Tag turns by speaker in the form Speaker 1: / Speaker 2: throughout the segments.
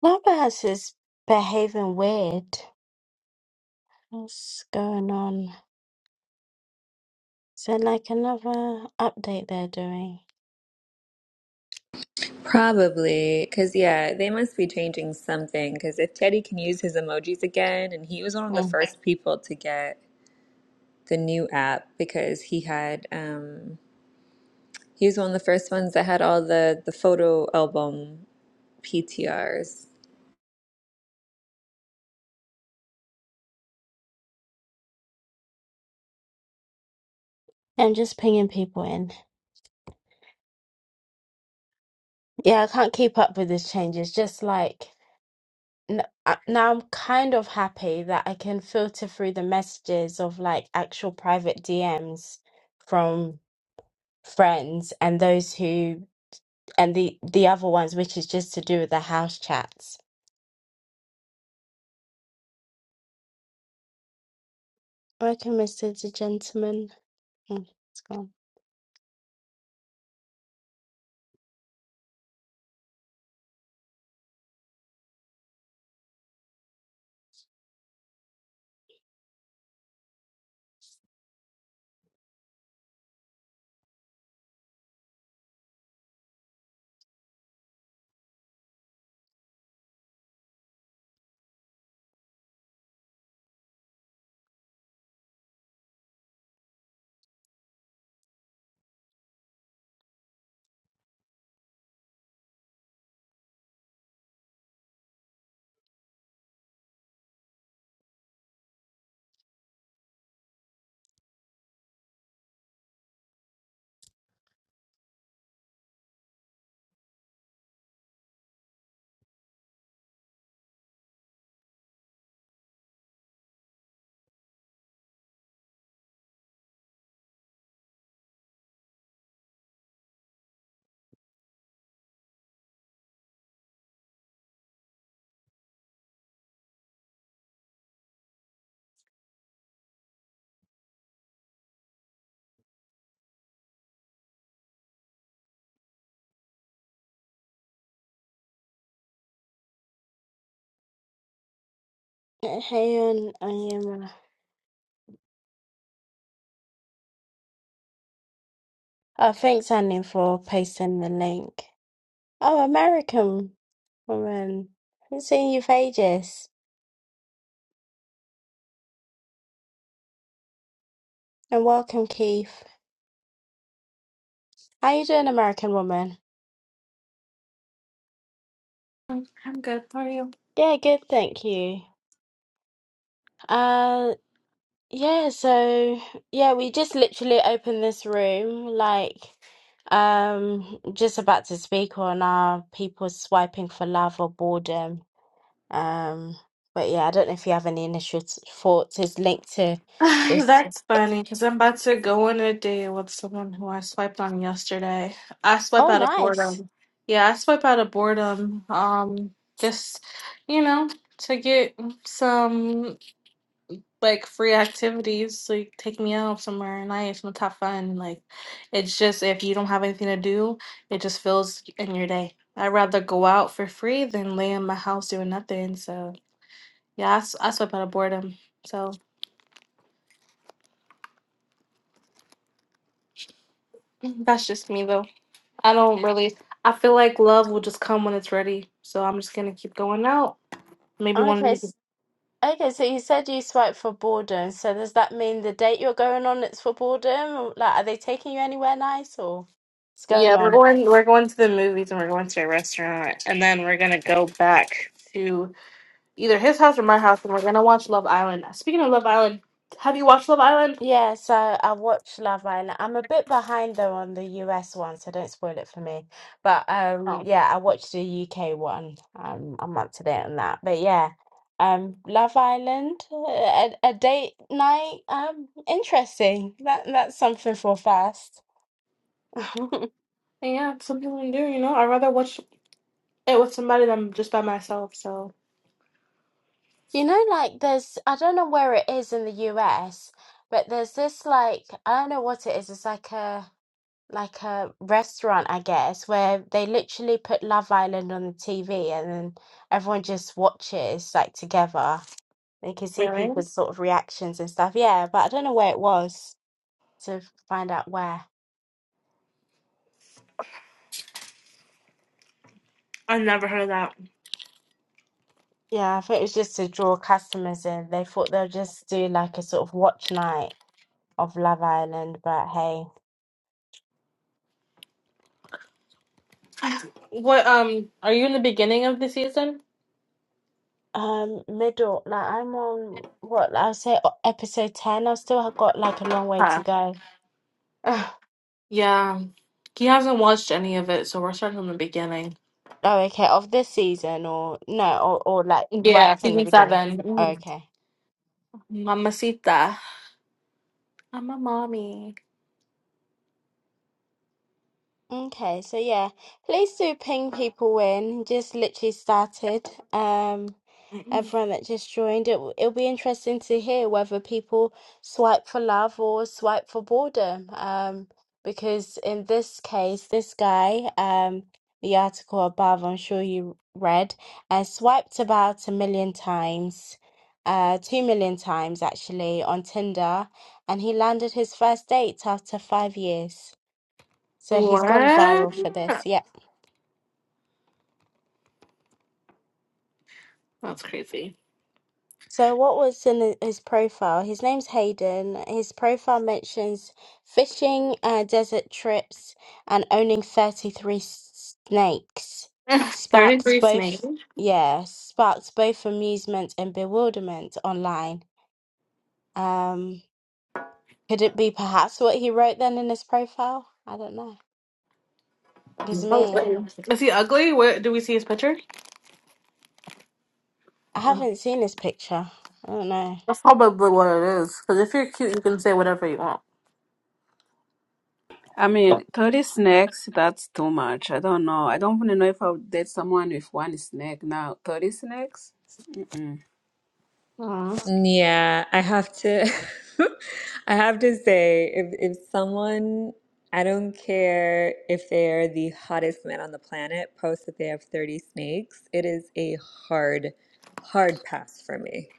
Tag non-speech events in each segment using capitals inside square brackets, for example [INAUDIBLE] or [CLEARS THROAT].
Speaker 1: Clubhouse is behaving weird. What's going on? So, like another update they're doing.
Speaker 2: Probably, because yeah, they must be changing something. Because if Teddy can use his emojis again, and he was one of the
Speaker 1: Mm.
Speaker 2: first people to get the new app because he had um he was one of the first ones that had all the the photo album PTRs.
Speaker 1: I'm just pinging people in. Yeah, I can't keep up with these changes. Just like n- I- now, I'm kind of happy that I can filter through the messages of like actual private DMs from friends and those who and the the other ones, which is just to do with the house chats. Welcome, Mr. the Gentleman. Mm, it's gone. Uh, Hey, on, on Oh, thanks, Annie, for pasting the link. Oh, American woman. Haven't seen you for ages. And welcome, Keith. How you doing, American woman?
Speaker 3: I'm good How are you.
Speaker 1: Yeah, good, thank you. Uh, yeah, so, yeah, we just literally opened this room, like, um, just about to speak on our people swiping for love or boredom. Um, but yeah, I don't know if you have any initial t- thoughts. It's linked to
Speaker 3: [LAUGHS]
Speaker 1: this.
Speaker 3: That's funny because I'm about to go on a date with someone who I swiped on yesterday. I swipe
Speaker 1: Oh,
Speaker 3: out of
Speaker 1: nice.
Speaker 3: boredom. Yeah, I swipe out of boredom. Um, just you know, to get some like free activities, like take me out somewhere nice and have fun. Like, it's just if you don't have anything to do, it just fills in your day. I'd rather go out for free than lay in my house doing nothing. So yeah, I, s- I swipe out of boredom. So. Mm-hmm. That's just me though. I don't really. I feel like love will just come when it's ready. So I'm just gonna keep going out. Maybe one of
Speaker 1: Okay,
Speaker 3: these.
Speaker 1: s- okay. So you said you swipe for boredom. So does that mean the date you're going on it's for boredom? Or, Like, are they taking you anywhere nice or what's going
Speaker 3: Yeah, we're
Speaker 1: on?
Speaker 3: going. We're going to the movies and we're going to a restaurant, and then we're gonna go back to either his house or my house, and we're gonna watch Love Island. Speaking of Love Island, have you watched Love Island?
Speaker 1: Yes, I, I watch Love Island. I'm a bit behind though on the US one, so don't spoil it for me. But um
Speaker 3: Oh,
Speaker 1: yeah, I watched the UK one. Um I'm up to date on that. But yeah, um Love Island, a, a date night, um interesting. That that's something for first. [LAUGHS]
Speaker 3: and yeah, it's something to do. You know, I'd rather watch it with somebody than just by myself. So
Speaker 1: You know, like there's I don't know where it is in the US, but there's this like I don't know what it is. It's like a like a restaurant, I guess, where they literally put Love Island on the TV and then everyone just watches like together. They can see
Speaker 3: really,
Speaker 1: people's sort of reactions and stuff. Yeah, but I don't know where it was to find out where.
Speaker 3: I've never heard of that.
Speaker 1: Yeah, I think it was just to draw customers in. They thought they'll just do like a sort of watch night of Love Island, but hey.
Speaker 3: [SIGHS] [LAUGHS] What um, are you in the beginning of the season?
Speaker 1: Um, middle, like I'm on what I'll say o- episode 10. I've still got like a long way to go. [LAUGHS]
Speaker 3: Yeah. He hasn't watched any of it, so we're starting from the beginning.
Speaker 1: Oh, okay, of this season or no, or, or like
Speaker 3: Yeah,
Speaker 1: right from the
Speaker 3: season
Speaker 1: beginning.
Speaker 3: seven. Mm.
Speaker 1: Okay.
Speaker 3: Mamacita. I'm a mommy.
Speaker 1: Okay, so yeah, please do ping people in. Just literally started. Um,
Speaker 3: Mm.
Speaker 1: everyone that just joined, it it'll be interesting to hear whether people swipe for love or swipe for boredom. Um, because in this case, this guy, um, the article above, I'm sure you read, uh, swiped about a million times, uh, two million times actually on Tinder, and he landed his first date after five years. So he's gone
Speaker 3: What?
Speaker 1: viral for this. Yeah.
Speaker 3: That's crazy.
Speaker 1: So what was in the, his profile? His name's Hayden. His profile mentions fishing, uh, desert trips, and owning 33 snakes.
Speaker 3: [LAUGHS]
Speaker 1: Sparked
Speaker 3: 33
Speaker 1: both,
Speaker 3: snake.
Speaker 1: yeah, sparked both amusement and bewilderment online. Um, could it be perhaps what he wrote then in his profile? I don't know. Because
Speaker 3: Oh,
Speaker 1: me,
Speaker 3: wait. Is he ugly? Where do we see his picture?
Speaker 1: I
Speaker 3: Ugh.
Speaker 1: haven't seen his picture. I don't know.
Speaker 3: That's probably what it is. Because if you're cute, you can say whatever you want.
Speaker 4: I mean, 30 snakes, that's too much. I don't know. I don't even know if I would date someone with one snake now. 30 snakes?
Speaker 3: Mm.
Speaker 2: Yeah, I have to [LAUGHS] I have to say if if someone I don't care if they are the hottest man on the planet posts that they have 30 snakes, it is a hard hard pass for me.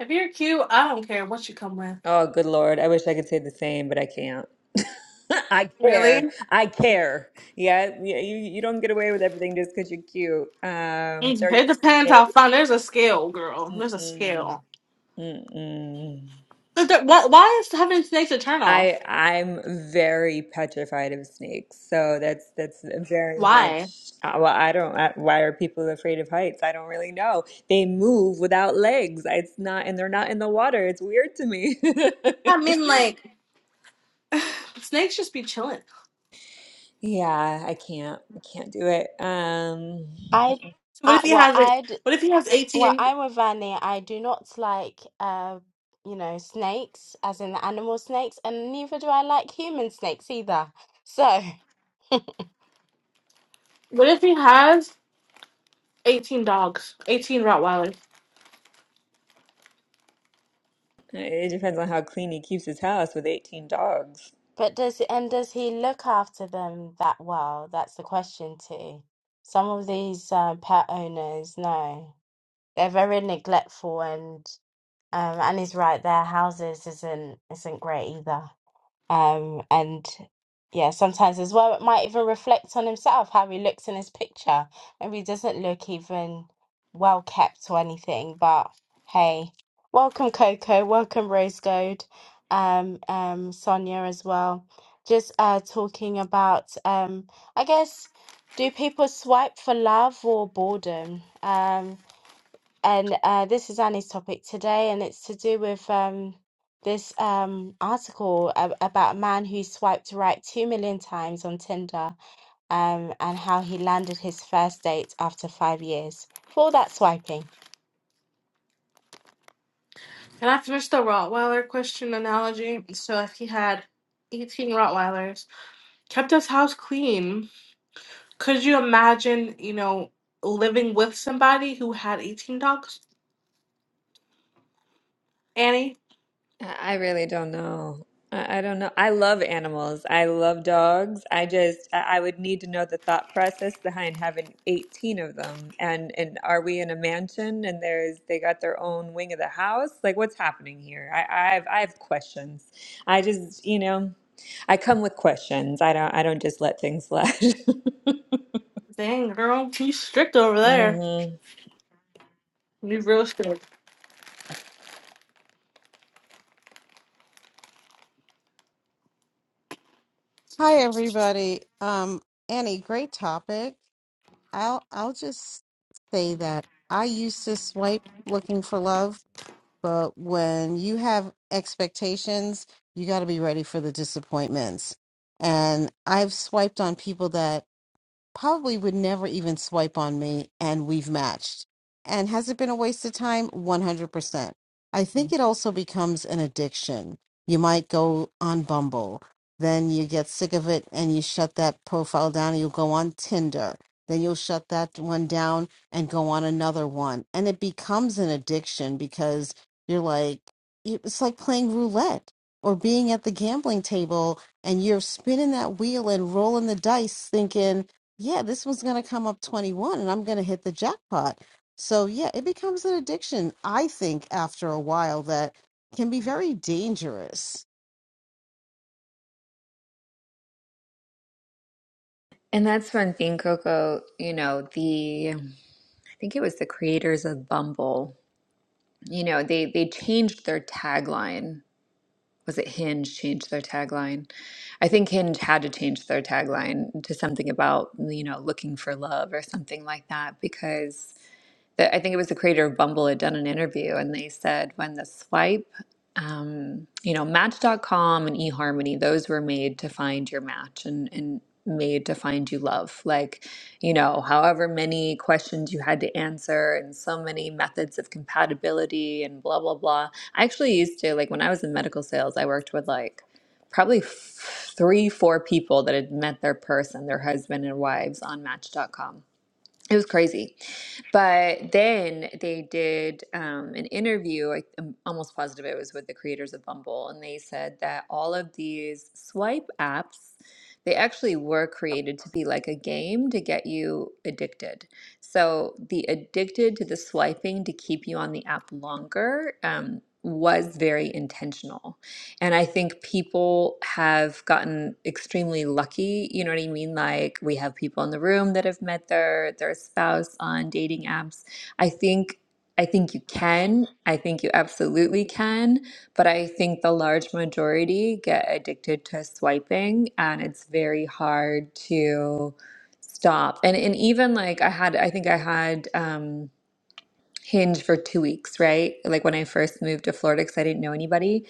Speaker 3: If you're cute, I don't care what you come with.
Speaker 2: Oh, good Lord. I wish I could say the same, but I can't. [LAUGHS] I
Speaker 3: Really?
Speaker 2: care. I care. Yeah, you you you don't get away with everything just because you're cute. Um,
Speaker 3: It
Speaker 2: 30
Speaker 3: depends how
Speaker 2: snakes.
Speaker 3: fun. There's a scale, girl. There's a
Speaker 2: Mm-mm.
Speaker 3: scale.
Speaker 2: Mm-mm.
Speaker 3: But there- Why, why is having snakes a turnoff?
Speaker 2: I I'm very petrified of snakes, so that's that's very
Speaker 3: Why?
Speaker 2: much. uh, Well, I don't. I, why are people afraid of heights? I don't really know. They move without legs. It's not, and they're not in the water. It's weird to me.
Speaker 3: I mean,
Speaker 2: [LAUGHS]
Speaker 3: like snakes just be chilling.
Speaker 2: Yeah, I can't. I Can't do it. Um,
Speaker 1: I,
Speaker 3: So what
Speaker 1: uh,
Speaker 3: if he
Speaker 1: well,
Speaker 3: has like,
Speaker 1: I'd
Speaker 3: What if he has
Speaker 1: Well,
Speaker 3: eighteen?
Speaker 1: I'm with Vanny. I do not like, uh, you know, snakes, as in the animal snakes, and neither do I like human snakes either. So,
Speaker 3: What if he has eighteen dogs? Eighteen Rottweilers.
Speaker 2: it depends on how clean he keeps his house with 18 dogs.
Speaker 1: [LAUGHS] but does and does he look after them that well? That's the question too. Some of these uh, pet owners, no, they're very neglectful, and um, and he's right, their houses isn't isn't great either. Um, and yeah, sometimes as well, it might even reflect on himself, how he looks in his picture. Maybe he doesn't look even well kept or anything, but hey, welcome Coco, welcome Rose Gold, um, um, Sonia as well. Just uh, talking about, um, I guess, do people swipe for love or boredom? Um, and uh, this is Annie's topic today, and it's to do with um, this um, article a- about a man who swiped right two million times on Tinder um, and how he landed his first date after five years for all that swiping.
Speaker 3: Can I finish the Rottweiler question analogy? So if he had eighteen Rottweilers, kept his house clean, could you imagine? You know, living with somebody who had eighteen dogs. Annie,
Speaker 2: I I really don't know. I I don't know. I love animals. I love dogs. I just, I I would need to know the thought process behind having 18 of them. And and are we in a mansion and there's they got their own wing of the house? Like what's happening here? I I have I have questions. I just, you know, I come with questions. I don't I don't just let things slide. [LAUGHS]
Speaker 3: dang girl, you strict over there.
Speaker 2: Mm-hmm.
Speaker 3: You real strict.
Speaker 5: Hi everybody. Um Annie, great topic. I'll I'll just say that I used to swipe looking for love, but when you have expectations, you got to be ready for the disappointments. And I've swiped on people that probably would never even swipe on me and we've matched. And has it been a waste of time? 100%. I think it also becomes an addiction. You might go on Bumble, then you get sick of it and you shut that profile down and you'll go on Tinder. Then you'll shut that one down and go on another one. And it becomes an addiction because you're like, it's like playing roulette or being at the gambling table and you're spinning that wheel and rolling the dice thinking, yeah, this one's going to come up 21 and I'm going to hit the jackpot. So, yeah, it becomes an addiction, I think, after a while that can be very dangerous.
Speaker 2: And that's one thing, Coco, you know, the I think it was the creators of Bumble. you know they they changed their tagline was it Hinge changed their tagline? I think Hinge had to change their tagline to something about, you know, looking for love or something like that because the, I think it was the creator of Bumble had done an interview and they said when the swipe, um, you know, Match dot com and eHarmony, those were made to find your match and, and made to find you love. Like, you know, however many questions you had to answer and so many methods of compatibility and blah, blah, blah I actually used to, like, when I was in medical sales, I worked with like probably f- three, four people that had met their person, their husband and wives on Match.com it was crazy. But then they did um, an interview. I, I'm almost positive it was with the creators of Bumble, and they said that all of these swipe apps, they actually were created to be like a game to get you addicted. So the addicted to the swiping to keep you on the app longer um, was very intentional and I think people have gotten extremely lucky. You know what I mean? Like we have people in the room that have met their their spouse on dating apps. I think I think you can. I think you absolutely can. But I think the large majority get addicted to swiping, and it's very hard to stop. And and even like I had, I think I had. Um, Hinge for two weeks, right? Like when I first moved to Florida because I didn't know anybody.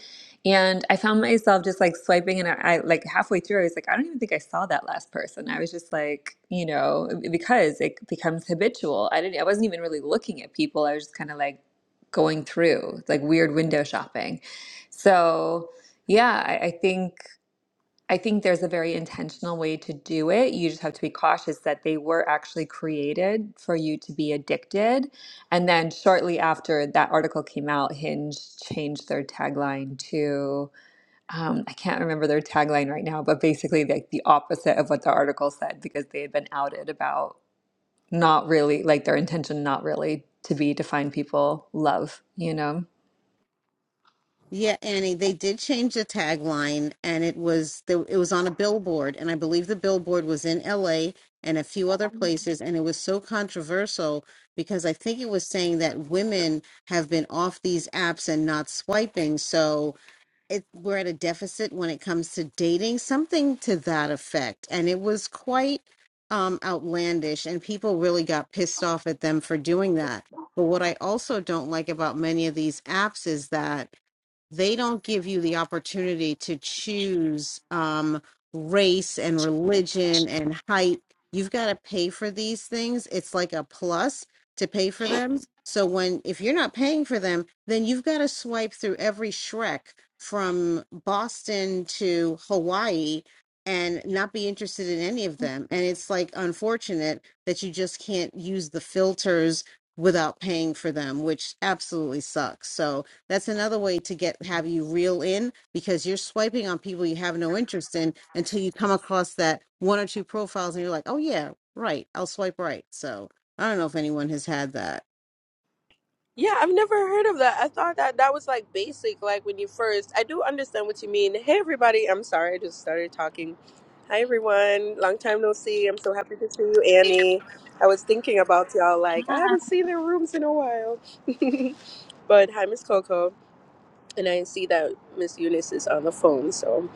Speaker 2: And I found myself just like swiping, and I, I like halfway through, I was like, I don't even think I saw that last person. I was just like, you know, because it becomes habitual. I didn't, I wasn't even really looking at people. I was just kind of like going through, like weird window shopping. So, yeah, I, I think. I think there's a very intentional way to do it. You just have to be cautious that they were actually created for you to be addicted. And then shortly after that article came out, Hinge changed their tagline to um, I can't remember their tagline right now, but basically like the opposite of what the article said because they had been outed about not really like their intention not really to be to find people love, you know.
Speaker 5: Yeah, Annie, they did change the tagline and it was they- it was on a billboard and I believe the billboard was in LA and a few other places and it was so controversial because I think it was saying that women have been off these apps and not swiping. So, it we're at a deficit when it comes to dating something to that effect and it was quite um outlandish and people really got pissed off at them for doing that but what i also don't like about many of these apps is that they don't give you the opportunity to choose um, race and religion and height. You've got to pay for these things. It's like a plus to pay for them. So when if you're not paying for them, then you've got to swipe through every Shrek from Boston to Hawaii and not be interested in any of them. And it's like unfortunate that you just can't use the filters without paying for them, which absolutely sucks. So that's another way to get have you reel in because you're swiping on people you have no interest in until you come across that one or two profiles and you're like, oh yeah, right, I'll swipe right. So I don't know if anyone has had that.
Speaker 6: Yeah, I've never heard of that. I thought that that was like basic, like when you first. I do understand what you mean. Hey, everybody. I'm sorry, I just started talking. Hi, everyone. Long time no see. I'm so happy to see you, Annie. I was thinking about y'all, like, I haven't seen their rooms in a while. [LAUGHS] but hi, Miss Coco and I see that Miss Eunice is on the phone. So,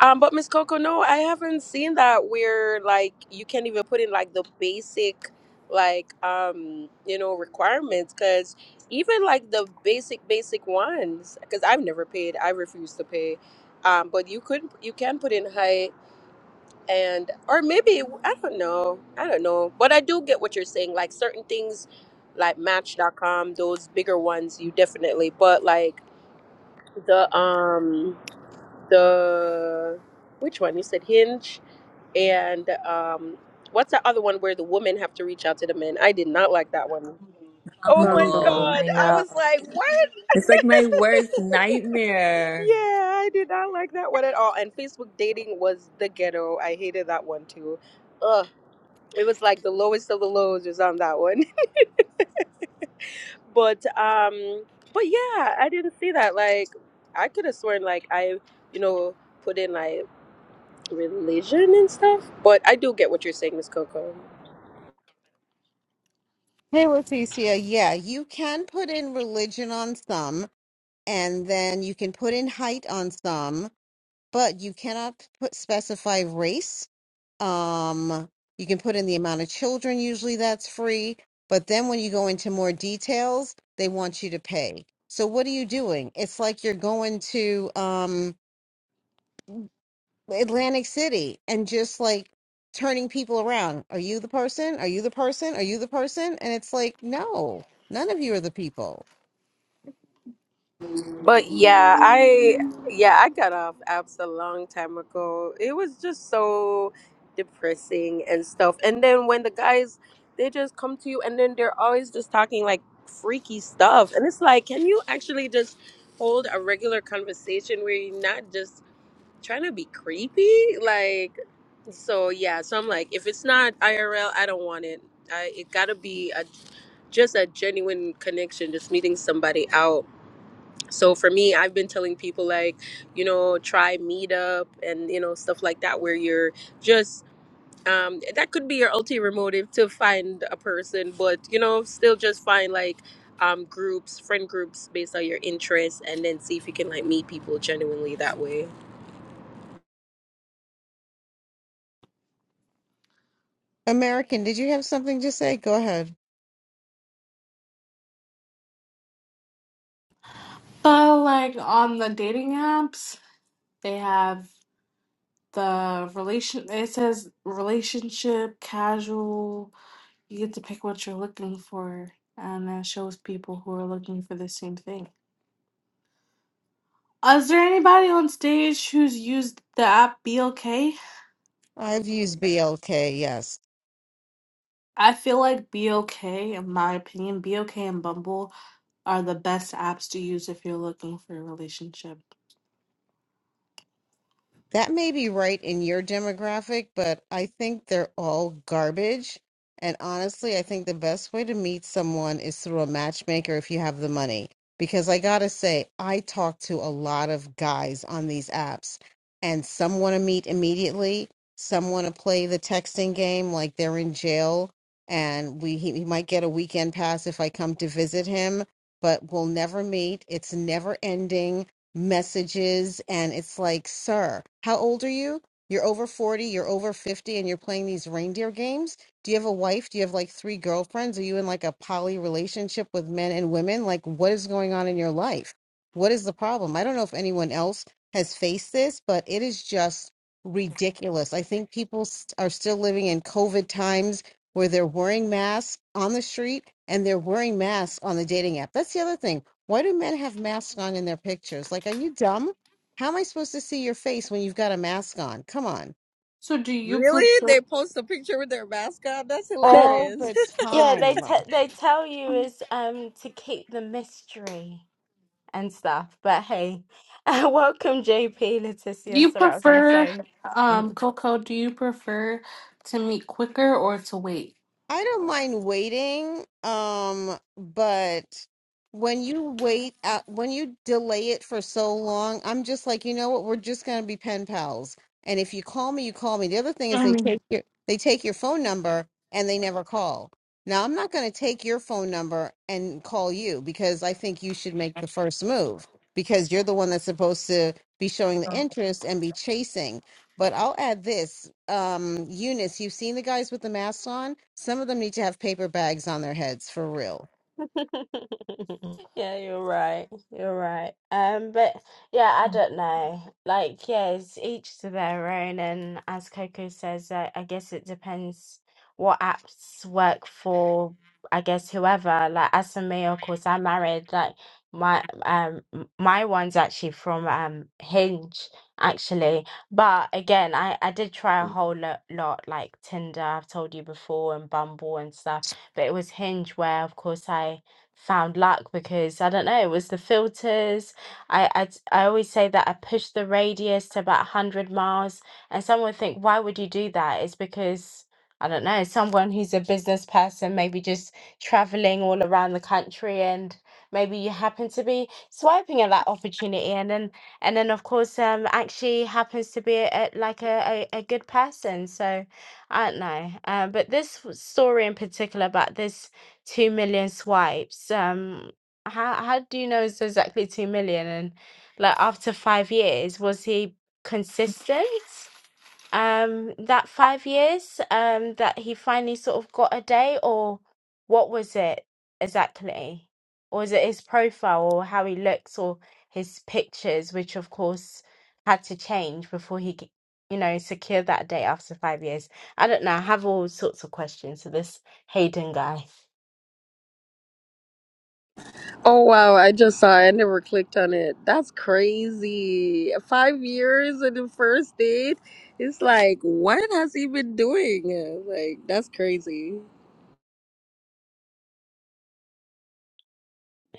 Speaker 6: um, but Miss Coco, no, I haven't seen that where like you can't even put in like the basic, like um, you know, requirements because even like the basic basic ones because I've never paid. I refuse to pay. Um, but you could you can put in height and or maybe I don't know I don't know but I do get what you're saying like certain things like Match.com those bigger ones you definitely but like the um the which one you said hinge and um what's that other one where the women have to reach out to the men i did not like that one. Oh my
Speaker 2: Humble,
Speaker 5: Bumble.
Speaker 6: god
Speaker 2: I
Speaker 6: i
Speaker 2: know.
Speaker 6: was like what
Speaker 2: It's like my worst
Speaker 6: [LAUGHS]
Speaker 2: nightmare.
Speaker 6: yeah i did not like that one at all and facebook dating was the ghetto i hated that one too Ugh. it was like the lowest of the lows was on that one [LAUGHS] but um but yeah i didn't see that like i could have sworn like i you know put in like religion and stuff. But I do get what you're saying, Miss Coco.
Speaker 5: Hey Leticia, yeah, you can put in religion on some, and then you can put in height on some, but you cannot put specify race Um, you can put in the amount of children, usually that's free. But then when you go into more details, they want you to pay. So what are you doing? It's like you're going to um, Atlantic City and just like turning people around. Are you the person? Are you the person? Are you the person? And it's like, no, none of you are the people.
Speaker 6: But yeah, I yeah, I got off apps a long time ago. It was just so depressing and stuff. And then when the guys they just come to you and then they're always just talking like freaky stuff. And it's like, can you actually just hold a regular conversation where you're not just trying to be creepy like so yeah so i'm like if it's not irl i don't want it I, it gotta be a just a genuine connection just meeting somebody out so for me i've been telling people like you know try meetup and you know stuff like that where you're just um, that could be your ulterior motive to find a person but you know still just find like um, groups friend groups based on your interests and then see if you can like meet people genuinely that way
Speaker 5: American, did you have something to say? Go ahead.
Speaker 3: So, like on the dating apps, they have the relation. It says relationship, casual. You get to pick what you're looking for, and it shows people who are looking for the same thing. Is there anybody on stage who's used the app BLK?
Speaker 5: I've used BLK, yes.
Speaker 3: I feel like BLK, in my opinion, BLK and Bumble are the best apps to use if you're looking for a relationship.
Speaker 5: That may be right in your demographic, but I think they're all garbage. And honestly, I think the best way to meet someone is through a matchmaker if you have the money. Because I gotta say, I talk to a lot of guys on these apps, and some want to meet immediately. Some want to play the texting game like they're in jail, and we he, he might get a weekend pass if I come to visit him, but we'll never meet. It's never ending messages and it's like sir how old are you you're over 40 you're over 50 and you're playing these reindeer games do you have a wife do you have like three girlfriends are you in like a poly relationship with men and women like what is going on in your life what is the problem i don't know if anyone else has faced this but it is just ridiculous i think people st- are still living in covid times where they're wearing masks on the street and they're wearing masks on the dating app that's the other thing why do men have masks on in their pictures? Like, are you dumb? How am I supposed to see your face when you've got a mask on? Come on.
Speaker 3: So, do you
Speaker 6: Really?
Speaker 3: prefer?
Speaker 6: They post a picture with their mascot? That's
Speaker 1: That
Speaker 5: All
Speaker 6: hilarious.
Speaker 5: the
Speaker 6: [LAUGHS]
Speaker 1: yeah, they
Speaker 5: time.
Speaker 1: te- they tell you is um, to keep the mystery and stuff. But hey, [LAUGHS] welcome JP,
Speaker 3: Do
Speaker 1: Leticia
Speaker 3: you
Speaker 1: sorry I was on the
Speaker 3: prefer,
Speaker 1: phone.
Speaker 3: um, Coco, do you prefer to meet quicker or to wait?
Speaker 5: I don't mind waiting, um, but when you wait out, when you delay it for so long, I'm just like, you know what? We're just gonna be pen pals. And if you call me, you call me. The other thing is they
Speaker 3: Mm.
Speaker 5: take your they take your phone number and they never call. Now, I'm not gonna take your phone number and call you because I think you should make the first move because you're the one that's supposed to be showing the interest and be chasing. But I'll add this. Um, Eunice, you've seen the guys with the masks on. Some of them need to have paper bags on their heads for real.
Speaker 1: [LAUGHS] Yeah, you're right. You're right. Um, but yeah, I don't know. Like, yeah, it's each to their own. And as Coco says, I, I guess it depends what apps work for, I guess, whoever. Like, as for me, of course, I'm married. Like, my um m- my one's actually from um Hinge actually but again I I did try a whole lot, lot like Tinder I've told you before and Bumble and stuff but it was Hinge where of course I found luck because I don't know, it was the filters. I I, t- I always say that I push the radius to about 100 miles, and someone would think, why would you do that? It's because I don't know, someone who's a business person, maybe just traveling all around the country and maybe you happen to be swiping at that opportunity and then and then of course um actually happens to be a, a- like a, a, a good person so I don't know. Um, but this w- story in particular about this 2 million swipes. Um, how how do you know it's exactly 2 million? And like after five years, was he consistent? Um, that five years, um, that he finally sort of got a day, or what was it exactly? Or is it his profile or how he looks or his pictures, which of course had to change before he, c- you know, secured that day after five years? I don't know. I have all sorts of questions to this Hayden guy.
Speaker 6: Oh wow, I just saw it. I never clicked on it. That's crazy. Five years in the first date. It's like, what has he been doing? Like, that's crazy.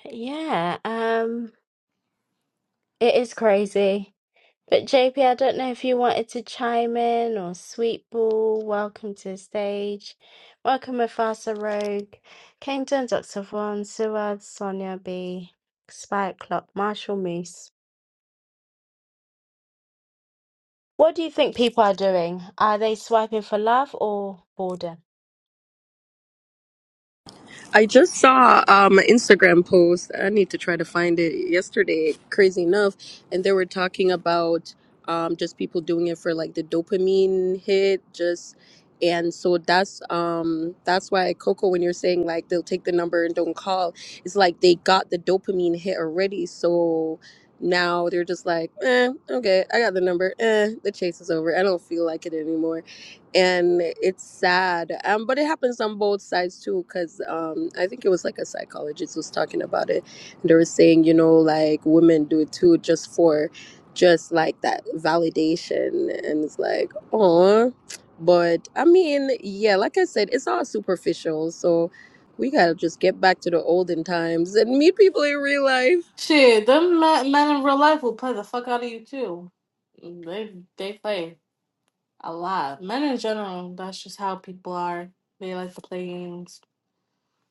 Speaker 1: Yeah, um, it is crazy. But JP, I don't know if you wanted to chime in or Sweetball, welcome to the stage. Welcome Mufasa Rogue, Kingdom, Dr. Vaughn, Suad, Sonia B, Spike Clock, Marshall Moose. What do you think people are doing? Are they swiping for love or boredom?
Speaker 6: I just saw um, an Instagram post. I need to try to find it yesterday, crazy enough. And they were talking about um, just people doing it for like the dopamine hit, just and so that's um that's why Coco when you're saying like they'll take the number and don't call, it's like they got the dopamine hit already. So now they're just like, eh, okay, I got the number, eh, the chase is over. I don't feel like it anymore and it's sad um but it happens on both sides too because um i think it was like a psychologist was talking about it and they were saying you know like women do it too just for just like that validation and it's like oh but i mean yeah like i said it's all superficial so we gotta just get back to the olden times and meet people in real life
Speaker 3: Shit, them men, men in real life will play the fuck out of you too. They they play a lot. Men in general, that's just how people are. They like to play games.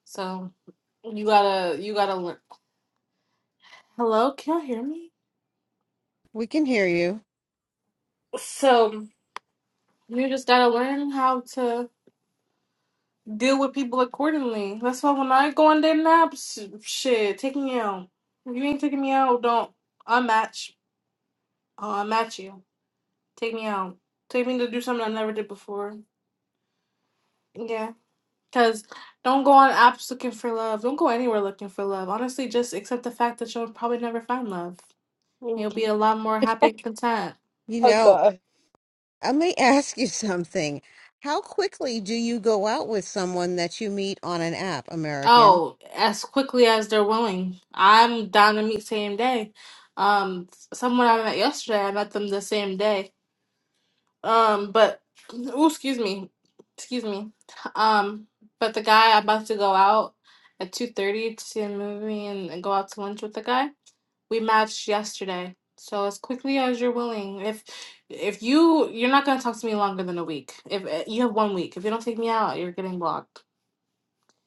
Speaker 3: So you gotta you gotta learn. Hello, can you hear me?
Speaker 5: We can hear you.
Speaker 3: So you just gotta learn how to. deal with people accordingly. That's why when I go on their naps, shit, take me out. If you ain't taking me out, don't unmatch. I'll unmatch you. Take me out. Take me to do something I never did before. Yeah. Because don't go on apps looking for love. Don't go anywhere looking for love. Honestly, just accept the fact that you'll probably never find love.
Speaker 1: You
Speaker 3: You'll be
Speaker 1: can-
Speaker 3: a lot more happy and content.
Speaker 5: You
Speaker 1: Oh
Speaker 5: know,
Speaker 1: god.
Speaker 5: let me [LAUGHS] ask you something. How quickly do you go out with someone that you meet on an app, American?
Speaker 3: Oh, as quickly as they're willing. I'm down to meet same day. Um, someone I met yesterday, I met them the same day Um, but ooh, excuse me, excuse me. Um, but the guy I'm about to go out at two thirty to see a movie and, and go out to lunch with the guy. We matched yesterday, so as quickly as you're willing. If if you you're not gonna talk to me longer than a week. If uh, you have one week, if you don't take me out, you're getting blocked.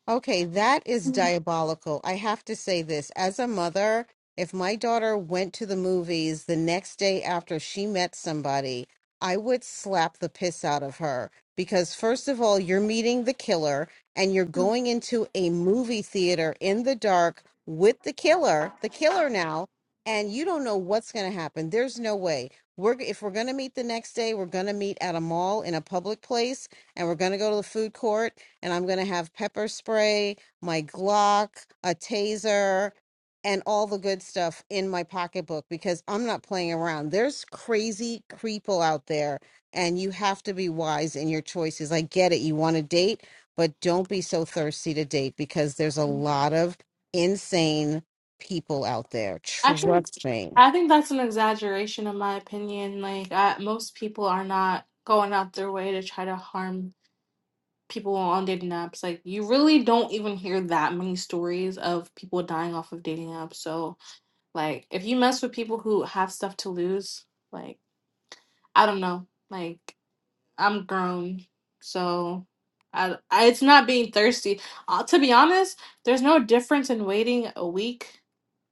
Speaker 5: Okay, that is
Speaker 3: Mhm.
Speaker 5: diabolical. I have to say this. As a mother, if my daughter went to the movies the next day after she met somebody, I would slap the piss out of her. Because, first of all, you're meeting the killer and you're going into a movie theater in the dark with the killer, the killer now, and you don't know what's going to happen. There's no way. We're, if we're going to meet the next day, we're going to meet at a mall in a public place and we're going to go to the food court and I'm going to have pepper spray, my Glock, a taser, and all the good stuff in my pocketbook because I'm not playing around. There's crazy creeple out there, and you have to be wise in your choices. I get it. You want to date, but don't be so thirsty to date because there's a lot of insane people out there.
Speaker 3: Actually,
Speaker 5: Trust me.
Speaker 3: I think that's an exaggeration in my opinion. Like I, most people are not going out their way to try to harm people on dating apps. Like you really don't even hear that many stories of people dying off of dating apps. So like if you mess with people who have stuff to lose, like I don't know. Like I'm grown, so I, I it's not being thirsty. Uh, to be honest, there's no difference in waiting a week,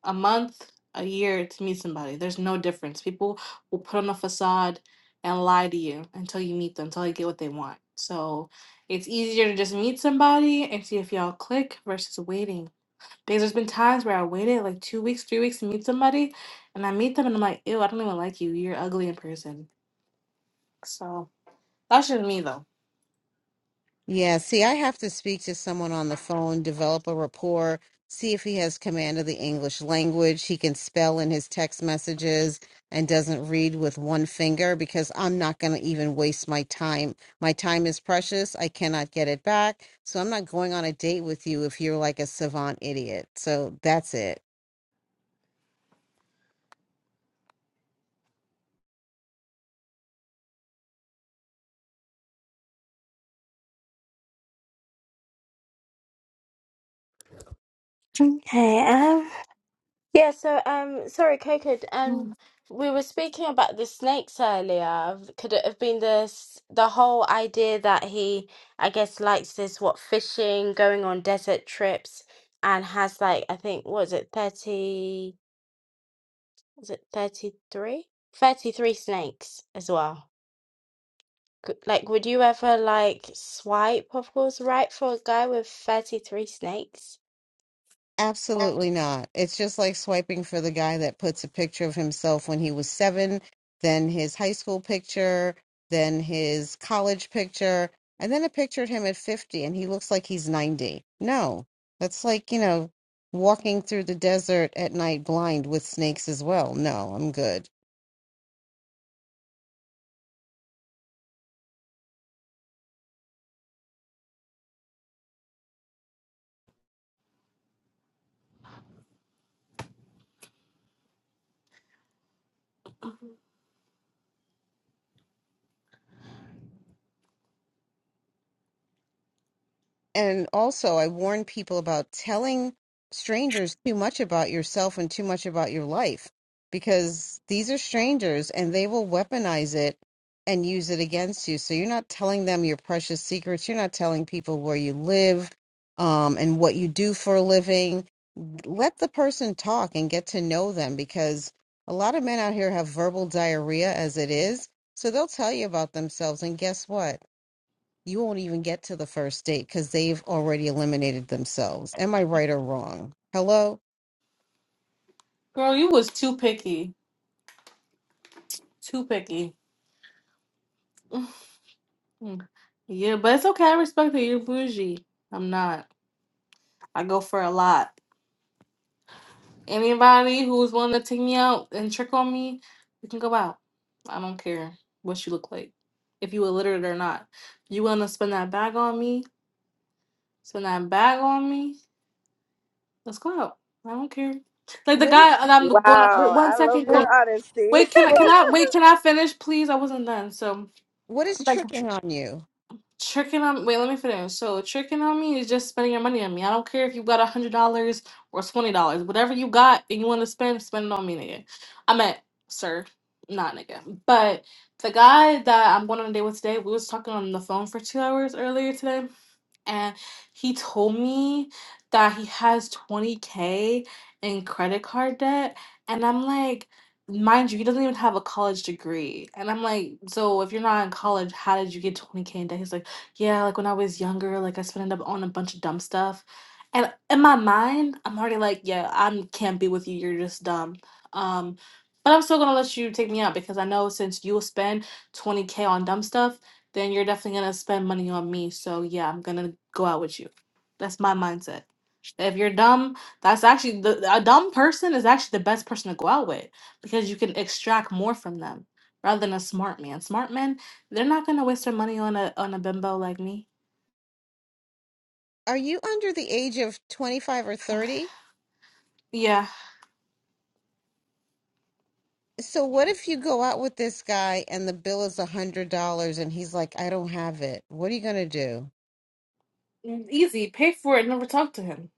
Speaker 3: a month, a year to meet somebody. There's no difference. People will put on a facade and lie to you until you meet them, until they get what they want. So it's easier to just meet somebody and see if y'all click versus waiting. Because there's been times where I waited like two weeks, three weeks to meet somebody, and I meet them and I'm like, ew, I don't even like you. You're ugly in person. So that's just me though.
Speaker 5: Yeah, see, I have to speak to someone on the phone, develop a rapport, see if he has command of the English language, he can spell in his text messages and doesn't read with one finger because I'm not going to even waste my time. My time is precious. I cannot get it back. So I'm not going on a date with you if you're like a savant idiot. So that's it.
Speaker 1: Okay. Yeah, so um sorry, Coco, d- um we were speaking about the snakes earlier. Could it have been the s- the whole idea that he I guess likes this what fishing, going on desert trips and has like I think what is it 30 is it 33? 33 snakes as well. Could- Like would you ever like swipe of course right for a guy with 33 snakes?
Speaker 5: Absolutely not. It's just like swiping for the guy that puts a picture of himself when he was seven, then his high school picture, then his college picture, and then a picture of him at 50 and he looks like he's 90. No, that's like, you know, walking through the desert at night blind with snakes as well. No, I'm good. and also I warn people about telling strangers too much about yourself and too much about your life because these are strangers and they will weaponize it and use it against you. So you're not telling them your precious secrets. You're not telling people where you live um, and what you do for a living. Let the person talk and get to know them because a lot of men out here have verbal diarrhea as it is. So they'll tell you about themselves. And guess what? you won't even get to the first date because they've already eliminated themselves. Am I right or wrong? Hello?
Speaker 3: Girl, you was too picky. Too picky. Hmm. yeah, but it's okay. I respect that you're bougie. I'm not. I go for a lot. Anybody who's willing to take me out and trick on me, we can go out. I don't care what you look like. If you illiterate or not. You want to spend that bag on me? Spend that bag on me? Let's go out. I don't care. Like the
Speaker 5: What is,
Speaker 3: guy and I'm going wait
Speaker 6: Wow,
Speaker 3: one
Speaker 6: I love
Speaker 3: second,
Speaker 6: your
Speaker 5: wait,
Speaker 3: Coke.
Speaker 6: honesty. [LAUGHS]
Speaker 3: Wait, can I
Speaker 5: what
Speaker 3: can
Speaker 5: is,
Speaker 3: I wait, can I finish, please? I wasn't done. So
Speaker 5: what is
Speaker 3: like,
Speaker 5: tricking on you?
Speaker 3: tricking on wait let me finish so tricking on me is just spending your money on me i don't care if you got a hundred dollars or twenty dollars whatever you got and you want to spend spend it on me nigga i meant sir not nigga but the guy that i'm going on a date with today we was talking on the phone for two hours earlier today and he told me that he has 20k in credit card debt and i'm like mind you he doesn't even have a college degree and i'm like so if you're not in college how did you get 20k in debt he's like yeah like when i was younger like i spent it up on a bunch of dumb stuff and in my mind i'm already like yeah i can't be with you you're just dumb um but i'm still gonna let you take me out because i know since you'll spend 20k on dumb stuff then you're definitely gonna spend money on me. So yeah, I'm gonna go out with you. That's my mindset. If you're dumb, that's actually the a dumb person is actually the best person to go out with because you can extract more from them rather than a smart man. Smart men, they're not gonna waste their money on a on a bimbo like me.
Speaker 5: Are you under the age of 25 or 30?
Speaker 3: Yeah,
Speaker 5: So what if you go out with this guy and the bill is a $100 and he's like, I don't have it. What are you going to do?
Speaker 3: Mm, easy. Pay for it. Never talk to him.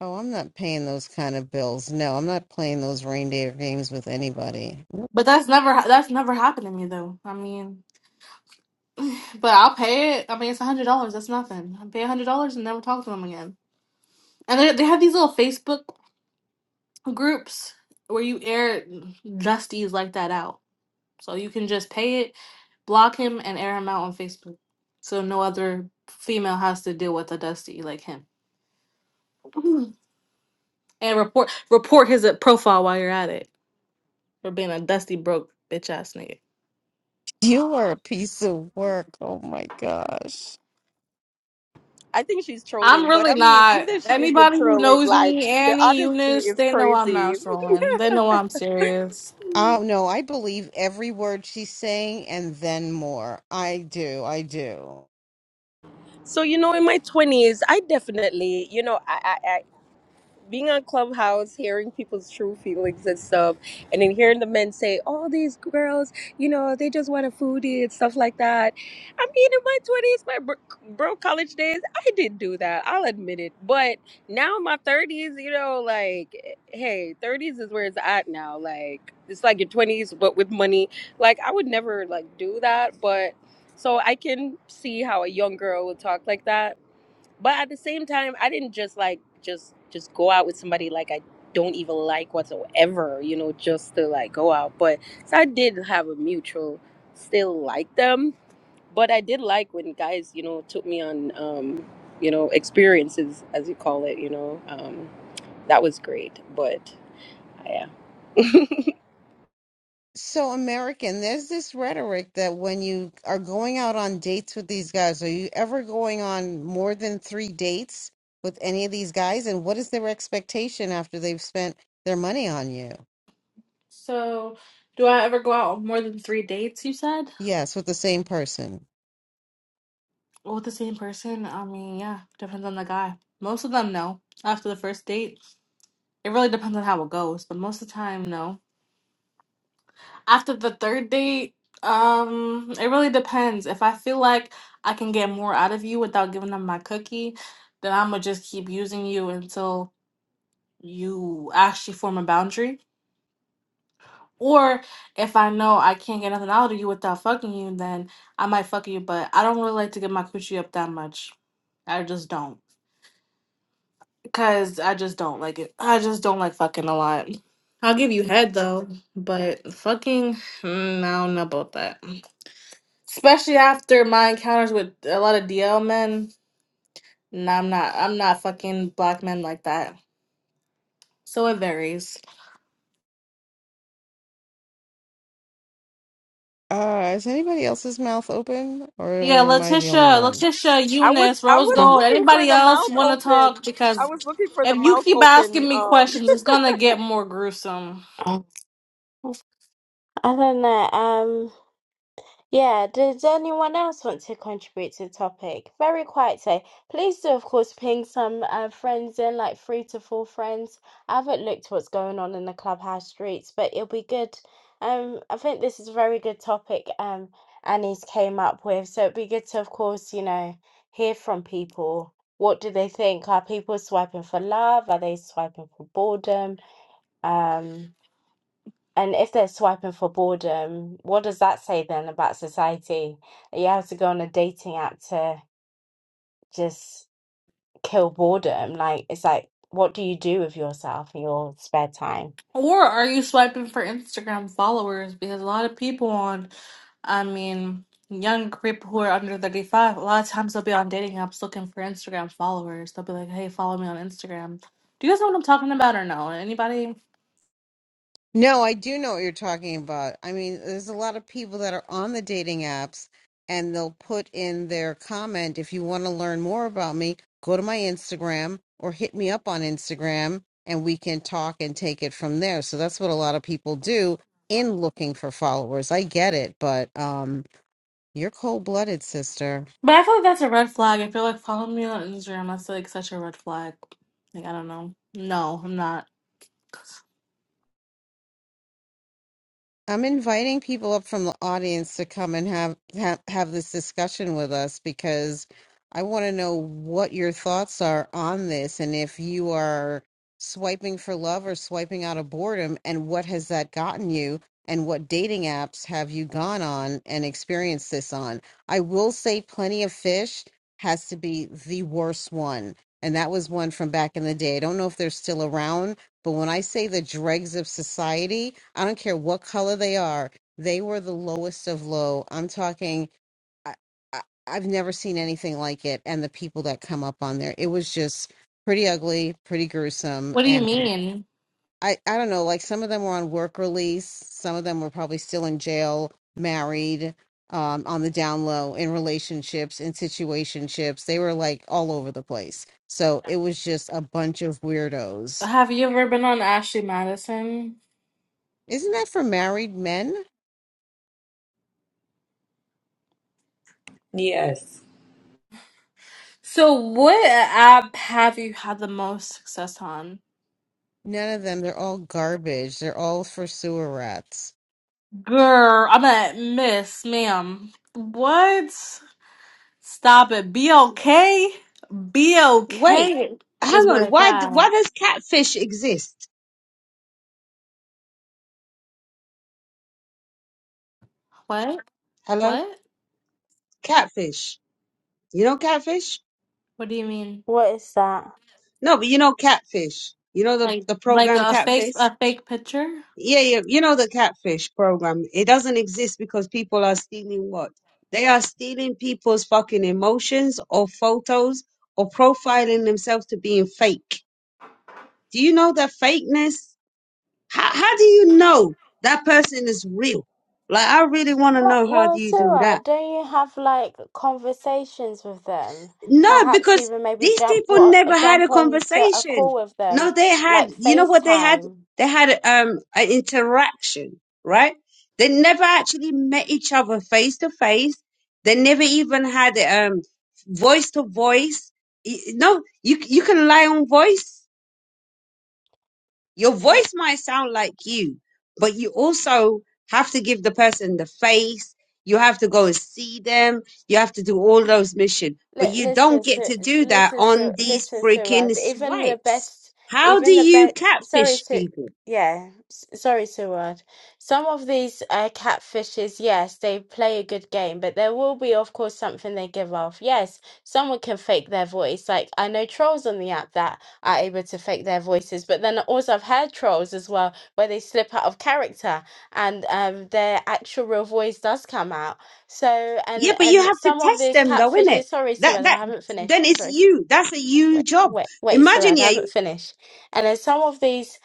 Speaker 5: Oh, I'm not paying those kind of bills. No, I'm not playing those reindeer games with anybody.
Speaker 3: But that's never ha- that's never happened to me though. I mean, but I'll pay it. I mean, it's a hundred dollars. That's nothing. I pay a hundred dollars and never talk to them again. And they, they have these little Facebook groups where you air justies like that out. So you can just pay it, block him, and air him out on Facebook. So no other female has to deal with a dusty like him. Mhm. and report report his uh, profile while you're at it for being a dusty broke bitch ass nigga.
Speaker 5: You are a piece of work. Oh my gosh.
Speaker 6: I think she's
Speaker 3: I'm
Speaker 6: trolling, but
Speaker 3: really
Speaker 6: I mean, even
Speaker 3: not.
Speaker 6: if she isn't
Speaker 3: Anybody who
Speaker 6: trolling,
Speaker 3: knows
Speaker 6: like
Speaker 3: me,
Speaker 6: the
Speaker 3: Annie,
Speaker 6: honesty
Speaker 3: Eunice,
Speaker 6: is
Speaker 3: they know I'm
Speaker 6: crazy.
Speaker 3: not
Speaker 6: [LAUGHS]
Speaker 3: trolling. They know I'm serious.
Speaker 5: Oh no, I believe every word she's saying and then more. I do. I do.
Speaker 6: So you know, in my twenties, I definitely, you know, I, I being on Clubhouse, hearing people's true feelings and stuff, and then hearing the men say, "All these girls, you know, they just want a foodie and stuff like that." I mean, in my twenties, my bro, bro college days, I did do that. I'll admit it. But now in my thirties, you know, like, hey, thirties is where it's at now. Like, it's like your twenties, but with money. Like, I would never like do that, but. So I can see how a young girl would talk like that but at the same time i didn't just like just just go out with somebody like i don't even like whatsoever you know just to like go out but so i did have a mutual still like them but i did like when guys you know took me on um you know experiences as you call it you know um that was great but yeah [LAUGHS]
Speaker 5: So American, there's this rhetoric that when you are going out on dates with these guys, are you ever going on more than three dates with any of these guys? And what is their expectation after they've spent their money on you?
Speaker 3: So, do I ever go out on more than three dates? You said.
Speaker 5: Yes, with the same person.
Speaker 3: Well, with the same person, I mean, yeah, depends on the guy. Most of them, no. After the first date, it really depends on how it goes, but most of the time, no. After the third date, um, it really depends. If I feel like I can get more out of you without giving them my cookie, then I'm gonna just keep using you until you actually form a boundary. Or if I know I can't get nothing out of you without fucking you, then I might fuck you, but I don't really like to get my coochie up that much. I just don't. Cause I just don't like it. I just don't like fucking a lot. I'll give you head though, but fucking, mm, I don't know about that. Especially after my encounters with a lot of DL men. Nah, I'm not. I'm not fucking black men like that. So it varies.
Speaker 5: Uh, is anybody else's mouth open or
Speaker 3: Yeah,
Speaker 5: am I the only
Speaker 3: Letitia,
Speaker 5: one?
Speaker 3: Letitia,
Speaker 6: I was
Speaker 3: Eunice,
Speaker 6: I
Speaker 3: Rose
Speaker 6: was
Speaker 1: Mm.
Speaker 3: Gold.
Speaker 6: looking for
Speaker 3: Anybody
Speaker 6: the
Speaker 3: else
Speaker 6: mouth
Speaker 3: want to
Speaker 6: open.
Speaker 3: talk?
Speaker 6: I
Speaker 3: Because
Speaker 6: was looking for the
Speaker 3: if you
Speaker 6: mouth
Speaker 3: keep
Speaker 6: open
Speaker 3: asking me
Speaker 6: um,
Speaker 3: questions, it's gonna get more gruesome.
Speaker 1: I don't know. um, Yeah, does anyone else want to contribute to the topic? Very quiet today. Please do, of course, ping some uh, friends in, like three to four friends. I haven't looked what's going on in the clubhouse streets, but it'll be good. Um, I think this is a very good topic. Um, Annie's came up with, so it'd be good to, of course, you know, hear from people. What do they think? Are people swiping for love? Are they swiping for boredom? Um, and if they're swiping for boredom, what does that say then about society? That You have to go on a dating app to just kill boredom. Like, it's like, what do you do with yourself in your spare time?
Speaker 3: Or are you swiping for Instagram followers? Because a lot of people on, I mean, young people who are under 35, a lot of times they'll be on dating apps looking for Instagram followers. They'll be like, hey, follow me on Instagram. Do you guys know what I'm talking about or no? Anybody?
Speaker 5: No, I do know what you're talking about. I mean, there's a lot of people that are on the dating apps and they'll put in their comment if you want to learn more about me, go to my Instagram or hit me up on Instagram and we can talk and take it from there. So that's what a lot of people do in looking for followers. I get it, but um you're cold-blooded, sister.
Speaker 3: But I feel like that's a red flag. I feel like following me on Instagram, that's like such a red flag. Like, I don't know. No, I'm not.
Speaker 5: I'm inviting people up from the audience to come and have have, have this discussion with us because I want to know what your thoughts are on this and if you are swiping for love or swiping out of boredom and what has that gotten you and what dating apps have you gone on and experienced this on. I will say plenty of fish has to be the worst one. And that was one from back in the day. I don't know if they're still around but when I say the dregs of society, I don't care what color they are, they were the lowest of low. I'm talking, I, I, I've never seen anything like it. And the people that come up on there, it was just pretty ugly, pretty gruesome.
Speaker 3: What do you
Speaker 5: And
Speaker 3: mean?
Speaker 5: I, I don't know, like some of them were on work release, some of them were probably still in jail, married. Um, on the down low in relationships in situationships they were like all over the place so it was just a bunch of weirdos
Speaker 3: Have you ever been on Ashley Madison?
Speaker 5: Isn't that for married men?
Speaker 2: Yes.
Speaker 3: So, what app have you had the most success on?
Speaker 5: None of them. They're all garbage. They're all for sewer rats.
Speaker 3: Girl, I met Miss, ma'am. What? Stop it. Be okay. Be
Speaker 7: Wait,
Speaker 3: okay is
Speaker 7: hang
Speaker 3: where
Speaker 7: on.
Speaker 3: it's
Speaker 7: Why d- why
Speaker 3: at.
Speaker 7: does catfish exist?
Speaker 3: What?
Speaker 7: Hello,
Speaker 3: What?
Speaker 7: catfish. You know catfish?
Speaker 3: What do you mean?
Speaker 1: What is that?
Speaker 7: No, but you know catfish. You know the
Speaker 3: Like,
Speaker 7: the
Speaker 3: like
Speaker 7: program
Speaker 3: a fake,
Speaker 7: catfish.
Speaker 3: a fake picture?
Speaker 7: Yeah, yeah. You know the catfish program. It doesn't exist because people are stealing what they are stealing people's fucking emotions or photos or profiling themselves to being fake. Do you know that fakeness? How how do you know that person is real? Like I really want to
Speaker 1: Well,
Speaker 7: know how do
Speaker 1: well,
Speaker 7: you do
Speaker 1: Sarah,
Speaker 7: that?
Speaker 1: don't you have like conversations with them?
Speaker 7: No,
Speaker 1: Perhaps
Speaker 7: because
Speaker 1: even maybe
Speaker 7: these
Speaker 1: jump
Speaker 7: people
Speaker 1: wa-
Speaker 7: never had
Speaker 1: jump
Speaker 7: a
Speaker 1: onto a
Speaker 7: conversation.
Speaker 1: call with
Speaker 7: No,
Speaker 1: them,
Speaker 7: they had,
Speaker 1: like
Speaker 7: you know what they had?
Speaker 1: FaceTime.
Speaker 7: They had um an interaction, right? They never actually met each other face to face. They never even had um voice to voice. Y- No, you you can lie on voice. Your voice might sound like you, but you also have to give the person the face. You have to go and see them. You have to do all those missions,
Speaker 1: Li-
Speaker 7: but you
Speaker 1: listen,
Speaker 7: don't get
Speaker 1: sir,
Speaker 7: to do that
Speaker 1: listen,
Speaker 7: on
Speaker 1: sir,
Speaker 7: these
Speaker 1: listen, Sirad.
Speaker 7: freaking
Speaker 1: Even the
Speaker 7: swipes.
Speaker 1: best,
Speaker 7: How do
Speaker 1: even the
Speaker 7: you
Speaker 1: best. Sorry,
Speaker 7: catfish
Speaker 1: sir.
Speaker 7: people?
Speaker 1: Yeah, s- sorry, Sirad. Some of these uh, catfishes, yes, they play a good game, but there will be, of course, something they give off. Yes, someone can fake their voice. Like I know trolls on the app that are able to fake their voices, but then also I've heard trolls as well where they slip out of character and um, their actual real voice does come out. So,
Speaker 7: Yeah,
Speaker 1: and
Speaker 7: but you
Speaker 1: and
Speaker 7: have to
Speaker 1: some of
Speaker 7: test
Speaker 1: these
Speaker 7: them though, innit?
Speaker 1: catfishes sorry, Sue,
Speaker 7: That,
Speaker 1: I
Speaker 7: that,
Speaker 1: haven't finished.
Speaker 7: then it's
Speaker 1: Sorry, Sue
Speaker 7: you. That's a you
Speaker 1: wait,
Speaker 7: job.
Speaker 1: wait, wait,
Speaker 7: Imagine,
Speaker 1: Suad, I
Speaker 7: yeah,
Speaker 1: haven't
Speaker 7: you-
Speaker 1: finished. And then some of these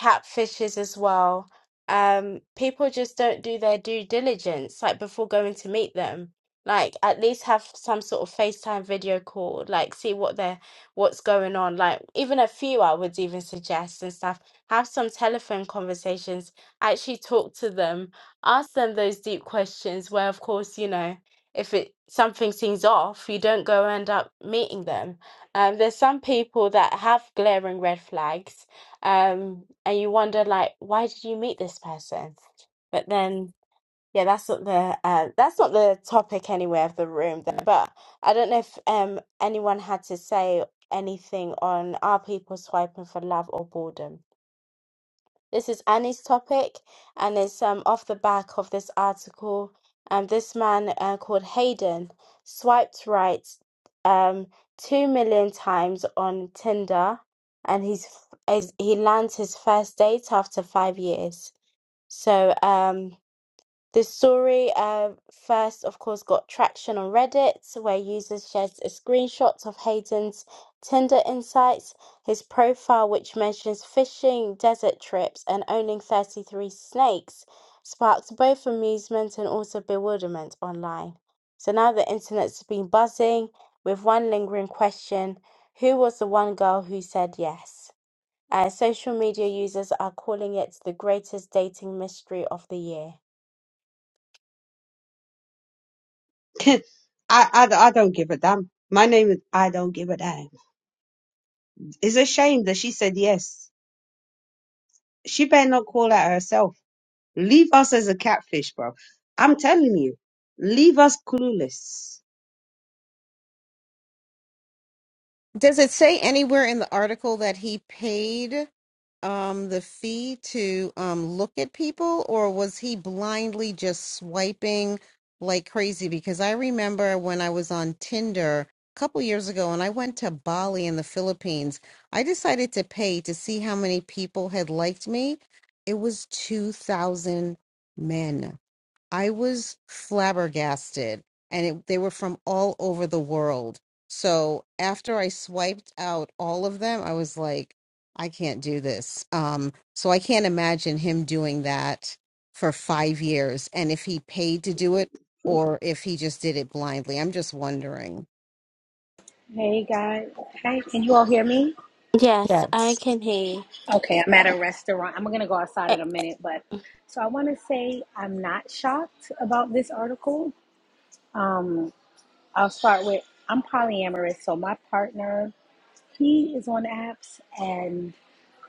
Speaker 1: catfishes as well, um, people just don't do their due diligence, like before going to meet them. Like at least have some sort of FaceTime video call, like see what they're what's going on. Like even a few I would even suggest and stuff. Have some telephone conversations, actually talk to them, ask them those deep questions where of course, you know, if it something seems off, you don't go end up meeting them um, there's some people that have glaring red flags, um, and you wonder like, why did you meet this person? But then, yeah, that's not the uh, that's not the topic anyway of the room. There, but I don't know if um anyone had to say anything on are people swiping for love or boredom. This is Annie's topic, and it's um, off the back of this article. Um, this man uh, called Hayden swiped right um, two million times on Tinder, and he's, is he lands his first date after five years. So um, this story uh, first, of course, got traction on Reddit, where users shared a screenshot of Hayden's Tinder insights, his profile, which mentions fishing, desert trips, and owning 33 snakes, sparked both amusement and also bewilderment online. So now the internet's been buzzing with one lingering question Who was the one girl who said yes? Uh, social media users are calling it the greatest dating mystery of the year.
Speaker 7: [LAUGHS] I, I, I don't give a damn. My name is I don't give a damn. It's a shame that she said yes. She better not call out herself Leave us as a catfish, bro. I'm telling you, leave us clueless.
Speaker 5: Does it say anywhere in the article that he paid um the fee to um look at people or was he blindly just swiping like crazy? Because I remember when I was on Tinder a couple years ago and I went to Bali in the Philippines, I decided to pay to see how many people had liked me. It was 2,000 men. I was flabbergasted, and it, they were from all over the world. So after I swiped out all of them, I was like, I can't do this. Um, so I can't imagine him doing that for five years, and if he paid to do it or if he just did it blindly. I'm just wondering.
Speaker 8: Hey guys. Hey, can you all hear me?
Speaker 1: Yes, I
Speaker 5: Yes.
Speaker 1: can hear you.
Speaker 8: Okay, I'm at a restaurant. I'm gonna go outside in a
Speaker 1: O-
Speaker 8: minute, but so I want to say I'm not shocked about this article. Um, I'll start with I'm polyamorous, so my partner he is on apps and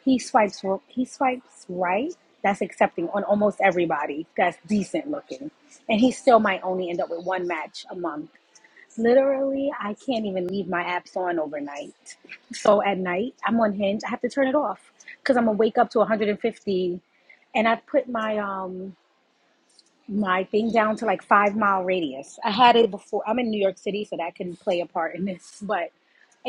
Speaker 8: he swipes ro- he swipes right. That's accepting on almost everybody that's decent looking, and he still might only end up with one match a month Literally, I can't even leave my apps on overnight. So at night, I'm on Hinge. I have to turn it off because I'm gonna wake up to 150, and I put my um my thing down to like five mile radius. I had it before. I'm in New York City, so that can play a part in this, [LAUGHS] but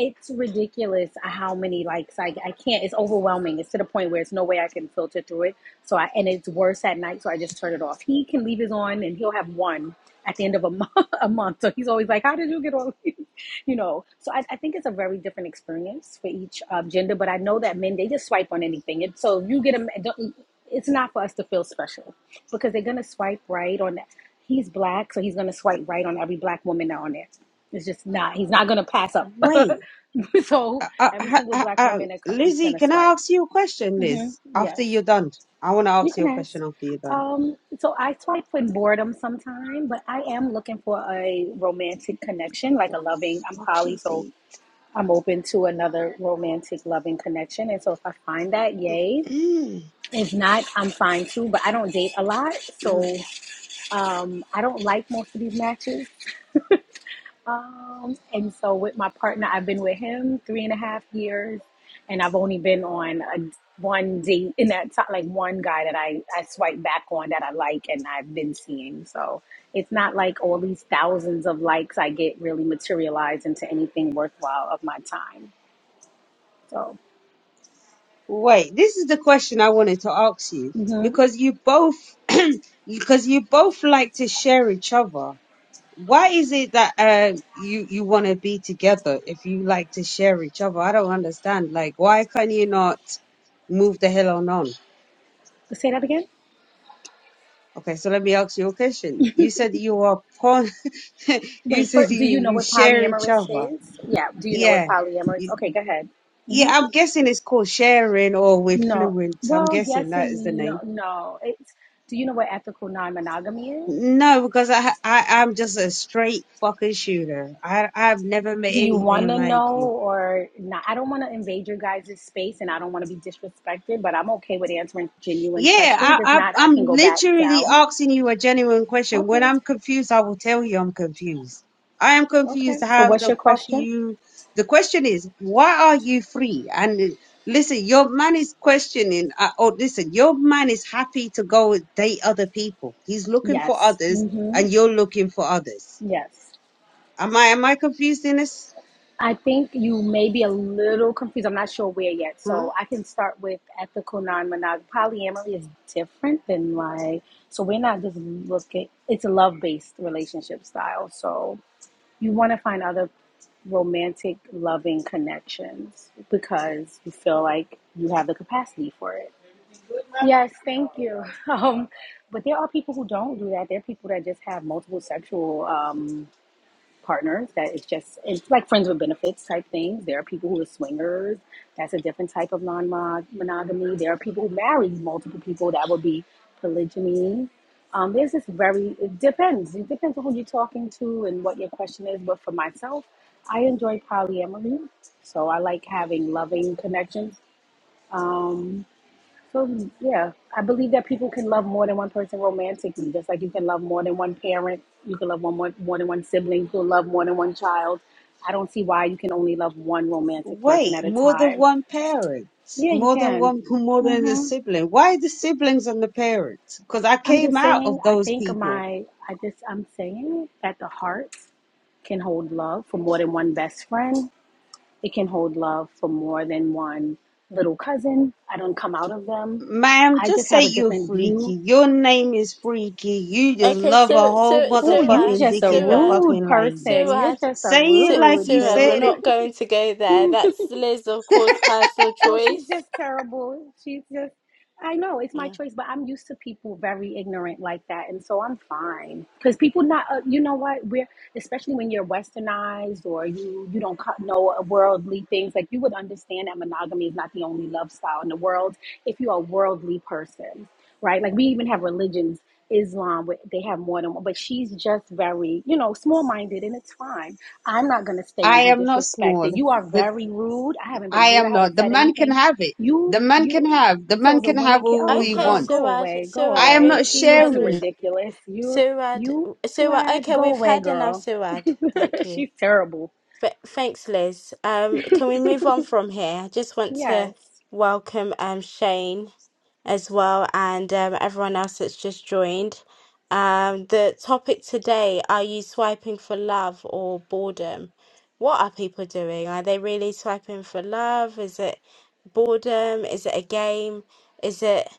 Speaker 8: it's ridiculous how many likes I, I can't. It's overwhelming. It's to the point where it's no way I can filter through it. So I and it's worse at night. So I just turn it off. He can leave his on, and he'll have one at the end of a month. [LAUGHS] A month. So he's always like, "How did you get all these?" [LAUGHS] You know. So I, I think it's a very different experience for each um, gender. But I know that men they just swipe on anything. And so you get a don't. It's not for us to feel special because they're gonna swipe right on he's black so he's gonna swipe right on every black woman that on there it's just not he's not gonna pass up
Speaker 7: Wait,
Speaker 8: [LAUGHS] so
Speaker 7: uh, uh,
Speaker 8: every
Speaker 7: ha-
Speaker 8: single
Speaker 7: ha-
Speaker 8: black
Speaker 7: uh,
Speaker 8: woman that co- he's
Speaker 7: Lizzie,
Speaker 8: gonna
Speaker 7: can I
Speaker 8: swipe
Speaker 7: ask you a question,
Speaker 8: hmm
Speaker 7: Liz? After
Speaker 8: yes
Speaker 7: you're done, I want to
Speaker 8: you
Speaker 7: ask you
Speaker 8: can
Speaker 7: a
Speaker 8: ask
Speaker 7: question after you're done.
Speaker 8: um so i swipe for boredom sometime but i am looking for a romantic connection like
Speaker 7: What
Speaker 8: a loving i'm
Speaker 7: the fuck
Speaker 8: poly
Speaker 7: she
Speaker 8: so
Speaker 7: say?
Speaker 8: i'm open to another romantic loving connection and so if i find that yay
Speaker 7: Mm.
Speaker 8: if not i'm fine too but i don't date a lot so um, I don't like most of these matches. Um, and so with my partner, I've been with him three and a half years, and I've only been on a, one date in that time, like one guy that I, I swipe back on that I like and I've been seeing. So it's not like all these thousands of likes I get really materialized into anything worthwhile of my time. So
Speaker 7: Wait, this is the question I wanted to ask you
Speaker 8: hmm
Speaker 7: because you both [CLEARS THROAT] because you both like to share each other. Why is it that uh, you you want to be together if you like to share each other? I don't understand. Like, why can you not move the hell on on?
Speaker 8: say that again.
Speaker 7: Okay, so let me ask you a question. You said you are porn. [LAUGHS] you
Speaker 8: Wait, for,
Speaker 7: said
Speaker 8: do
Speaker 7: you
Speaker 8: you know
Speaker 7: you
Speaker 8: what
Speaker 7: share each
Speaker 8: polyamorous
Speaker 7: other.
Speaker 8: is? Yeah, do you know what
Speaker 7: Yeah,
Speaker 8: polyamorous?
Speaker 7: You-
Speaker 8: Okay, go ahead. Mm-hmm.
Speaker 7: yeah. I'm guessing it's called sharing or with
Speaker 8: No.
Speaker 7: fluent. I'm
Speaker 8: Well,
Speaker 7: guessing
Speaker 8: yes
Speaker 7: that is the
Speaker 8: and
Speaker 7: name
Speaker 8: no. no. It's, do you know what ethical non-monogamy is?
Speaker 7: No, because I, I I'm just a straight fucking shooter. I I've never met
Speaker 8: Do you want
Speaker 7: anything
Speaker 8: to
Speaker 7: like
Speaker 8: know
Speaker 7: you.
Speaker 8: or not? I don't want to invade your guys' space and I don't want to be disrespected, but I'm okay with answering genuine
Speaker 7: Yeah,
Speaker 8: questions. If
Speaker 7: I, I
Speaker 8: not, I
Speaker 7: I'm
Speaker 8: can go back
Speaker 7: literally
Speaker 8: down.
Speaker 7: asking you a genuine question. When
Speaker 8: Okay.
Speaker 7: I'm confused, I will tell you I'm confused. I am
Speaker 8: Okay.
Speaker 7: confused.
Speaker 8: So
Speaker 7: How
Speaker 8: what's
Speaker 7: the
Speaker 8: your
Speaker 7: fuck
Speaker 8: question?
Speaker 7: you? The question is, why are you free? And uh, listen, your man is questioning. Uh, oh, listen, your man is happy to go and date other people. He's looking for
Speaker 8: Yes.
Speaker 7: others,
Speaker 8: Mm-hmm.
Speaker 7: and you're looking for others.
Speaker 8: Yes.
Speaker 7: Am I am I confused in this?
Speaker 8: I think you may be a little confused. I'm not sure where yet.
Speaker 7: Huh?
Speaker 8: So I can start with ethical non-monogamy. Polyamory is different than like, so we're not just looking, it's a love-based relationship style. So you want to find other romantic, loving connections because you feel like you have the capacity for it. Yes, thank you. [LAUGHS] Um, but there are people who don't do that. There are people that just have multiple sexual um, partners that is just it's like friends with benefits type things. There are people who are swingers. That's a different type of non monogamy. There are people who marry multiple people. That would be polygyny. Um, there's this very it depends. It depends on who you're talking to and what your question is. But for myself, I enjoy polyamory, so I like having loving connections. Um, so yeah, I believe that people can love more than one person romantically, just like you can love more than one parent, you can love one more, more than one sibling, you can love more than one child. I don't see why you can only love one romantic person
Speaker 7: Wait,
Speaker 8: at a
Speaker 7: more than
Speaker 8: time.
Speaker 7: one parent,
Speaker 8: Yeah, you
Speaker 7: more than
Speaker 8: can.
Speaker 7: one, more than a
Speaker 8: hmm
Speaker 7: sibling. Why the siblings and the parents? Because I
Speaker 8: I'm
Speaker 7: came
Speaker 8: just
Speaker 7: out
Speaker 8: saying.
Speaker 7: of
Speaker 8: I
Speaker 7: those
Speaker 8: think
Speaker 7: people.
Speaker 8: my, I just, I'm saying that the heart can hold love for more than one best friend. It can hold love for more than one little cousin. I don't come out of them.
Speaker 7: Ma'am,
Speaker 8: I
Speaker 7: just
Speaker 8: just have
Speaker 7: say
Speaker 8: a
Speaker 7: you're
Speaker 8: different view
Speaker 7: freaky. Your name is freaky. You just
Speaker 1: Okay,
Speaker 7: love a
Speaker 1: Sur
Speaker 7: whole
Speaker 1: Sur
Speaker 8: Oh, you
Speaker 1: Suraj,
Speaker 7: motherfucking
Speaker 8: just
Speaker 7: dick
Speaker 8: a
Speaker 7: in the
Speaker 1: Suraj,
Speaker 8: rude
Speaker 7: fucking language.
Speaker 8: person. You're
Speaker 1: Suraj,
Speaker 8: just a
Speaker 7: Say
Speaker 1: Su
Speaker 7: it like
Speaker 8: rude
Speaker 7: you
Speaker 1: Suraj,
Speaker 7: said
Speaker 1: we're
Speaker 8: little.
Speaker 7: it.
Speaker 1: not going to go there.
Speaker 8: [LAUGHS]
Speaker 1: That's Liz, of course, personal
Speaker 8: No, she's
Speaker 1: choice.
Speaker 8: just terrible. She's just, I know it's my
Speaker 1: Mm.
Speaker 8: choice, but I'm used to people very ignorant like that. And so I'm fine. Because people not, uh, you know what, we're, especially when you're westernized or you, you don't co- know worldly things, like you would understand that monogamy is not the only love style in the world if you're a worldly person, right? Like we even have religions, Islam, where they have more than one, but she's just very, you know, small minded and it's fine I'm not going to stay
Speaker 7: I
Speaker 8: and be
Speaker 7: am not small.
Speaker 8: disrespected. You are
Speaker 7: The,
Speaker 8: very rude. I haven't
Speaker 7: I
Speaker 8: been rude.
Speaker 7: am
Speaker 8: I
Speaker 7: not.
Speaker 8: haven't
Speaker 7: The
Speaker 8: said
Speaker 7: man can
Speaker 8: anything.
Speaker 7: have it.
Speaker 8: You,
Speaker 7: The man can
Speaker 8: you.
Speaker 7: have. The
Speaker 8: So
Speaker 7: man
Speaker 8: the
Speaker 7: can have
Speaker 8: women can,
Speaker 7: all
Speaker 8: oh,
Speaker 7: he
Speaker 1: Okay,
Speaker 8: girl,
Speaker 7: wants.
Speaker 8: go
Speaker 1: Suraj,
Speaker 8: away, go
Speaker 7: I
Speaker 1: Suraj,
Speaker 7: am
Speaker 8: away.
Speaker 1: we've
Speaker 7: not
Speaker 8: She's
Speaker 1: Suraj,
Speaker 7: sharing
Speaker 1: we've
Speaker 8: ridiculous. You,
Speaker 1: Suraj,
Speaker 8: you,
Speaker 1: Suraj.
Speaker 8: swag,
Speaker 1: Okay,
Speaker 8: go
Speaker 1: we've
Speaker 8: away,
Speaker 1: had enough,
Speaker 8: girl.
Speaker 1: Suraj. Thank
Speaker 8: [LAUGHS]
Speaker 1: you.
Speaker 8: She's terrible.
Speaker 1: F thanks, Liz. Um, can we move on from here? I just want to
Speaker 8: Yes.
Speaker 1: welcome um Shane. as well and um, everyone else that's just joined. Um, the topic today, are you swiping for love or boredom? What are people doing? Are they really swiping for love? Is it boredom? Is it a game? Is it?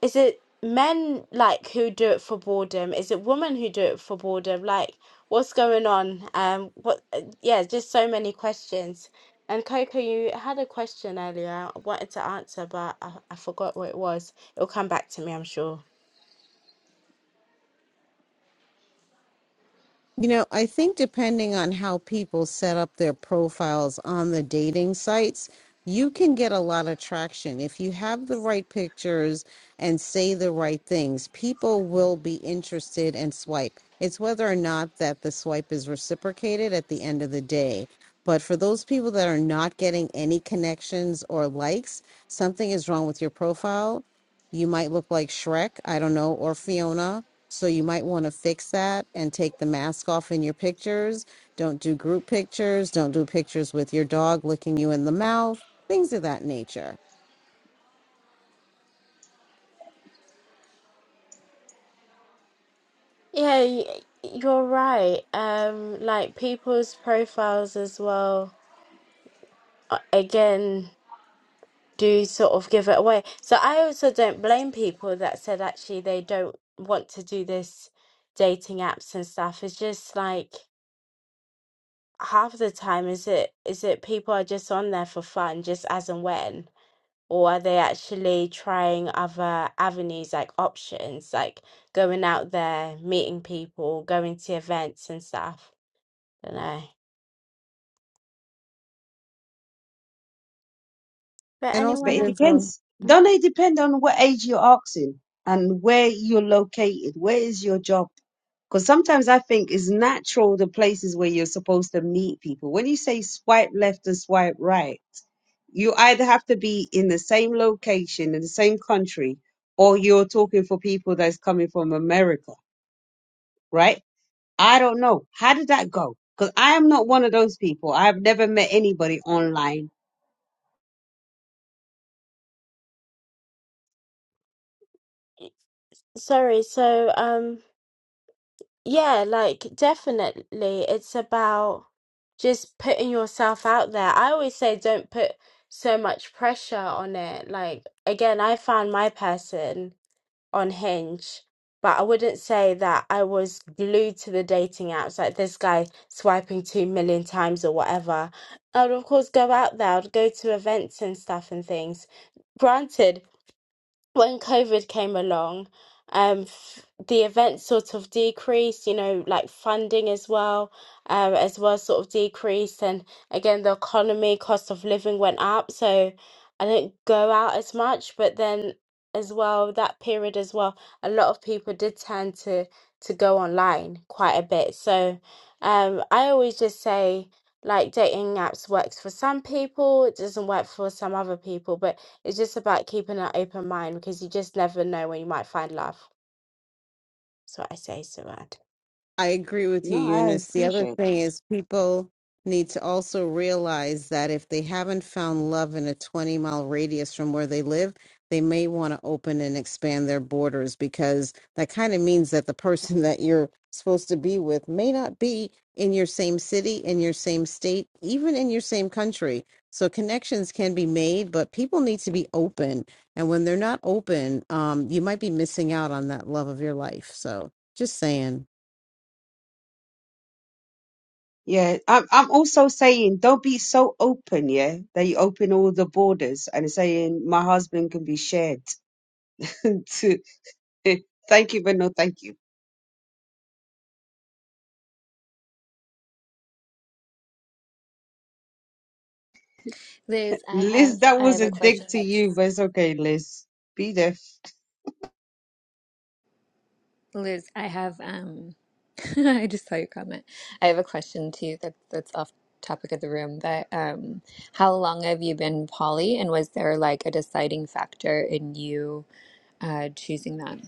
Speaker 1: Is it men like who do it for boredom? Is it women who do it for boredom? Like, what's going on? Um, what? uh, Yeah, just so many questions. And Coco, you had a question earlier. I wanted to answer, but I, I forgot what it was. It'll come back to me, I'm sure.
Speaker 5: You know, I think depending on how people set up their profiles on the dating sites, you can get a lot of traction. If you have the right pictures and say the right things, people will be interested and swipe. It's whether or not that the swipe is reciprocated at the end of the day. But for those people that are not getting any connections or likes, something is wrong with your profile. You might look like Shrek, I don't know, or Fiona so you might want to fix that and take the mask off in your pictures. Don't do group pictures. Don't do pictures with your dog licking you in the mouth, things of that nature.
Speaker 1: Yeah, y- you're right. Um, like people's profiles as well. uh, Again. do sort of give it away. So I also don't blame people that said actually they don't want to do this dating apps and stuff. It's just like half the time is it is it people are just on there for fun, just as and when, or are they actually trying other avenues like options, like going out there, meeting people, going to events and stuff. don't know. But
Speaker 5: And also,
Speaker 7: But it
Speaker 1: anyone,
Speaker 5: there's a
Speaker 7: depends. Don't it depend on what age you're asking and where you're located? Where is your job? Because sometimes I think it's natural the places where you're supposed to meet people. When you say swipe left and swipe right, you either have to be in the same location in the same country, or you're talking for people that's coming from America, right? I don't know. How did that go? Because I am not one of those people. I've never met anybody online.
Speaker 1: sorry. So um. Yeah, like definitely. It's about just putting yourself out there. I always say don't put so much pressure on it. Like, again, I found my person on Hinge, but I wouldn't say that I was glued to the dating apps, like this guy swiping two million times or whatever. I would, of course, go out there, I would go to events and stuff and things. Granted, when COVID came along, um, f- the events sort of decreased, you know, like funding as well, um, as well sort of decreased. And again, the economy, cost of living went up. So I didn't go out as much. But then as well, that period as well, a lot of people did tend to, to go online quite a bit. So um, I always just say, like dating apps works for some people, it doesn't work for some other people, but it's just about keeping an open mind because you just never know when you might find love. That's what I say, Suad.
Speaker 5: I agree with you,
Speaker 7: No, I
Speaker 5: Eunice. The other
Speaker 7: appreciate it.
Speaker 5: thing is people need to also realize that if they haven't found love in a 20 mile radius from where they live, they may want to open and expand their borders because that kind of means that the person [LAUGHS] that you're supposed to be with may not be in your same city, in your same state, even in your same country. So connections can be made, but people need to be open. And when they're not open, um, you might be missing out on that love of your life. So just saying.
Speaker 7: Yeah, I'm, I'm also saying don't be so open, yeah, that you open all the borders and saying my husband can be shared. [LAUGHS] to, [LAUGHS] thank you, but no thank you.
Speaker 2: Liz, I
Speaker 7: Liz,
Speaker 2: have
Speaker 7: that
Speaker 2: I
Speaker 7: was
Speaker 2: have a
Speaker 7: a dig
Speaker 2: question
Speaker 7: to
Speaker 2: that's
Speaker 7: you, but it's okay, Liz. Be deaf.
Speaker 2: Liz, I have um [LAUGHS] I just saw your comment. I have a question too that that's off topic of the room but um how long have you been poly and was there like a deciding factor in you uh choosing that?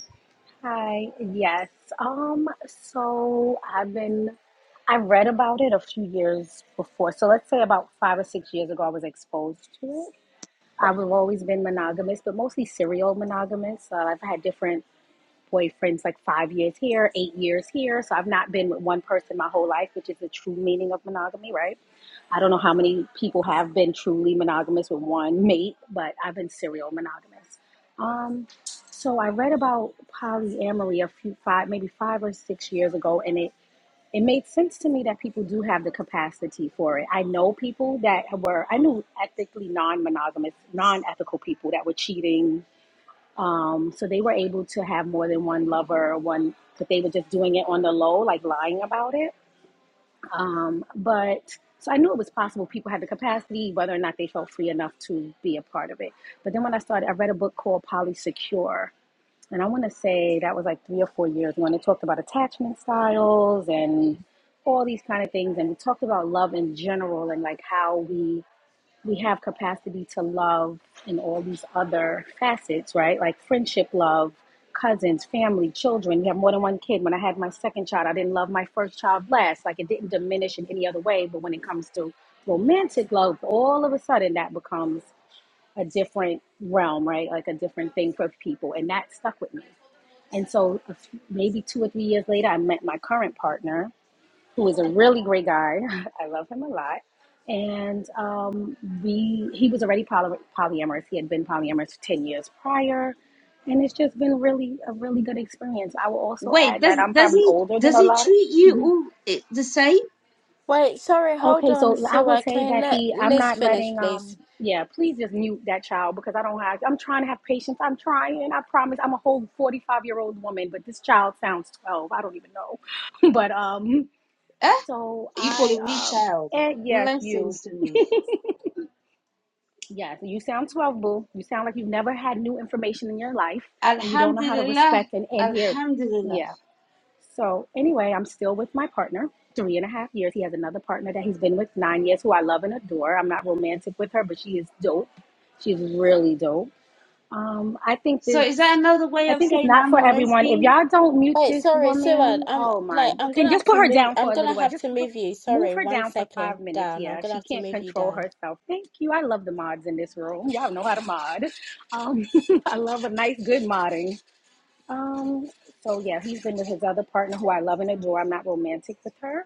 Speaker 8: Hi. Yes. Um, so I've been, I read about it a few years before. So let's say about five or six years ago, I was exposed to it I've always been monogamous, but mostly serial monogamous. Uh, I've had different boyfriends, like five years here, eight years here. So I've not been with one person my whole life, which is the true meaning of monogamy, right? I don't know how many people have been truly monogamous with one mate, but I've been serial monogamous. Um, so I read about polyamory a few five, maybe five or six years ago, and it it made sense to me that people do have the capacity for it. I know people that were, I knew ethically non monogamous, non ethical people that were cheating. Um, so they were able to have more than one lover, or one, but they were just doing it on the low, like lying about it. Um, but so I knew it was possible. People had the capacity, whether or not they felt free enough to be a part of it. But then when I started, I read a book called Polysecure, and I want to say that was like three or four years when it talked about attachment styles and all these kind of things, and we talked about love in general and like how we we have capacity to love in all these other facets, right? Like friendship, love, cousins, family, children. You have more than one kid. When I had my second child, I didn't love my first child less. Like it didn't diminish in any other way. But when it comes to romantic love, all of a sudden that becomes a different realm, right? Like a different thing for people, and that stuck with me and so, a few- maybe two or three years later, I met my current partner, who is a really great guy. [LAUGHS] I love him a lot. And um, we, he was already poly- polyamorous. He had been polyamorous 10 years prior. And it's just been really a really good experience. I will also
Speaker 7: Wait,
Speaker 8: add
Speaker 7: does
Speaker 8: that I'm
Speaker 7: does
Speaker 8: probably
Speaker 7: he
Speaker 8: older than
Speaker 7: does
Speaker 8: a
Speaker 7: he
Speaker 8: lot.
Speaker 7: treat you all i- the same?
Speaker 1: Wait, sorry, hold
Speaker 8: Okay,
Speaker 1: on,
Speaker 8: so I will
Speaker 1: Suad.
Speaker 8: say
Speaker 1: Can we
Speaker 8: that
Speaker 1: let
Speaker 8: he, I'm
Speaker 1: Liz
Speaker 8: not
Speaker 1: finish,
Speaker 8: letting, um,
Speaker 1: please?
Speaker 8: yeah, please just mute that child because I don't have, I'm trying to have patience. I'm trying. I promise. I'm a whole 45 year old woman, but this child sounds 12. I don't even know. [LAUGHS] but, um,
Speaker 7: Eh?
Speaker 8: so
Speaker 7: You
Speaker 8: I,
Speaker 7: calling me
Speaker 8: um,
Speaker 7: child?
Speaker 8: and yes, you,
Speaker 7: Blessings to me.
Speaker 8: [LAUGHS] yes, you sound 12, boo. You sound like you've never had new information in your life and you don't know how to
Speaker 7: Alhamdulillah.
Speaker 8: respect and, and hear.
Speaker 7: Alhamdulillah.
Speaker 8: Yeah. So anyway, I'm still with my partner, three and a half years. He has another partner that he's been with nine years, who I love and adore. I'm not romantic with her, but she is dope. She's really dope. Um, I think
Speaker 7: So
Speaker 8: this.
Speaker 7: is that another way
Speaker 8: I
Speaker 7: of
Speaker 8: think it's
Speaker 7: saying
Speaker 8: not
Speaker 7: I'm
Speaker 8: for
Speaker 7: a
Speaker 8: everyone. If
Speaker 7: lesbian?
Speaker 8: y'all don't mute
Speaker 1: Wait,
Speaker 8: this
Speaker 1: sorry, Suad.
Speaker 8: woman,
Speaker 1: I'm
Speaker 8: oh my,
Speaker 1: like I'm gonna
Speaker 8: can
Speaker 1: have
Speaker 8: just put
Speaker 1: to
Speaker 8: her
Speaker 1: move.
Speaker 8: down
Speaker 1: I'm
Speaker 8: for a
Speaker 1: gonna
Speaker 8: little while.
Speaker 1: have
Speaker 8: Just
Speaker 1: to
Speaker 8: put,
Speaker 1: move you.
Speaker 8: move
Speaker 1: Sorry,
Speaker 8: her
Speaker 1: one
Speaker 8: down for five
Speaker 1: second
Speaker 8: minutes.
Speaker 1: down. I'm
Speaker 8: Yeah,
Speaker 1: gonna
Speaker 8: she
Speaker 1: have to
Speaker 8: can't
Speaker 1: move you
Speaker 8: control
Speaker 1: down.
Speaker 8: herself. Thank you. I love the mods in this room. Y'all know how to mod. Um, [LAUGHS] I love a nice, good modding. Um, so yeah, he's been with his other partner who I love and adore. I'm not romantic with her,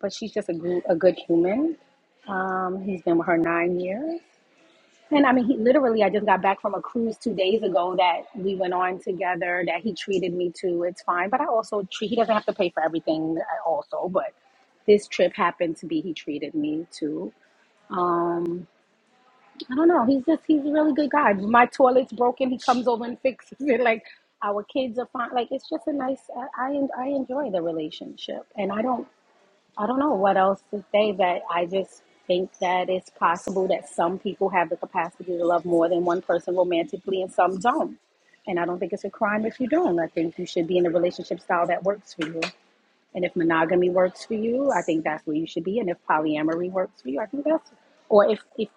Speaker 8: but she's just a good, a good human. Um, he's been with her nine years. And I mean, he literally, I just got back from a cruise two days ago that we went on together that he treated me to. It's fine. But I also treat, he doesn't have to pay for everything also, but this trip happened to be, he treated me to. I don't know. He's just he's a really good guy. My toilet's broken. He comes over and fixes it. [LAUGHS] Like our kids are fine. Like it's just a nice. I I, I enjoy the relationship, and I don't I don't know what else to say. But I just think that it's possible that some people have the capacity to love more than one person romantically, and some don't. And I don't think it's a crime if you don't. I think you should be in a relationship style that works for you. And if monogamy works for you, I think that's where you should be. And if polyamory works for you, I think that's, or if, if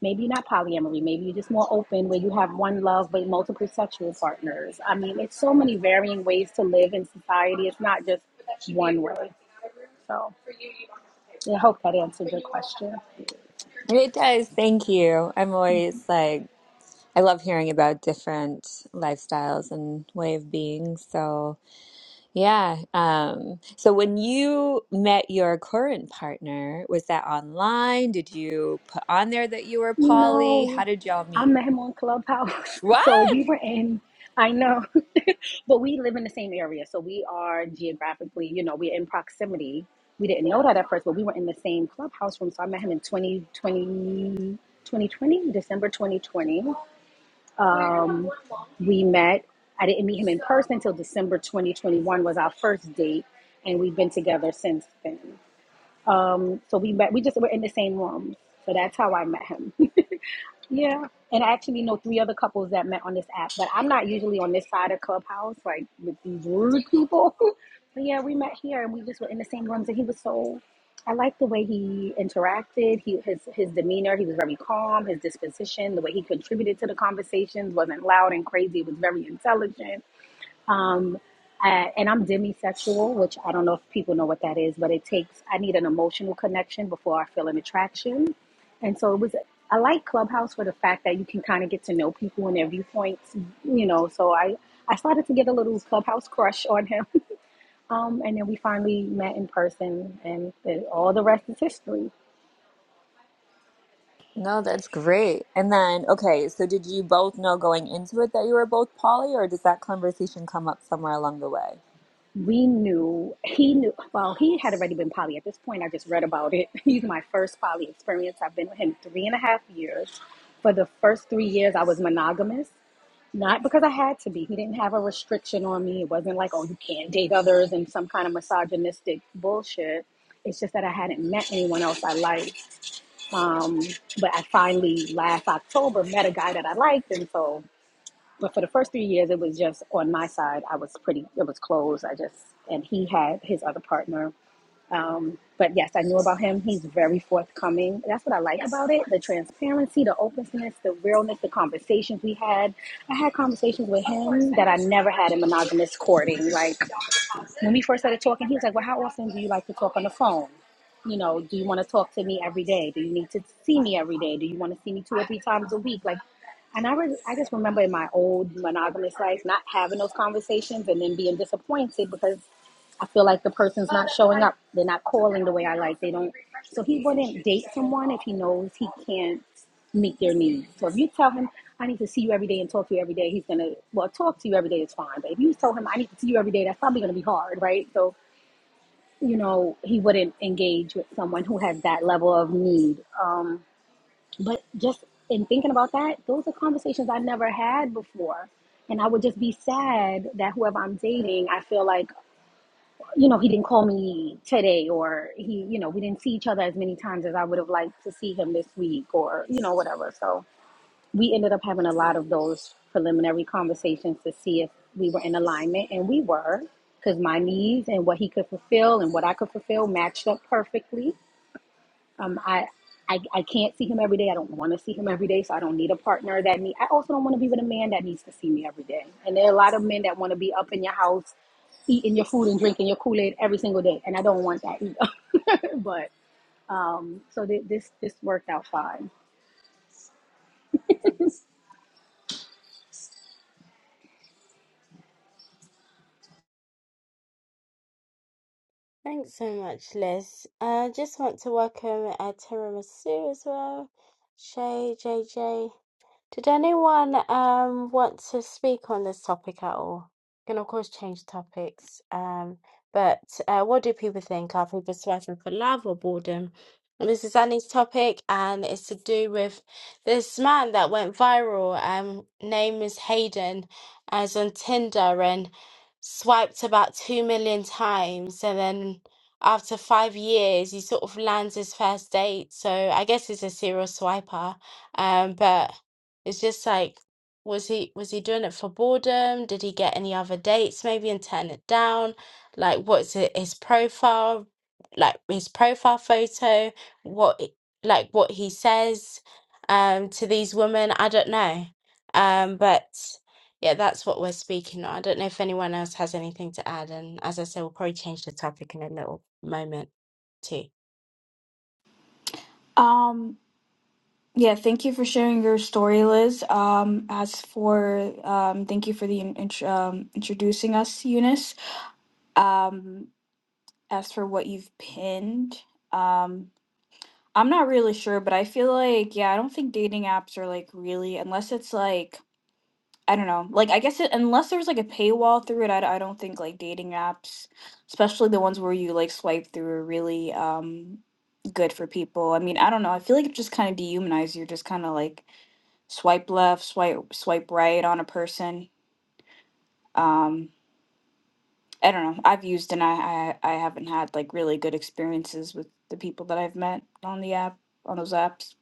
Speaker 8: maybe not polyamory, maybe you're just more open where you have one love but multiple sexual partners. I mean, it's so many varying ways to live in society. It's not just one way. I hope that answered your question.
Speaker 2: It does. Thank you. I'm always like I love hearing about different lifestyles and way of being. So Yeah. Um, so when you met your current partner, was that online? Did you put on there that you were poly? How
Speaker 8: No,
Speaker 2: did y'all
Speaker 8: I
Speaker 2: meet?
Speaker 8: met him on Clubhouse. [LAUGHS]
Speaker 2: What?
Speaker 8: So we were in, I know, [LAUGHS] but we live in the same area. So we are geographically, you know, we're in proximity. We didn't know that at first, but we were in the same Clubhouse room. So I met him in 2020 2020 December 2020. Um, we met. I didn't meet him in person until December 2021 was our first date. And we've been together since then. Um, so we met, we just were in the same room. So that's how I met him. Yeah, and I actually know three other couples that met on this app, but I'm not usually on this side of Clubhouse, like with these rude people. [LAUGHS] but yeah, we met here and we just were in the same rooms, and he was so. I liked the way he interacted. He his his demeanor. He was very calm. His disposition, the way he contributed to the conversations, wasn't loud and crazy. It was very intelligent. Um, I, and I'm demisexual, which I don't know if people know what that is, but it takes, I need an emotional connection before I feel an attraction. And so it was, I like Clubhouse for the fact that you can kind of get to know people and their viewpoints, you know. So I, I started to get a little Clubhouse crush on him. [LAUGHS] Um, and then we finally met in person, and it- all the rest is history.
Speaker 2: No, that's great. And then, okay, so did you both know going into it that you were both poly, or does that conversation come up somewhere along the way?
Speaker 8: we knew he knew well he had already been poly at this point i just read about it [LAUGHS] he's my first poly experience i've been with him three and a half years for the first three years i was monogamous not because i had to be he didn't have a restriction on me it wasn't like oh you can't date others and some kind of misogynistic bullshit it's just that i hadn't met anyone else i liked um, but i finally last october met a guy that i liked and so but for the first three years, it was just on my side. I was pretty, it was closed. I just, and he had his other partner. Um, but yes, I knew about him. He's very forthcoming. That's what I like yes. about it the transparency, the openness, the realness, the conversations we had. I had conversations with him that I never had in monogamous courting. Like, when we first started talking, he was like, Well, how often do you like to talk on the phone? You know, do you want to talk to me every day? Do you need to see me every day? Do you want to see me two or three times a week? Like, and I, re- I just remember in my old monogamous life not having those conversations and then being disappointed because I feel like the person's not showing up. They're not calling the way I like. They don't. So he wouldn't date someone if he knows he can't meet their needs. So if you tell him, I need to see you every day and talk to you every day, he's going to, well, talk to you every day is fine. But if you tell him, I need to see you every day, that's probably going to be hard, right? So, you know, he wouldn't engage with someone who has that level of need. Um, but just in thinking about that, those are conversations I never had before. And I would just be sad that whoever I'm dating, I feel like you know, he didn't call me today or he, you know, we didn't see each other as many times as I would have liked to see him this week or, you know, whatever. So we ended up having a lot of those preliminary conversations to see if we were in alignment and we were because my needs and what he could fulfill and what I could fulfill matched up perfectly. Um, I, I I can't see him every day. I don't want to see him every day, so I don't need a partner that need. I also don't want to be with a man that needs to see me every day. And there are a lot of men that want to be up in your house, eating your food and drinking your Kool Aid every single day, and I don't want that either. [LAUGHS] but um, so th- this this worked out fine.
Speaker 1: Thanks so much, Liz. I uh, just want to welcome uh, Tiramisu as well. Shay, JJ. Did anyone um want to speak on this topic at all? Can of course change topics. Um, but uh, what do people think? Are people swiping for love or boredom? And this is Annie's topic, and it's to do with this man that went viral. Um, name is Hayden, as on Tinder and swiped about two million times, and then after five years, he sort of lands his first date. So I guess he's a serial swiper. Um, but it's just like, was he was he doing it for boredom? Did he get any other dates maybe and turn it down? Like, what's it, his profile? Like his profile photo? What it- like what he says um to these women? I don't know. Um, but yeah, that's what we're speaking on. I don't know if anyone else has anything to add. And as I said, we'll probably change the topic in a little moment too.
Speaker 9: Um, yeah, thank you for sharing your story, Liz. Um, as for um, thank you for the in- int- um, introducing us, Eunice. Um, as for what you've pinned, um, I'm not really sure, but I feel like yeah, I don't think dating apps are like really unless it's like I don't know, like I guess it, unless there's like a paywall through it, I, d- I don't think like dating apps, especially the ones where you like swipe through, are really um good for people. I mean, I don't know. I feel like it just kind of dehumanizes you. Just kind of like swipe left, swipe swipe right on a person. Um, I don't know. I've used and I, I I haven't had like really good experiences with the people that I've met on the app on those apps.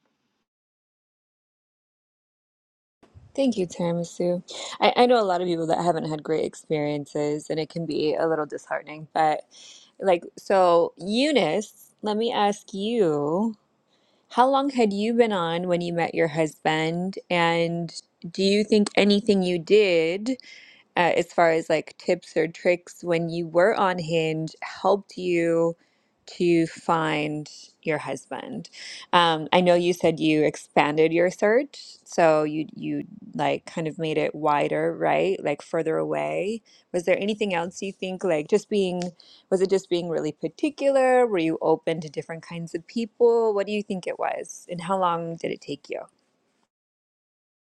Speaker 2: Thank you, Tiramisu. I, I know a lot of people that haven't had great experiences, and it can be a little disheartening, but like, so Eunice, let me ask you. How long had you been on when you met your husband? And do you think anything you did? uh, as far as like tips or tricks when you were on Hinge helped you to find your husband. Um, I know you said you expanded your search, so you you like kind of made it wider, right? Like further away. Was there anything else you think like just being was it just being really particular? Were you open to different kinds of people? What do you think it was? And how long did it take you?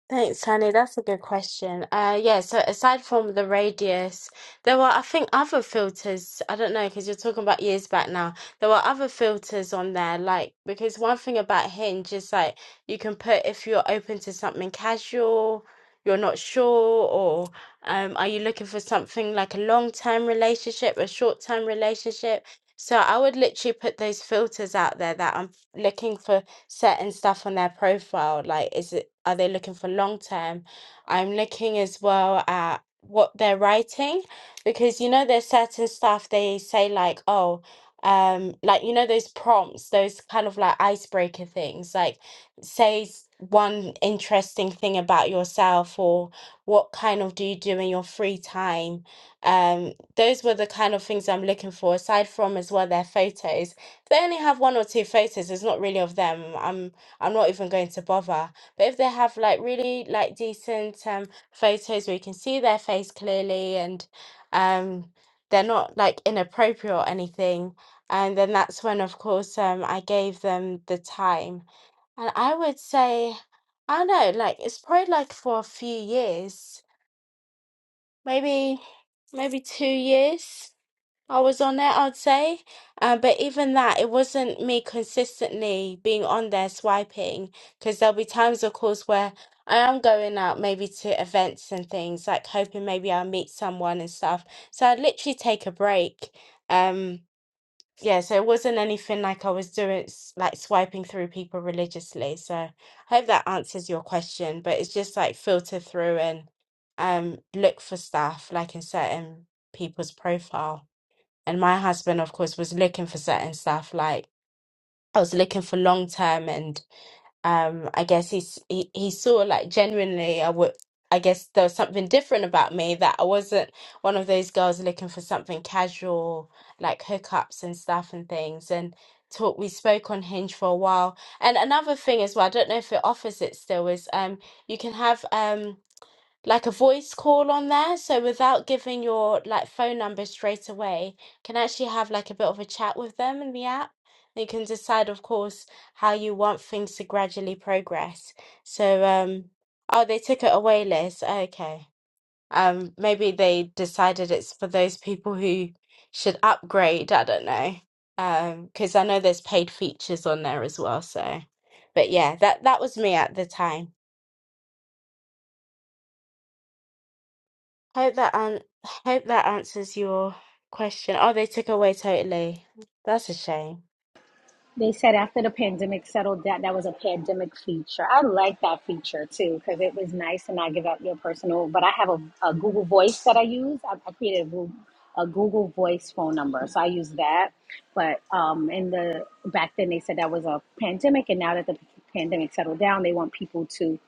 Speaker 1: Thanks, Tani. That's a good question. Uh, yeah, so aside from the radius, there were, I think, other filters. I don't know, because you're talking about years back now. There were other filters on there, like, because one thing about Hinge is like you can put if you're open to something casual, you're not sure, or um, are you looking for something like a long-term relationship, a short-term relationship? So I would literally put those filters out there that I'm looking for certain stuff on their profile? Like, is it are they looking for long term? I'm looking as well at what they're writing because you know there's certain stuff they say like, oh, um, like you know those prompts, those kind of like icebreaker things, like say s- one interesting thing about yourself or what kind of do you do in your free time um those were the kind of things i'm looking for aside from as well their photos they only have one or two photos, it's not really of them. I'm I'm not even going to bother. But if they have like really like decent um photos where you can see their face clearly and um they're not like inappropriate or anything, and then that's when of course um I gave them the time. And I would say I don't know, like it's probably like for a few years, maybe maybe two years. I was on there, I'd say. Um, but even that, it wasn't me consistently being on there swiping, because there'll be times, of course, where I am going out maybe to events and things, like hoping maybe I'll meet someone and stuff. So I'd literally take a break. Um, yeah, so it wasn't anything like I was doing, s- like swiping through people religiously. So I hope that answers your question, but it's just like filter through and um, look for stuff like in certain people's profile and my husband of course was looking for certain stuff like I was looking for long term and um I guess he's he, he saw like genuinely I would I guess there was something different about me that I wasn't one of those girls looking for something casual like hookups and stuff and things and talk we spoke on Hinge for a while and another thing as well I don't know if it offers it still is um you can have um like a voice call on there. So without giving your like phone number straight away, can actually have like a bit of a chat with them in the app. You can decide, of course, how you want things to gradually progress. So, um, oh, they took it away, Liz. Okay. Um, maybe they decided it's for those people who should upgrade. I don't know. Um, because I know there's paid features on there as well. So, but yeah, that that was me at the time. Hope that an hope that answers your question. Oh, they took away totally. That's a shame.
Speaker 8: They said after the pandemic settled, that that was a pandemic feature. I like that feature too because it was nice to not give out your personal. But I have a, a Google Voice that I use. I, I created a Google, a Google Voice phone number, so I use that. But um, in the back then, they said that was a pandemic, and now that the pandemic settled down, they want people to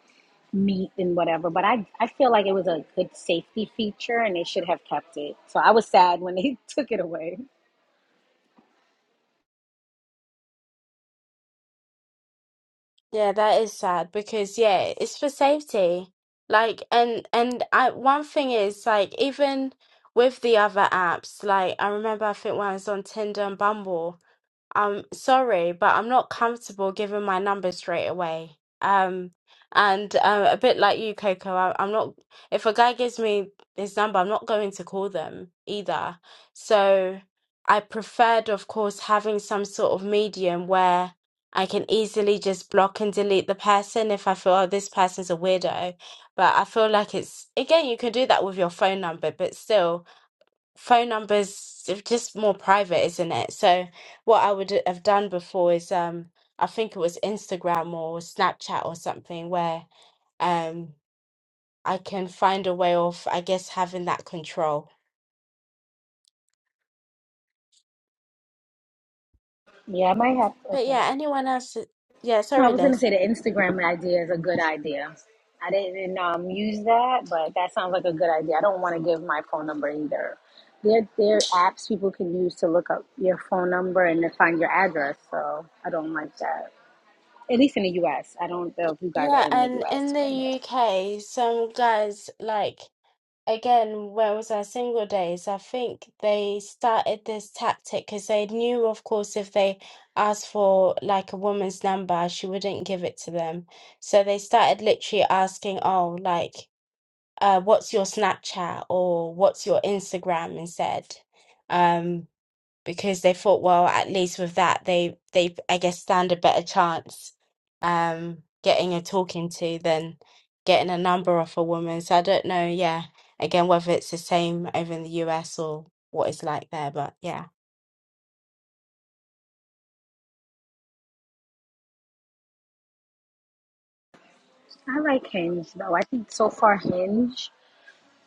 Speaker 8: meet and whatever. But I I feel like it was a good safety feature, and they should have kept it. So I was sad when they [LAUGHS] took it away.
Speaker 1: Yeah, that is sad because yeah, it's for safety. Like and and I one thing is like even with the other apps, like I remember I think when I was on Tinder and Bumble. I'm sorry, but I'm not comfortable giving my number straight away. Um, and uh, a bit like you, Coco, I, I'm not. If a guy gives me his number, I'm not going to call them either. So I preferred, of course, having some sort of medium where I can easily just block and delete the person if I feel, oh, this person's a weirdo. But I feel like it's, again, you can do that with your phone number, but still phone numbers are just more private, isn't it? So what I would have done before is um I think it was Instagram or Snapchat or something where um I can find a way of I guess having that control.
Speaker 8: Yeah, I might have.
Speaker 1: But
Speaker 8: Okay.
Speaker 1: yeah, anyone else yeah,
Speaker 8: No, I
Speaker 1: sorry
Speaker 8: was gonna
Speaker 1: Liz.
Speaker 8: say the Instagram idea is a good idea. I didn't um, use that, but that sounds like a good idea. I don't want to give my phone number either. There, there are apps people can use to look up your phone number and to find your address. So I don't like that. At least in the U.S. I don't know if you guys are
Speaker 1: Yeah,
Speaker 8: in the
Speaker 1: and in
Speaker 8: U.S.
Speaker 1: the
Speaker 8: But yeah,
Speaker 1: UK some guys like again, where was our single days? I think they started this tactic because they knew, of course, if they asked for like a woman's number, she wouldn't give it to them. So they started literally asking, oh, like, uh, what's your Snapchat or what's your Instagram instead? Um, because they thought, well, at least with that, they they I guess stand a better chance um getting a talking to than getting a number off a woman. So I don't know, yeah, again, whether it's the same over in the US or what it's like there, but yeah.
Speaker 8: I like Hinge though. I think so far Hinge,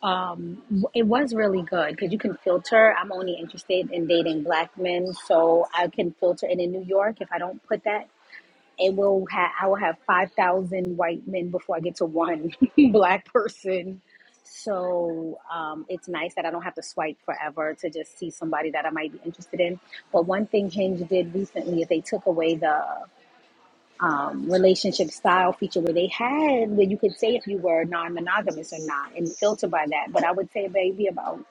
Speaker 8: um, it was really good because you can filter. I'm only interested in dating black men, so I can filter. And in New York, if I don't put that it will ha- I will have five thousand white men before I get to one [LAUGHS] black person. So um, it's nice that I don't have to swipe forever to just see somebody that I might be interested in. But one thing Hinge did recently is they took away the um, relationship style feature where they had where you could say if you were non-monogamous or not and filter by that. But I would say maybe about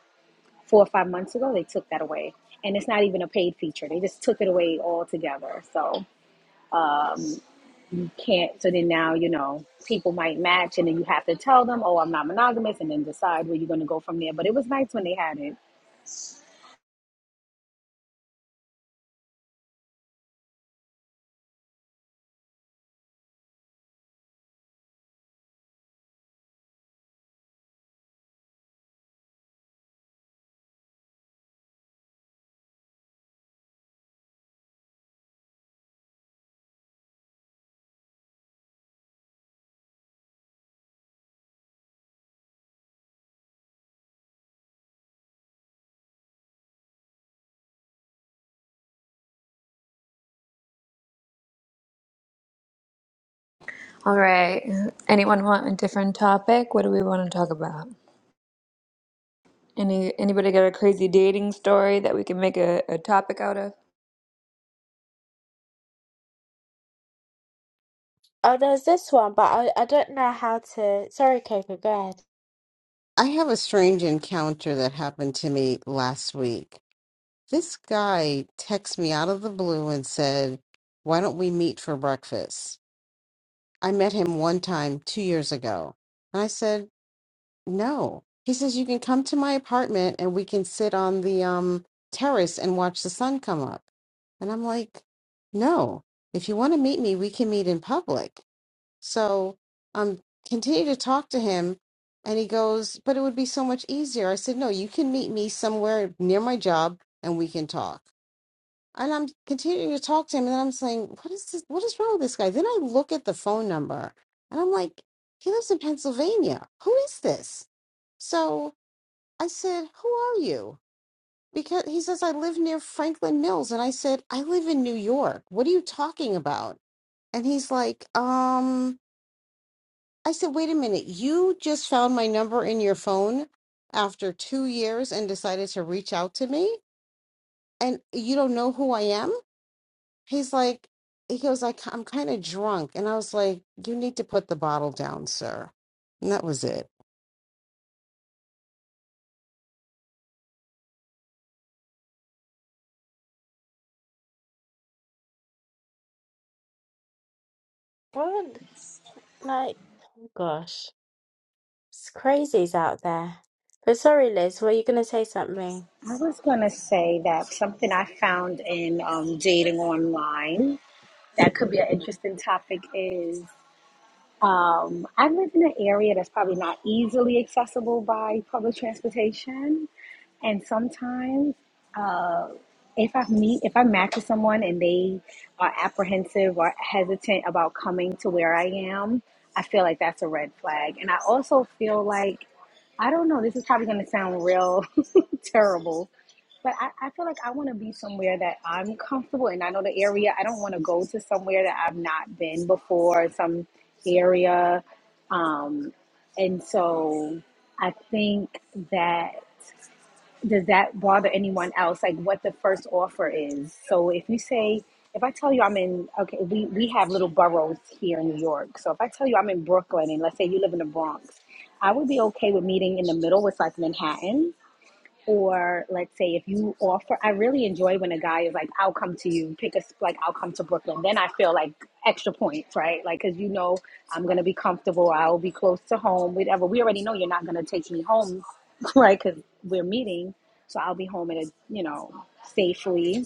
Speaker 8: four or five months ago they took that away, and it's not even a paid feature. They just took it away altogether. So. can't so then now you know people might match and then you have to tell them oh i'm not monogamous and then decide where you're going to go from there but it was nice when they had it
Speaker 2: All right. Anyone want a different topic? What do we want to talk about? Any anybody got a crazy dating story that we can make a, a topic out of?
Speaker 1: Oh, there's this one, but I I don't know how to. Sorry, Coco, go ahead.
Speaker 5: I have a strange encounter that happened to me last week. This guy texted me out of the blue and said, Why don't we meet for breakfast? I met him one time two years ago. And I said, No. He says, You can come to my apartment and we can sit on the um, terrace and watch the sun come up. And I'm like, No. If you want to meet me, we can meet in public. So um continue to talk to him and he goes, But it would be so much easier. I said, No, you can meet me somewhere near my job and we can talk. And I'm continuing to talk to him and then I'm saying, What is this what is wrong with this guy? Then I look at the phone number and I'm like, He lives in Pennsylvania. Who is this? So I said, Who are you? Because he says, I live near Franklin Mills. And I said, I live in New York. What are you talking about? And he's like, um, I said, wait a minute, you just found my number in your phone after two years and decided to reach out to me, and you don't know who I am? He's like, he goes, I, I'm kind of drunk. And I was like, you need to put the bottle down, sir. And that was it.
Speaker 1: What? Like, oh gosh, it's crazies out there. But sorry, Liz, were you gonna say something?
Speaker 8: i was going to say that something i found in um, dating online that could be an interesting topic is um, i live in an area that's probably not easily accessible by public transportation And sometimes, uh, if I meet, if I match with someone and they are apprehensive or hesitant about coming to where I am, I feel like that's a red flag. And I also feel like, I don't know, this is probably going to sound real [LAUGHS] terrible, but I, I feel like I want to be somewhere that I'm comfortable and I know the area. I don't want to go to somewhere that I've not been before, some area. Um, and so I think that does that bother anyone else like what the first offer is so if you say if i tell you i'm in okay we, we have little boroughs here in new york so if i tell you i'm in brooklyn and let's say you live in the bronx i would be okay with meeting in the middle with like manhattan or let's say if you offer i really enjoy when a guy is like i'll come to you pick a like i'll come to brooklyn then i feel like extra points right like because you know i'm gonna be comfortable i'll be close to home whatever we already know you're not gonna take me home [LAUGHS] right because we're meeting so i'll be home at a you know safely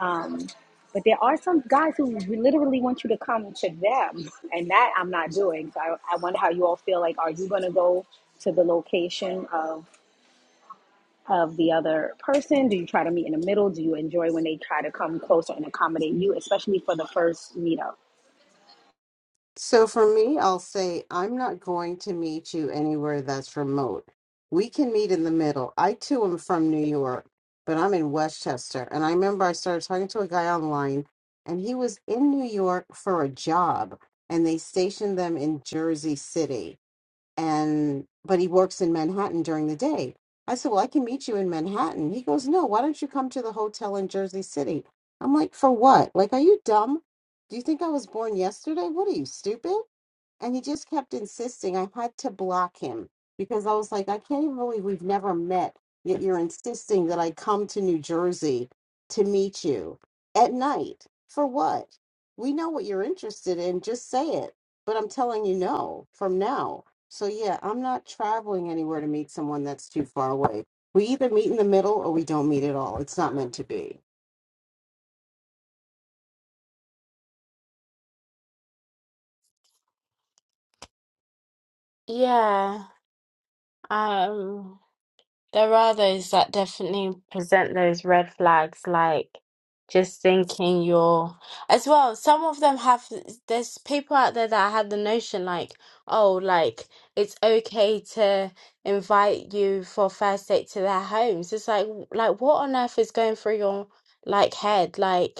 Speaker 8: um but there are some guys who literally want you to come to them [LAUGHS] and that i'm not doing so i, I wonder how you all feel like are you gonna go to the location of of the other person? Do you try to meet in the middle? Do you enjoy when they try to come closer and accommodate you, especially for the first meetup?
Speaker 5: So for me, I'll say I'm not going to meet you anywhere that's remote. We can meet in the middle. I too am from New York, but I'm in Westchester. And I remember I started talking to a guy online, and he was in New York for a job, and they stationed them in Jersey City and but he works in Manhattan during the day. I said, "Well, I can meet you in Manhattan." He goes, "No, why don't you come to the hotel in Jersey City?" I'm like, "For what? Like, are you dumb? Do you think I was born yesterday? What are you stupid?" and he just kept insisting I had to block him because I was like, I can't even believe we've never met, yet you're insisting that I come to New Jersey to meet you at night. For what? We know what you're interested in, just say it. But I'm telling you no from now. So yeah, I'm not traveling anywhere to meet someone that's too far away. We either meet in the middle or we don't meet at all. It's not meant to be.
Speaker 1: Yeah. Um. There are those that definitely present those red flags, like just thinking you're as well. Some of them have, there's people out there that had the notion like, oh, like it's okay to invite you for first date to their homes. It's like, like what on earth is going through your like head? Like,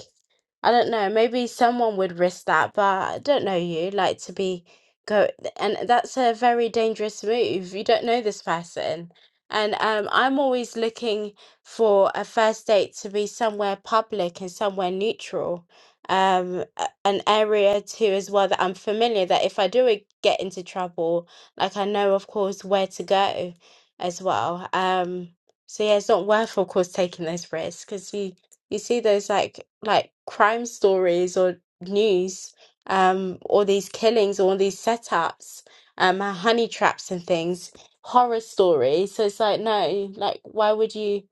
Speaker 1: I don't know, maybe someone would risk that, but I don't know you, like to be go and that's a very dangerous move. You don't know this person. And um, I'm always looking for a first date to be somewhere public and somewhere neutral, um, a- an area too as well that I'm familiar that if I do e- get into trouble, like I know of course where to go as well. Um, so yeah, it's not worth of course taking those risks because you see those like like crime stories or news, um, all these killings or all these setups, um, honey traps and things, horror stories. So it's like, no, like why would you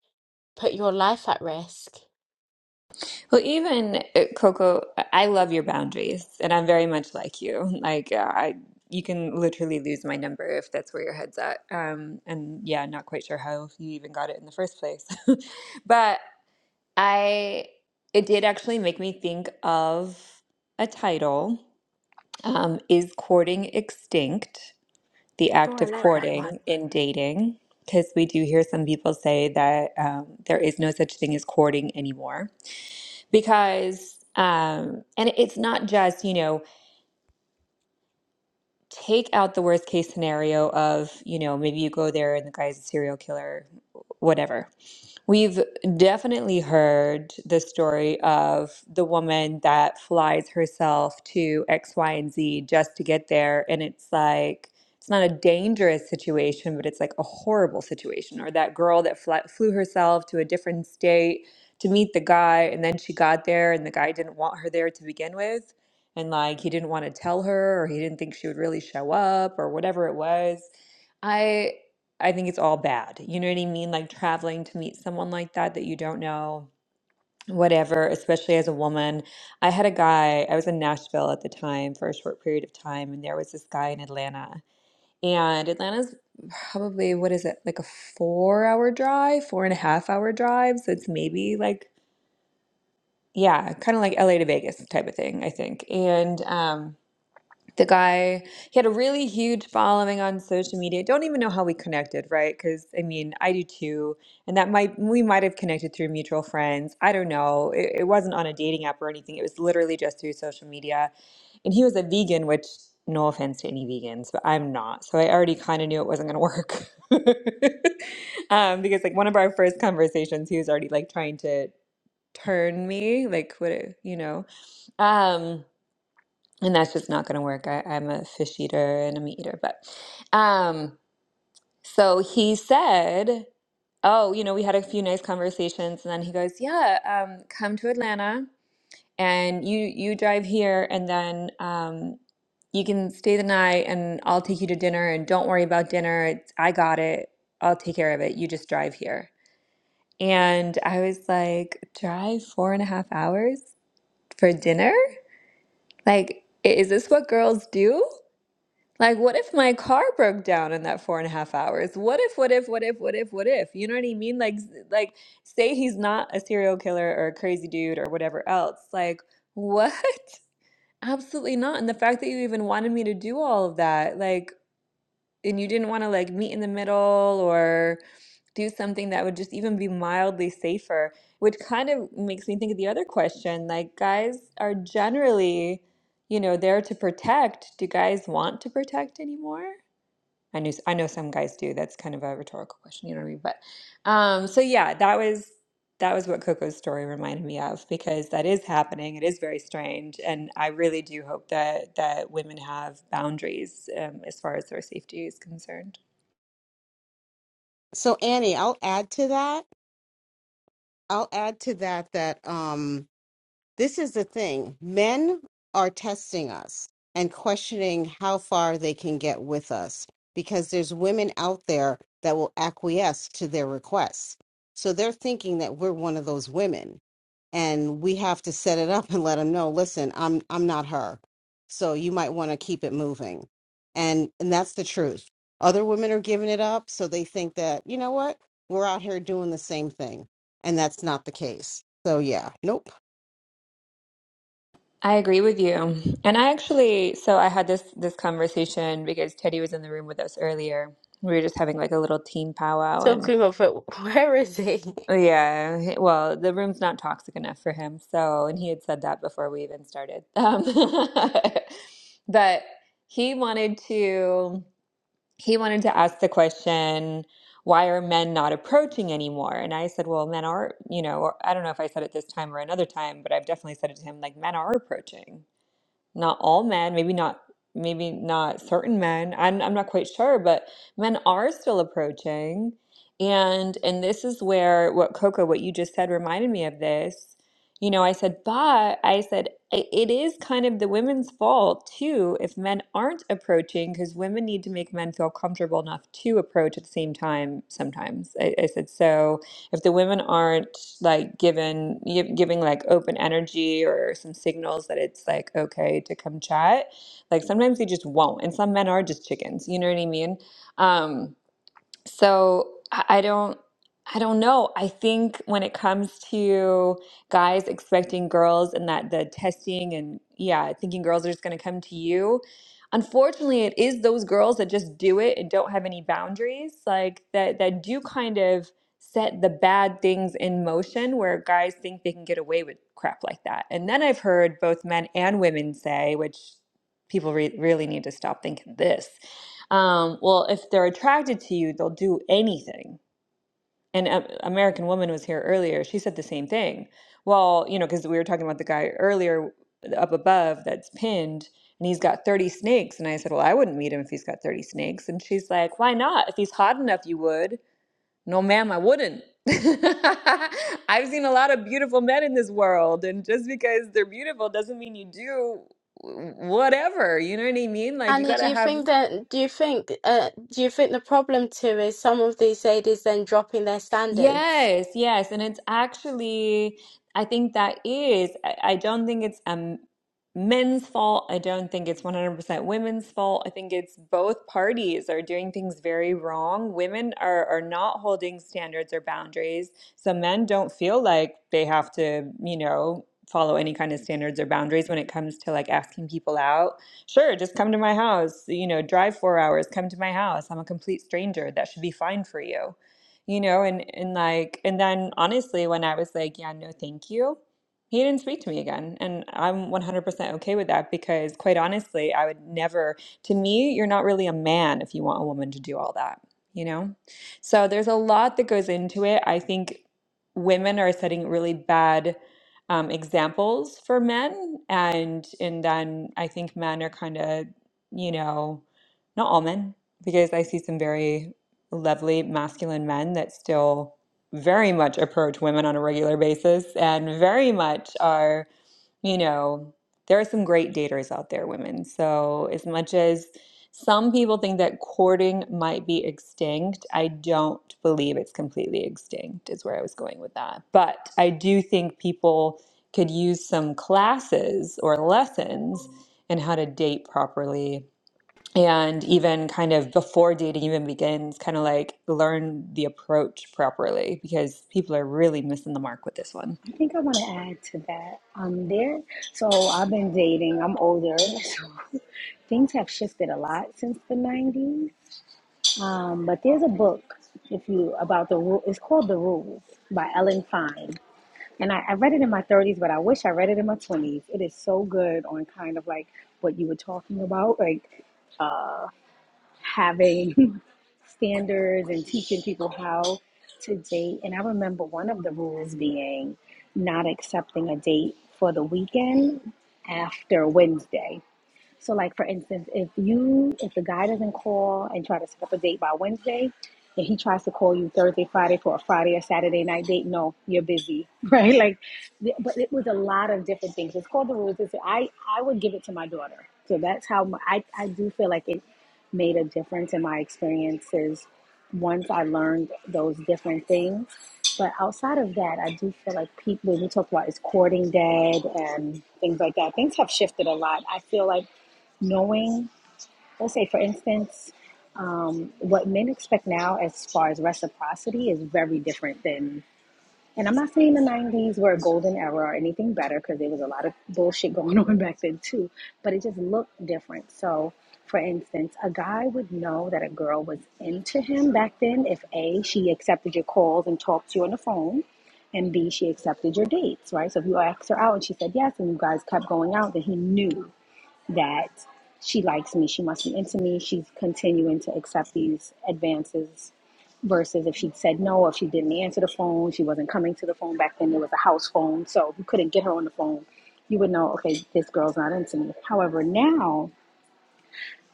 Speaker 1: put your life at risk?
Speaker 2: Well, even uh, Coco, I I love your boundaries, and I'm very much like you. [LAUGHS] Like uh, I, you can literally lose my number if that's where your head's at. Um, and yeah, not quite sure how you even got it in the first place, [LAUGHS] but I, it did actually make me think of a title. Um, is courting extinct? the
Speaker 1: Oh,
Speaker 2: act
Speaker 1: I
Speaker 2: of
Speaker 1: like that one.
Speaker 2: courting in dating, because we do hear some people say that um, there is no such thing as courting anymore. Because, um, and it's not just, you know, take out the worst case scenario of, you know, maybe you go there and the guy's a serial killer, whatever. We've definitely heard the story of the woman that flies herself to X, Y, and Z just to get there. And it's like, it's not a dangerous situation, but it's like a horrible situation. Or that girl that fly, flew herself to a different state to meet the guy, and then she got there, and the guy didn't want her there to begin with. And like, he didn't want to tell her, or he didn't think she would really show up, or whatever it was. I. I think it's all bad. You know what I mean? Like traveling to meet someone like that that you don't know, whatever, especially as a woman. I had a guy, I was in Nashville at the time for a short period of time, and there was this guy in Atlanta. And Atlanta's probably, what is it, like a four hour drive, four and a half hour drive. So it's maybe like, yeah, kind of like LA to Vegas type of thing, I think. And, um, the guy he had a really huge following on social media don't even know how we connected right because i mean i do too and that might we might have connected through mutual friends i don't know it, it wasn't on a dating app or anything it was literally just through social media and he was a vegan which no offense to any vegans but i'm not so i already kind of knew it wasn't going to work [LAUGHS] um, because like one of our first conversations he was already like trying to turn me like what you know um and that's just not going to work. I, I'm a fish eater and a meat eater, but um, so he said, "Oh, you know, we had a few nice conversations," and then he goes, "Yeah, um, come to Atlanta, and you you drive here, and then um, you can stay the night, and I'll take you to dinner, and don't worry about dinner. It's, I got it. I'll take care of it. You just drive here." And I was like, "Drive four and a half hours for dinner? Like, i- is this what girls do?" Like, what if my car broke down in that four and a half hours? What if, what if, what if, what if, what if? You know what I mean? Like, s- like, say he's not a serial killer or a crazy dude or whatever else. Like, what? [LAUGHS] Absolutely not. And the fact that you even wanted me to do all of that, like, and you didn't want to like meet in the middle or do something that would just even be mildly safer, which kind of makes me think of the other question. Like, guys are generally, you know, there to protect. Do guys want to protect anymore? I knew I know some guys do. That's kind of a rhetorical question, you know what I mean? But um, so yeah, that was that was what Coco's story reminded me of because that is happening. It is very strange, and I really do hope that that women have boundaries um, as far as their safety is concerned.
Speaker 5: So Annie, I'll add to that. I'll add to that that um This is the thing. Men are testing us and questioning how far they can get with us because there's women out there that will acquiesce to their requests. So they're thinking that we're one of those women and we have to set it up and let them know, listen, I'm I'm not her. So you might want to keep it moving. And and that's the truth. Other women are giving it up, so they think that, you know what? We're out here doing the same thing. And that's not the case. So yeah, nope.
Speaker 2: I agree with you, and I actually so I had this this conversation because Teddy was in the room with us earlier. We were just having like a little team powwow, and.
Speaker 1: Talking of it, [LAUGHS] where is he?
Speaker 2: Yeah, he- well, the room's not toxic enough for him. So, and he had said that before we even started. Um, [LAUGHS] but he wanted to he wanted to ask the question, why are men not approaching anymore? And I said, well, men are, you know, or I don't know if I said it this time or another time, but I've definitely said it to him, like men are approaching not all men, maybe not maybe not certain men. I'm I'm not quite sure, but men are still approaching. And and this is where what Coco, what you just said reminded me of this. You know, I said, but I said "I- it is kind of the women's fault too if men aren't approaching because women need to make men feel comfortable enough to approach at the same time sometimes. I, I said so if the women aren't like given gi- giving like open energy or some signals that it's like okay to come chat, like sometimes they just won't. And some men are just chickens, you know what I mean? Um, so I I don't I don't know. I think when it comes to guys expecting girls and that the testing and yeah, thinking girls are just going to come to you. Unfortunately, it is those girls that just do it and don't have any boundaries, like that that do kind of set the bad things in motion where guys think they can get away with crap like that. And then I've heard both men and women say, which people re- really need to stop thinking this um, well, if they're attracted to you, they'll do anything. And um, American Woman was here earlier. She said the same thing. Well, you know, because we were talking about the guy earlier up above that's pinned and he's got 30 snakes. And I said, Well, I wouldn't meet him if he's got 30 snakes. And she's like, Why not? If he's hot enough, you would. No, ma'am, I wouldn't. [LAUGHS] I've seen a lot of beautiful men in this world. And just because they're beautiful doesn't mean you do whatever. You know what I mean? Like, you
Speaker 1: Annie,
Speaker 2: got
Speaker 1: do
Speaker 2: to
Speaker 1: you
Speaker 2: have
Speaker 1: think that do you think uh do you think the problem too is some of these ladies then dropping their standards?
Speaker 2: Yes, yes. And it's actually, I think that is, I, I don't think it's um men's fault. I don't think it's 100% women's fault. I think it's both parties are doing things very wrong. Women are, are not holding standards or boundaries. So men don't feel like they have to, you know, follow any kind of standards or boundaries when it comes to like asking people out. Sure, just come to my house, you know, drive four hours, come to my house. I'm a complete stranger. That should be fine for you you know, and and like and then honestly, when I was like, yeah, no, thank you, he didn't speak to me again, and I'm 100% okay with that because quite honestly, I would never. To me, you're not really a man if you want a woman to do all that, you know. So there's a lot that goes into it. I think women are setting really bad um, examples for men, and and then I think men are kind of, you know, not all men because I see some very lovely masculine men that still very much approach women on a regular basis and very much are, you know, there are some great daters out there, women. So, as much as some people think that courting might be extinct, I don't believe it's completely extinct, is where I was going with that. But I do think people could use some classes or lessons in how to date properly and even kind of before dating even begins kind of like learn the approach properly because people are really missing the mark with this one
Speaker 8: I think I want to add to that. Um, there. So I've been dating. I'm older, so [LAUGHS] things have shifted a lot since the '90s. Um, but there's a book, if you about the rule. It's called The Rules by Ellen Fine, and I, I read it in my 30s, but I wish I read it in my 20s. It is so good on kind of like what you were talking about, like having [LAUGHS] standards and teaching people how to date. And I remember one of the rules being not accepting a date for the weekend after Wednesday. So, like for instance, if you if the guy doesn't call and try to set up a date by Wednesday, and he tries to call you Thursday, Friday for a Friday or Saturday night date, no, you're busy, [LAUGHS] right? Like, th- but it was a lot of different things. It's called the rules. It's, I I would give it to my daughter. So that's how my, I I do feel like it made a difference in my experiences once I learned those different things. But outside of that, I do feel like people, when we talk about is courting dead and things like that, things have shifted a lot. I feel like knowing, let's say, for instance, um, what men expect now as far as reciprocity is very different than, and I'm not saying the 90s were a golden era or anything better because there was a lot of bullshit [LAUGHS] going on back then too, but it just looked different. So, for instance, a guy would know that a girl was into him back then if A, she accepted your calls and talked to you on the phone. And B, she accepted your dates, right? So if you asked her out and she said yes, and you guys kept going out, then he knew that she likes me, she must be into me, she's continuing to accept these advances. Versus if she'd said no, or if she didn't answer the phone, she wasn't coming to the phone. Back then, there was a house phone, so if you couldn't get her on the phone. You would know, okay, this girl's not into me. However, now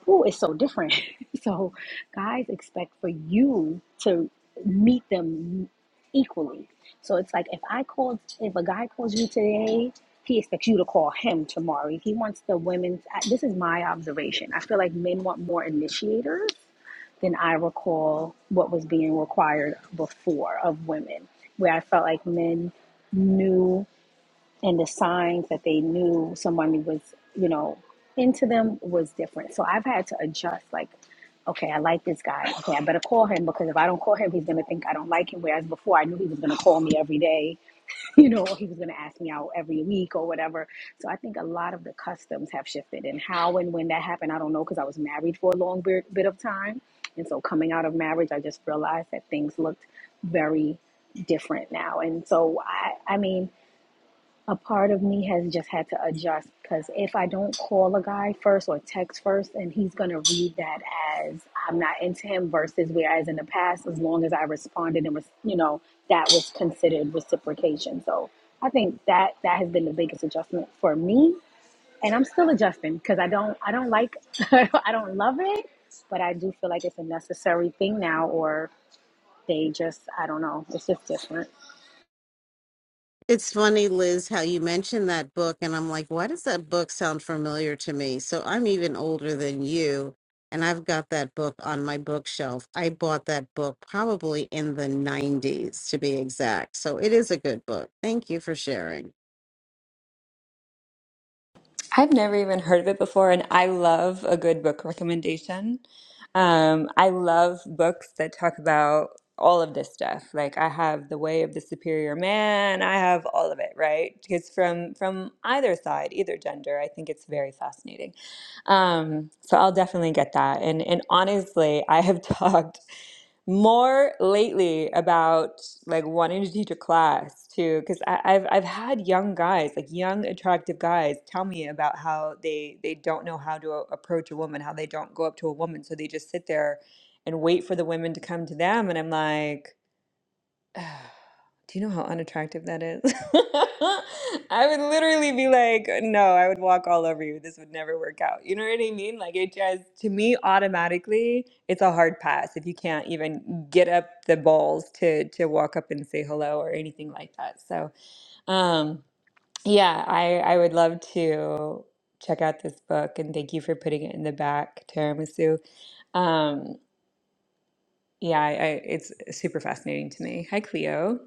Speaker 8: Ooh, it's so different. [LAUGHS] so guys expect for you to meet them equally. So it's like if I called, if a guy calls you today, he expects you to call him tomorrow. He wants the women. This is my observation. I feel like men want more initiators than I recall what was being required before of women, where I felt like men knew and the signs that they knew someone was, you know, into them was different. So I've had to adjust like, okay, I like this guy. Okay, I better call him because if I don't call him, he's gonna think I don't like him. Whereas before I knew he was gonna call me every day, [LAUGHS] you know, or he was gonna ask me out every week or whatever. So I think a lot of the customs have shifted and how and when that happened, I don't know because I was married for a long bit, bit of time. And so coming out of marriage, I just realized that things looked very different now. And so I I mean a part of me has just had to adjust because if I don't call a guy first or text first, and he's gonna read that as I'm not into him, versus whereas in the past, as long as I responded and was, you know, that was considered reciprocation. So I think that that has been the biggest adjustment for me, and I'm still adjusting because I don't I don't like [LAUGHS] I don't love it, but I do feel like it's a necessary thing now, or they just I don't know, it's just different.
Speaker 5: It's funny, Liz, how you mentioned that book, and I'm like, why does that book sound familiar to me? So I'm even older than you, and I've got that book on my bookshelf. I bought that book probably in the 90s, to be exact. So it is a good book. Thank you for sharing.
Speaker 2: i've never even heard of it before and i love a good book recommendation um, i love books that talk about all of this stuff like i have the way of the superior man i have all of it right because from from either side either gender i think it's very fascinating um, so i'll definitely get that and and honestly i have [LAUGHS] talked more lately about like wanting to teach a class too, because I've I've had young guys, like young attractive guys, tell me about how they they don't know how to a- approach a woman, how they don't go up to a woman, so they just sit there and wait for the women to come to them, and I'm like. [SIGHS] Do you know how unattractive that is? [LAUGHS] I would literally be like, no, I would walk all over you. This would never work out. You know what I mean? Like, it just, to me, automatically, it's a hard pass if you can't even get up the balls to to walk up and say hello or anything like that. So, um, yeah, I I would love to check out this book and thank you for putting it in the back, Tiramisu. Um, yeah, I, I, it's super fascinating to me. Hi, Cleo.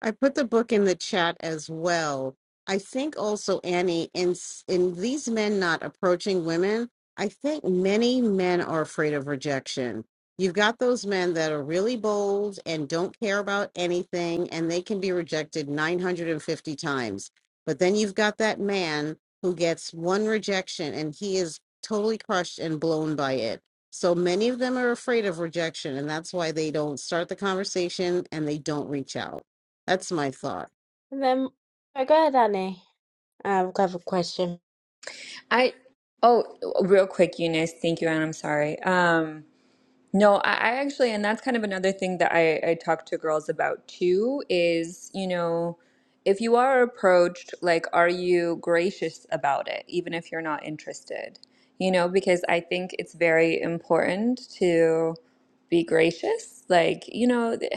Speaker 5: I put the book in the chat as well. I think also Annie in s- in these men not approaching women, I think many men are afraid of rejection. You've got those men that are really bold and don't care about anything and they can be rejected 950 times. But then you've got that man who gets one rejection and he is totally crushed and blown by it. So many of them are afraid of rejection and that's why they don't start the conversation and they don't reach out. That's my thought.
Speaker 1: And then oh, go ahead, Annie. I've got a question.
Speaker 2: I oh, real quick, Eunice. Thank you, and I'm sorry. Um, no, I, I actually, and that's kind of another thing that I, I talk to girls about too is, you know, if you are approached, like, are you gracious about it, even if you're not interested? You know, because I think it's very important to be gracious. Like, you know, th-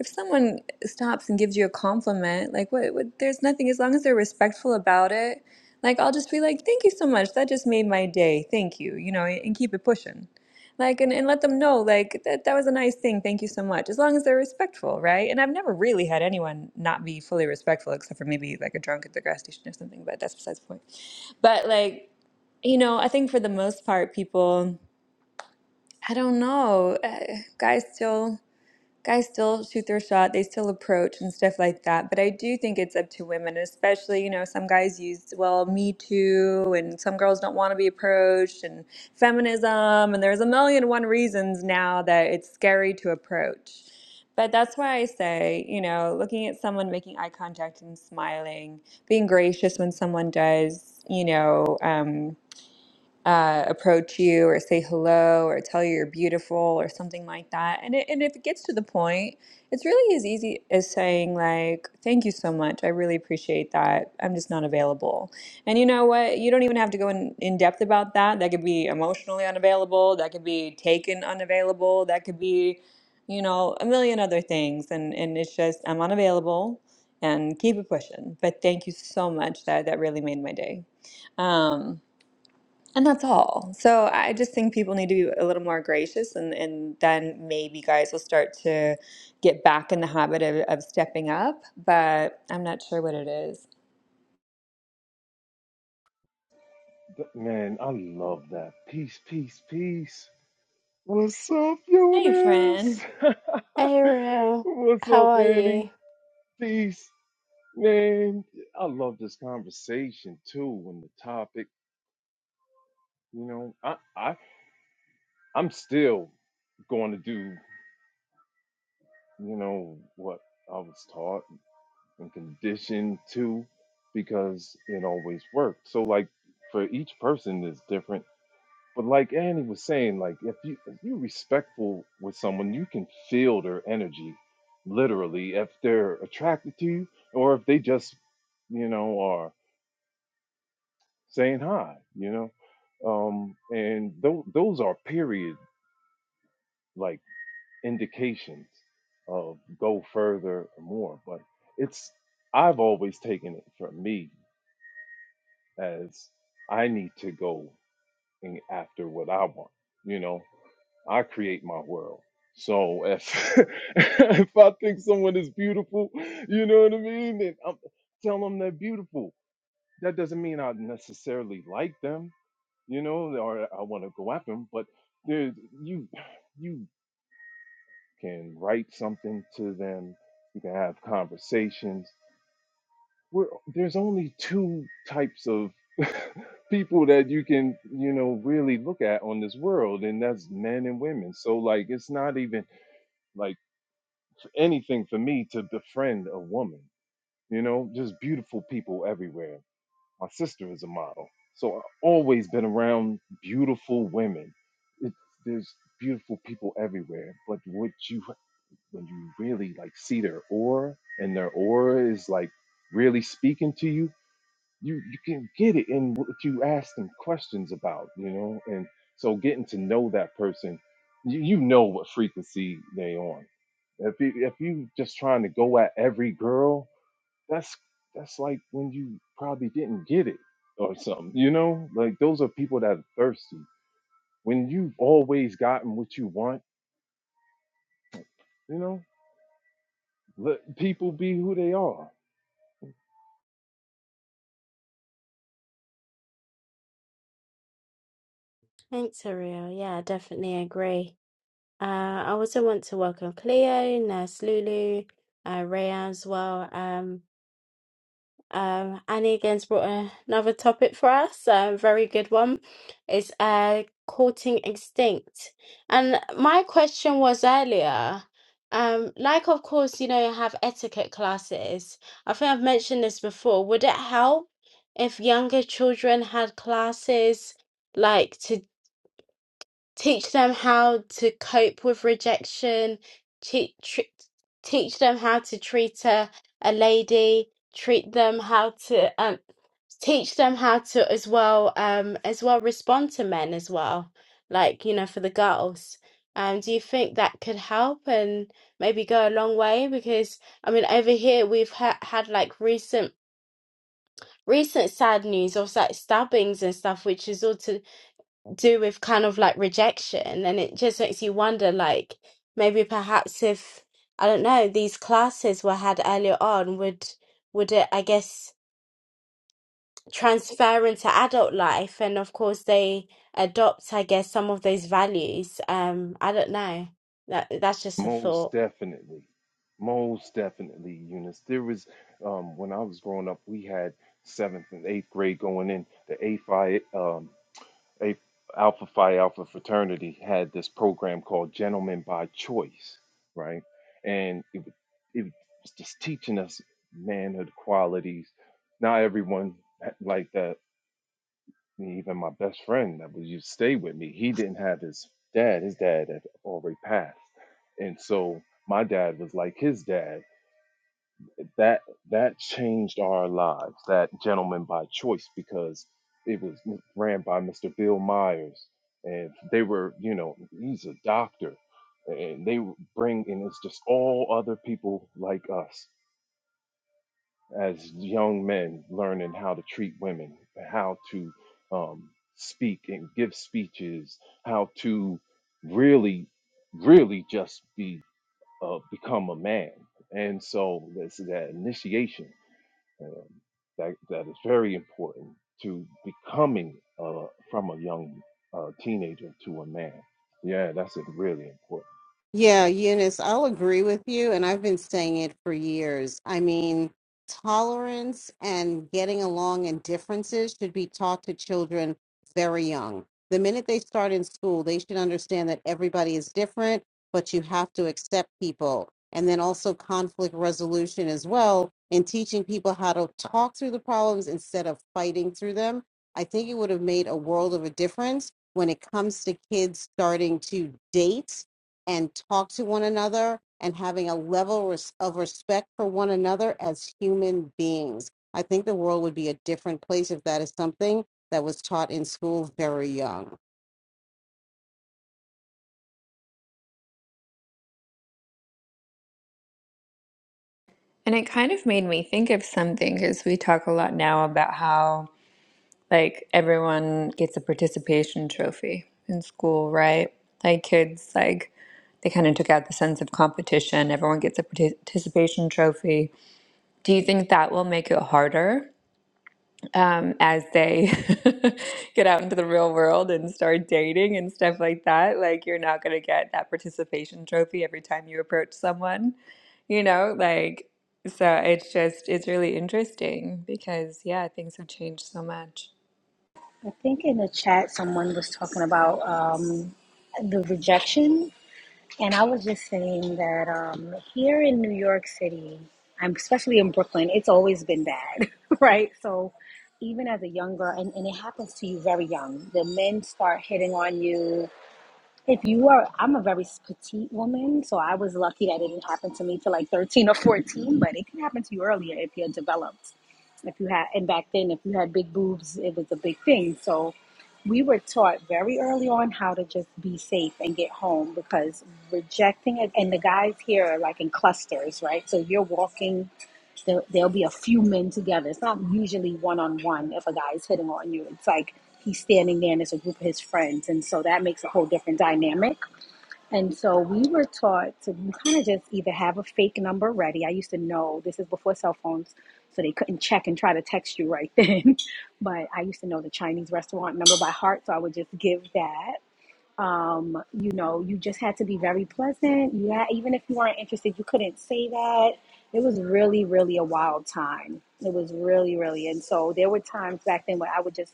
Speaker 2: if someone stops and gives you a compliment, like, what, what, there's nothing, as long as they're respectful about it, like, I'll just be like, thank you so much. That just made my day. Thank you, you know, and keep it pushing like and, and let them know like that that was a nice thing. Thank you so much. As long as they're respectful, right? And I've never really had anyone not be fully respectful except for maybe like a drunk at the gas station or something, but that's besides the point. But like, you know, I think for the most part people I don't know. Uh, guys still guys still shoot their shot, they still approach and stuff like that. But I do think it's up to women, especially, you know, some guys use, well, me too, and some girls don't want to be approached, and feminism, and there's a million and one reasons now that it's scary to approach. But that's why I say, you know, looking at someone, making eye contact and smiling, being gracious when someone does, you know, um, uh, approach you or say hello or tell you you're beautiful or something like that. And, it, and if it gets to the point, it's really as easy as saying, like, thank you so much. I really appreciate that. I'm just not available. And you know what? You don't even have to go in, in depth about that. That could be emotionally unavailable. That could be taken unavailable. That could be, you know, a million other things. And, and it's just, I'm unavailable and keep it pushing. But thank you so much. That, that really made my day. Um, and that's all. So I just think people need to be a little more gracious, and, and then maybe guys will start to get back in the habit of, of stepping up. But I'm not sure what it is.
Speaker 10: Th- Man, I love that. Peace, peace, peace. What's up,
Speaker 2: Hey,
Speaker 10: Eunice?
Speaker 2: friend.
Speaker 10: [LAUGHS]
Speaker 1: Hey, Ariel.
Speaker 10: What's
Speaker 1: How
Speaker 10: up,
Speaker 1: are
Speaker 10: Annie?
Speaker 1: you?
Speaker 10: Peace. Man, I love this conversation too. And the topic, you know, I, I, I'm still going to do, you know, what I was taught and conditioned to, because it always worked. So, like, for each person is different But like Annie was saying, like if you if you're respectful with someone, you can feel their energy, literally, if they're attracted to you or if they just, you know, are saying hi, you know. Um, and those those are period like indications of go further or more. But it's I've always taken it from me as I need to go. and after what I want. You know, I create my world. So if [LAUGHS] if I think someone is beautiful, you know what I mean, then I'm tell them they're beautiful. That doesn't mean I necessarily like them, you know, or I want to go after them. But there's you you can write something to them. You can have conversations. We're, there's only two types of people that you can you know really look at on this world and that's men and women so like it's not even like anything for me to befriend a woman you know just beautiful people everywhere my sister is a model so i've always been around beautiful women it, there's beautiful people everywhere but what you when you really like see their aura and their aura is like really speaking to you you you can get it in what you ask them questions about, you know. And so getting to know that person, you, you know what frequency they on. If you if you just trying to go at every girl, that's that's like when you probably didn't get it or something, you know? Like those are people that are thirsty. When you've always gotten what you want, you know, let people be who they are.
Speaker 1: Thanks, Ariel. Yeah, I definitely agree. Uh, I also want to welcome Cleo, Nurse Lulu, uh, Rhea as well. Um, Um, Annie again's brought a- another topic for us, a very good one. It's uh, courting extinct. And my question was earlier, um, like, of course, you know, you have etiquette classes. I think I've mentioned this before. Would it help if younger children had classes? like to? teach them how to cope with rejection, teach, teach them how to treat a, a lady, treat them how to um, teach them how to as well um, as well respond to men as well, like you know for the girls. Um, do you think that could help and maybe go a long way? Because I mean, over here we've ha- had like recent recent sad news of like stabbings and stuff, which is all to do with kind of like rejection and it just makes you wonder like maybe perhaps if I don't know these classes were had earlier on would would it I guess transfer into adult life and of course they adopt I guess some of those values um I don't know that that's just a
Speaker 10: Most
Speaker 1: thought
Speaker 10: definitely. Most definitely, Eunice. There was, um, when I was growing up, we had seventh and eighth grade going in. The A Phi, um, A Alpha Phi Alpha fraternity had this program called Gentlemen by Choice, right? And it, would- it was just teaching us manhood qualities. Not everyone like that even my best friend that was used to stay with me, he didn't have his dad. His dad had already passed. And so my dad was like his dad. That that changed our lives, that gentleman by choice, because it was ran by Mr. Bill Myers. And they were, you know, he's a doctor. And they bring, and it's just all other people like us as young men learning how to treat women, how to um, speak and give speeches, how to really, really just be uh, become a man. And so this is that initiation um, that that is very important to becoming uh, from a young uh, teenager to a man. Yeah, that's a really important.
Speaker 5: Yeah, Eunice, I'll agree with you. And I've been saying it for years. I mean, tolerance and getting along and differences should be taught to children very young. The minute they start in school, they should understand that everybody is different, but you have to accept people. And then also conflict resolution as well, and teaching people how to talk through the problems instead of fighting through them. I think it would have made a world of a difference when it comes to kids starting to date and talk to one another and having a level res- of respect for one another as human beings. I think the world would be a different place if that is something that was taught in school very young.
Speaker 2: And it kind of made me think of something because we talk a lot now about how, like, everyone gets a participation trophy in school, right? Like, kids, like, they kind of took out the sense of competition. Everyone gets a parti- participation trophy. Do you think that will make it harder? um, as they [LAUGHS] get out into the real world and start dating and stuff like that. Like, you're not going to get that participation trophy every time you approach someone, you know? Like, so it's just, it's really interesting because, yeah, things have changed so much.
Speaker 8: I think in the chat someone was talking about um, the rejection, and I was just saying that um, here in New York City, I'm especially in Brooklyn, it's always been bad, [LAUGHS] right? So even as a young girl, and, and it happens to you very young, the men start hitting on you. If you are, I'm a very petite woman, so I was lucky that it didn't happen to me till like 13 or 14, but it can happen to you earlier if you're developed. If you had, and back then, if you had big boobs, it was a big thing. So we were taught very early on how to just be safe and get home because rejecting it, and the guys here are like in clusters, right? So you're walking there, there'll be a few men together. It's not usually one on one if a guy is hitting on you. It's like he's standing there and it's a group of his friends. And so that makes a whole different dynamic. And so we were taught to kind of just either have a fake number ready. I used to know this is before cell phones, so they couldn't check and try to text you right then. [LAUGHS] but I used to know the Chinese restaurant number by heart, so I would just give that um, you know, you just had to be very pleasant. You had, even if you weren't interested, you couldn't say that. It was really, really a wild time. It was really, really. And so there were times back then where I would just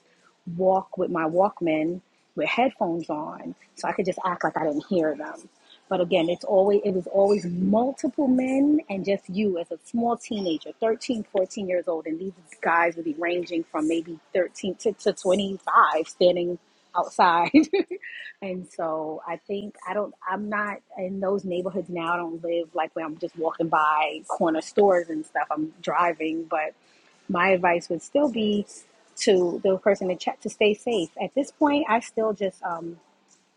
Speaker 8: walk with my Walkman with headphones on so I could just act like I didn't hear them. But again, it's always it was always multiple men and just you as a small teenager, 13, 14 years old, and these guys would be ranging from maybe 13 to, to 25 standing outside [LAUGHS] And so I think I don't I'm not in those neighborhoods now. I don't live like where I'm just walking by corner stores and stuff. I'm driving, but my advice would still be to the person to check to stay safe. At this point, I still just um,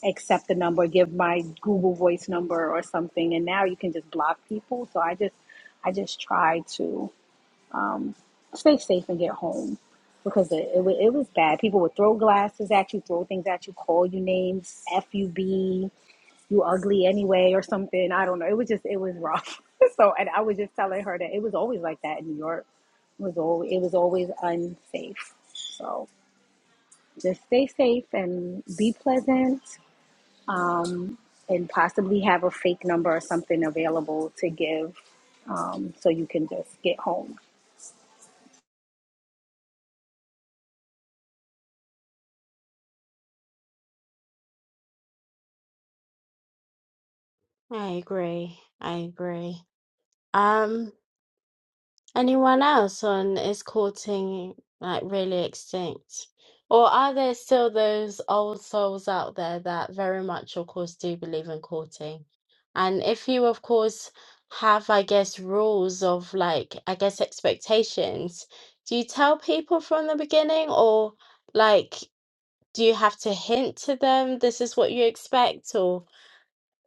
Speaker 8: accept the number, give my Google Voice number or something, and now you can just block people. So I just I just try to um, stay safe and get home because it, it, wa- it was bad. People would throw glasses at you, throw things at you, call you names, F you B, you ugly anyway, or something. I don't know. It was just, it was rough. [LAUGHS] so, and I was just telling her that it was always like that in New York. It was always, it was always unsafe. So just stay safe and be pleasant. Um, and possibly have a fake number or something available to give um, so you can just get home.
Speaker 1: I agree I agree um Anyone else on is courting like really extinct? Or are there still those old souls out there that very much, of course, do believe in courting? And if you, of course, have, I guess, rules of like, I guess, expectations, do you tell people from the beginning or like, do you have to hint to them this is what you expect?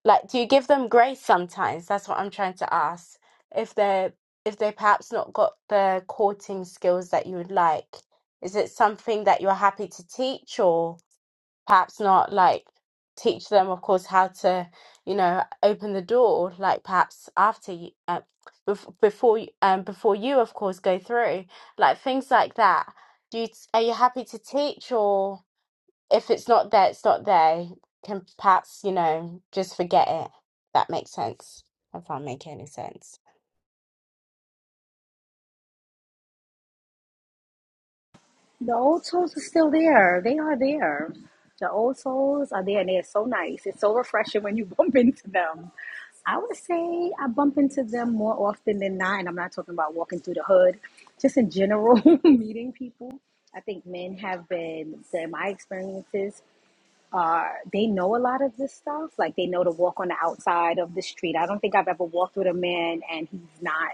Speaker 1: Like, do you give them grace sometimes? That's what I'm trying to ask. If they're if they perhaps not got the courting skills that you would like, is it something that you're happy to teach or perhaps not like teach them, of course, how to, you know, open the door, like perhaps after you, uh, bef- before you, um, before you, of course, go through, like things like that. Do you, are you happy to teach or? if it's not there, it's not there. Can perhaps, you know, just forget it. That makes sense. If I make any sense.
Speaker 8: The old souls are still there. They are there. The old souls are there and they are so nice. It's so refreshing when you [LAUGHS] bump into them. I would say I bump into them more often than not, and I'm not talking about walking through the hood, just in general, [LAUGHS] meeting people. I think men have been, in my experiences, are they know a lot of this stuff. Like they know to walk on the outside of the street. I don't think I've ever walked with a man and he's not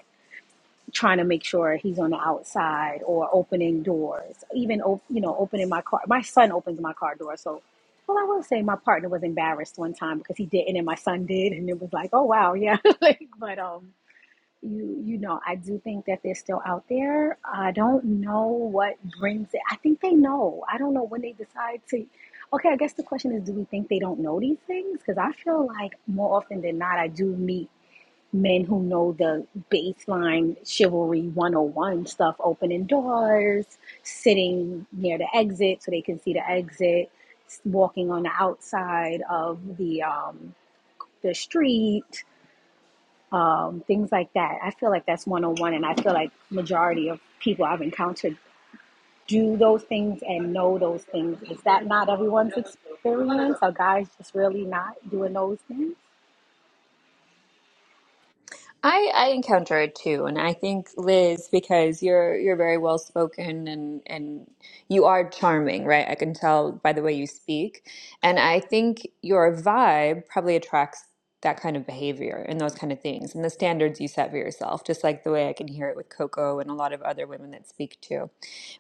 Speaker 8: trying to make sure he's on the outside or opening doors, even op- you know opening my car. My son opens my car door, so well, I will say my partner was embarrassed one time because he didn't, and my son did, and it was like, oh wow, yeah. [LAUGHS] like, but um, you you know, I do think that they're still out there. I don't know what brings it. I think they know. I don't know when they decide to. Okay, I guess the question is, do we think they don't know these things? Because I feel like more often than not, I do meet men who know the baseline chivalry 101 stuff opening doors sitting near the exit so they can see the exit walking on the outside of the um the street um things like that i feel like that's 101 and i feel like majority of people i've encountered do those things and know those things is that not everyone's experience are guys just really not doing those things
Speaker 2: I, I encounter it too, and I think Liz, because you're you're very well spoken and and you are charming, right? I can tell by the way you speak, and I think your vibe probably attracts that kind of behavior and those kind of things and the standards you set for yourself, just like the way I can hear it with Coco and a lot of other women that speak too,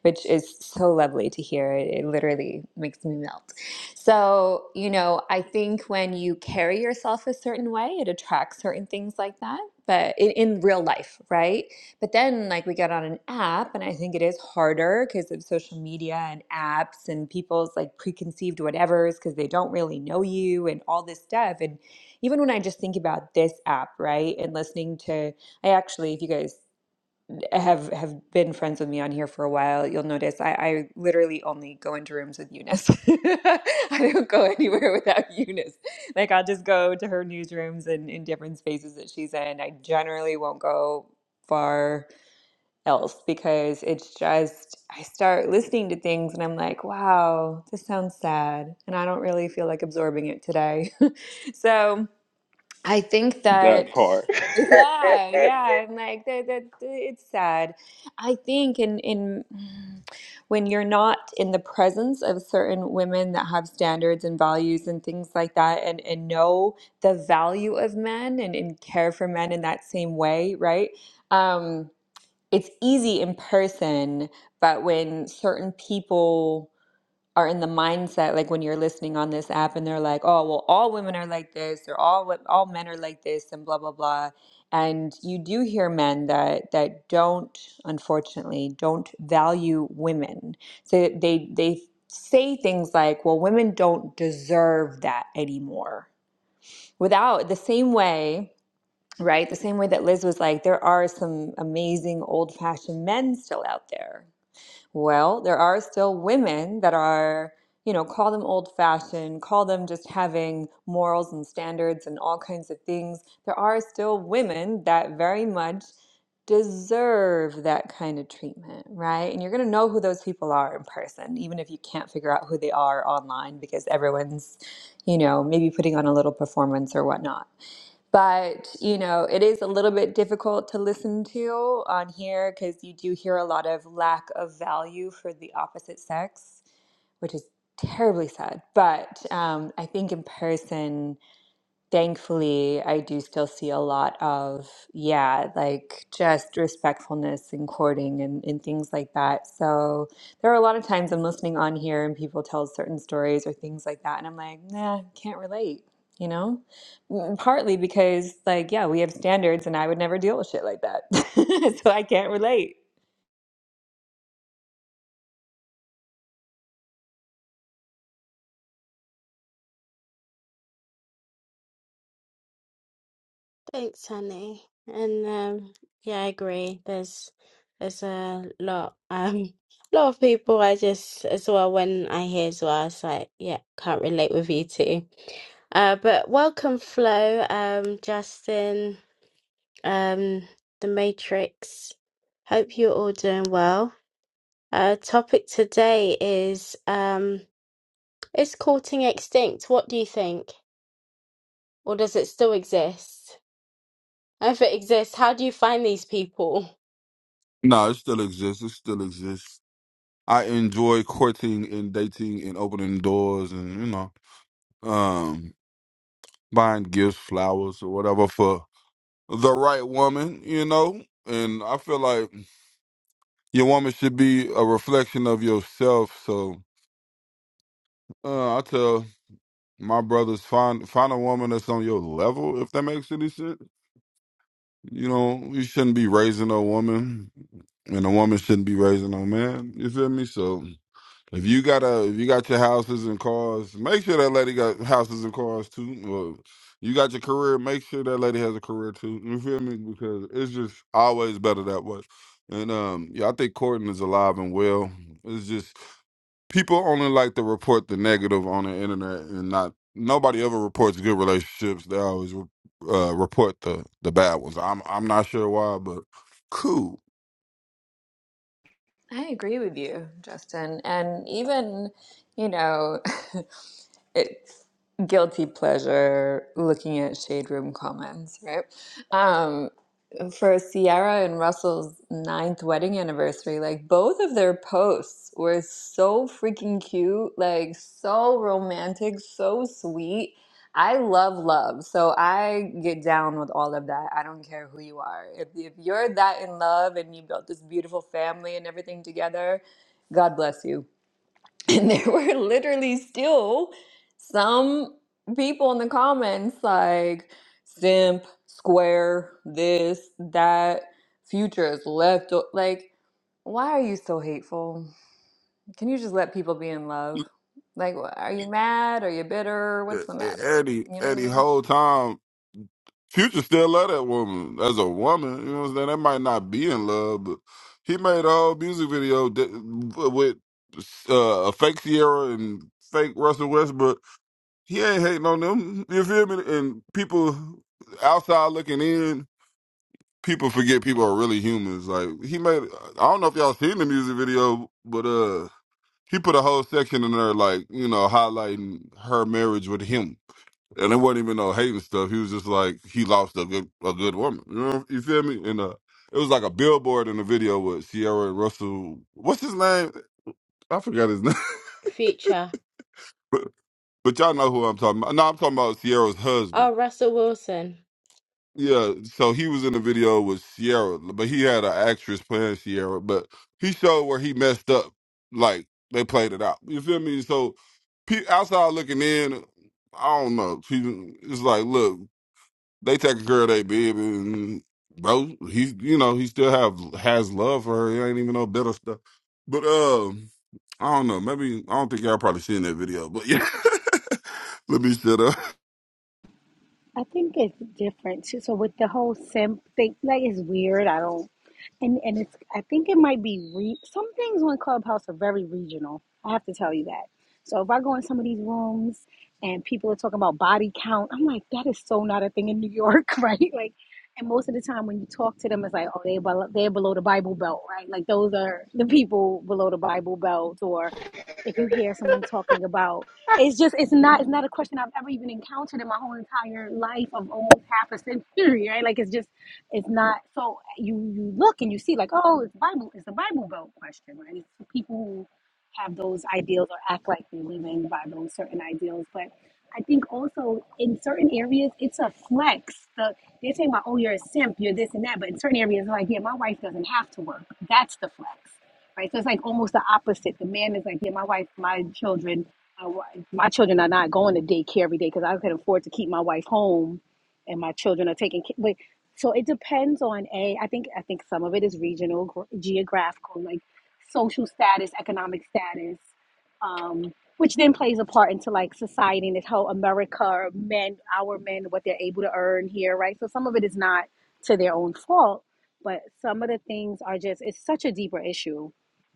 Speaker 2: which is so lovely to hear. It, it literally makes me melt. So, you know, I think when you carry yourself a certain way, it attracts certain things like that, but in, in real life, right? But then, like, we get on an app, and I think it is harder because of social media and apps and people's like preconceived whatevers because they don't really know you and all this stuff. And even when I just think about this app, right, and listening to, I actually, if you guys have have been friends with me on here for a while, you'll notice I, I literally only go into rooms with Eunice. [LAUGHS] I don't go anywhere without Eunice. Like I'll just go to her newsrooms and in different spaces that she's in. I generally won't go far else because it's just I start listening to things and I'm like, wow, this sounds sad, and I don't really feel like absorbing it today. [LAUGHS] so. I think
Speaker 10: That
Speaker 2: that
Speaker 10: part.
Speaker 2: yeah, yeah, I'm like that, that it's sad. I think in in [SIGHS] when you're not in the presence of certain women that have standards and values and things like that and and know the value of men and, and care for men in that same way, right? Um, it's easy in person, but when certain people are in the mindset like when you're listening on this app and they're like, "Oh, well, all women are like this, or all wo- all men are like this," and blah blah blah. And you do hear men that that don't, unfortunately, don't value women. So they they say things like, "Well, women don't deserve that anymore." Without the same way, right? The same way that Liz was like, there are some amazing old-fashioned men still out there well, there are still women that are, you know, call them old fashioned, call them just having morals and standards and all kinds of things. There are still women that very much deserve that kind of treatment, right? And you're going to know who those people are in person, even if you can't figure out who they are online because everyone's, you know, maybe putting on a little performance or whatnot but you know it is a little bit difficult to listen to on here because you do hear a lot of lack of value for the opposite sex which is terribly sad but um, i think in person thankfully, I do still see a lot of, yeah, like just respectfulness and courting and, and things like that. So there are a lot of times I'm listening on here and people tell certain stories or things like that. And I'm like, nah, can't relate, you know? Mm, Partly because, like, yeah, we have standards and I would never deal with shit like that. [LAUGHS] So I can't relate.
Speaker 1: Thanks, honey. And um, yeah, I agree. There's there's a lot um [LAUGHS] a lot of people I just as well when I hear as well, it's like, yeah, can't relate with you too. Uh, but welcome, Flo, um, Justin, um, The Matrix. Hope you're all doing well. Uh, topic today is um, Is courting extinct? What do you think? Or does it still exist? [LAUGHS] If it exists, how do you find these people?
Speaker 11: No, it still exists. It still exists. I enjoy courting and dating and opening doors and you know, um, buying gifts, flowers or whatever for the right woman. You know, and I feel like your woman should be a reflection of yourself. So uh, I tell my brothers find find a woman that's on your level. If that makes any sense, you know, you shouldn't be raising a woman, and a woman shouldn't be raising a man. You feel me? So. If you got a, if you got your houses and cars, make sure that lady got houses and cars too. Well, you got your career, make sure that lady has a career too. You feel me? Because it's just always better that way. And um, yeah, I think courting is alive and well. It's just people only like to report the negative on the internet, and not nobody ever reports good relationships. They always re- uh, report the the bad ones. I'm I'm not sure why, but cool.
Speaker 2: I agree with you, Justin. And even, you know, [LAUGHS] it's guilty pleasure looking at shade room comments, right? Um, for Sierra and Russell's ninth wedding anniversary, like both of their posts were so freaking cute, like so romantic, so sweet. I love love, so I get down with all of that. I don't care who you are. If, if you're that in love and you built this beautiful family and everything together, God bless you and there [LAUGHS] were literally still some people in the comments like simp, square, this, that, future is left. o-" Like, why are you so hateful? Can you just let people be in love? Like, wh- are you mad? Are you bitter? What's the matter?
Speaker 11: Eddie,
Speaker 2: You know what I
Speaker 11: Eddie,
Speaker 2: mean?
Speaker 11: whole time Future still love that woman as a woman. You know what I'm saying? They might not be in love, but he made a whole music video that, with uh, a fake Sierra and fake Russell Westbrook. He ain't hating on them. You feel me? And people outside looking in, people forget people are really humans. Like he made. I don't know if y'all seen the music video, but uh, he put a whole section in there, like you know, highlighting her marriage with him and it wasn't even no hating stuff. He was just like he lost a good a good woman. You know, you feel me? And uh, it was like a billboard in the video with Sierra Russell. What's his name? I forgot his [LAUGHS] name.
Speaker 1: Future.
Speaker 11: but but y'all know who I'm talking about. No, I'm talking about Sierra's husband.
Speaker 1: Oh, Russell Wilson.
Speaker 11: Yeah, so he was in the video with Sierra, but he had an actress playing Sierra. But he showed where he messed up. Like they played it out. You feel me? So pe- outside looking in, I don't know. She- It's like, look. They taking care of their baby, and bro, he you know he still have has love for her. He ain't even no bitter stuff. But um, I don't know. Maybe I don't think y'all probably seen that video. But yeah, [LAUGHS] let me shut up.
Speaker 8: I think it's different too. So with the whole simp thing, like it's weird. I don't, and and it's. I think it might be re, some things on Clubhouse are very regional. I have to tell you that. So if I go in some of these rooms and people are talking about body count, I'm like, that is so not a thing in New York, [LAUGHS] right? Like, and most of the time when you talk to them, it's like, oh, they below, they're below the Bible Belt, right? Like those are the people below the Bible Belt, or if you hear someone talking about it's just it's not it's not a question I've ever even encountered in my whole entire life of almost half a century, [LAUGHS] right? Like it's just it's not so you you look and you see like oh it's Bible it's the Bible Belt question, right? It's for people who have those ideals or act like they're living by those certain ideals, but I think also in certain areas it's a flex. The, they're talking about oh you're a simp, you're this and that, but in certain areas like yeah my wife doesn't have to work. That's the flex, right? So it's like almost the opposite. The man is like yeah my wife, my children. I, wa- my children are not going to daycare every day because I can afford to keep my wife home, and my children are taking. ca- But so it depends on a. I think I think some of it is regional, gr- geographical, like social status, economic status, um, which then plays a part into like society and how America men, our men, what they're able to earn here, right? So some of it is not to their own fault, but some of the things are just. It's such a deeper issue.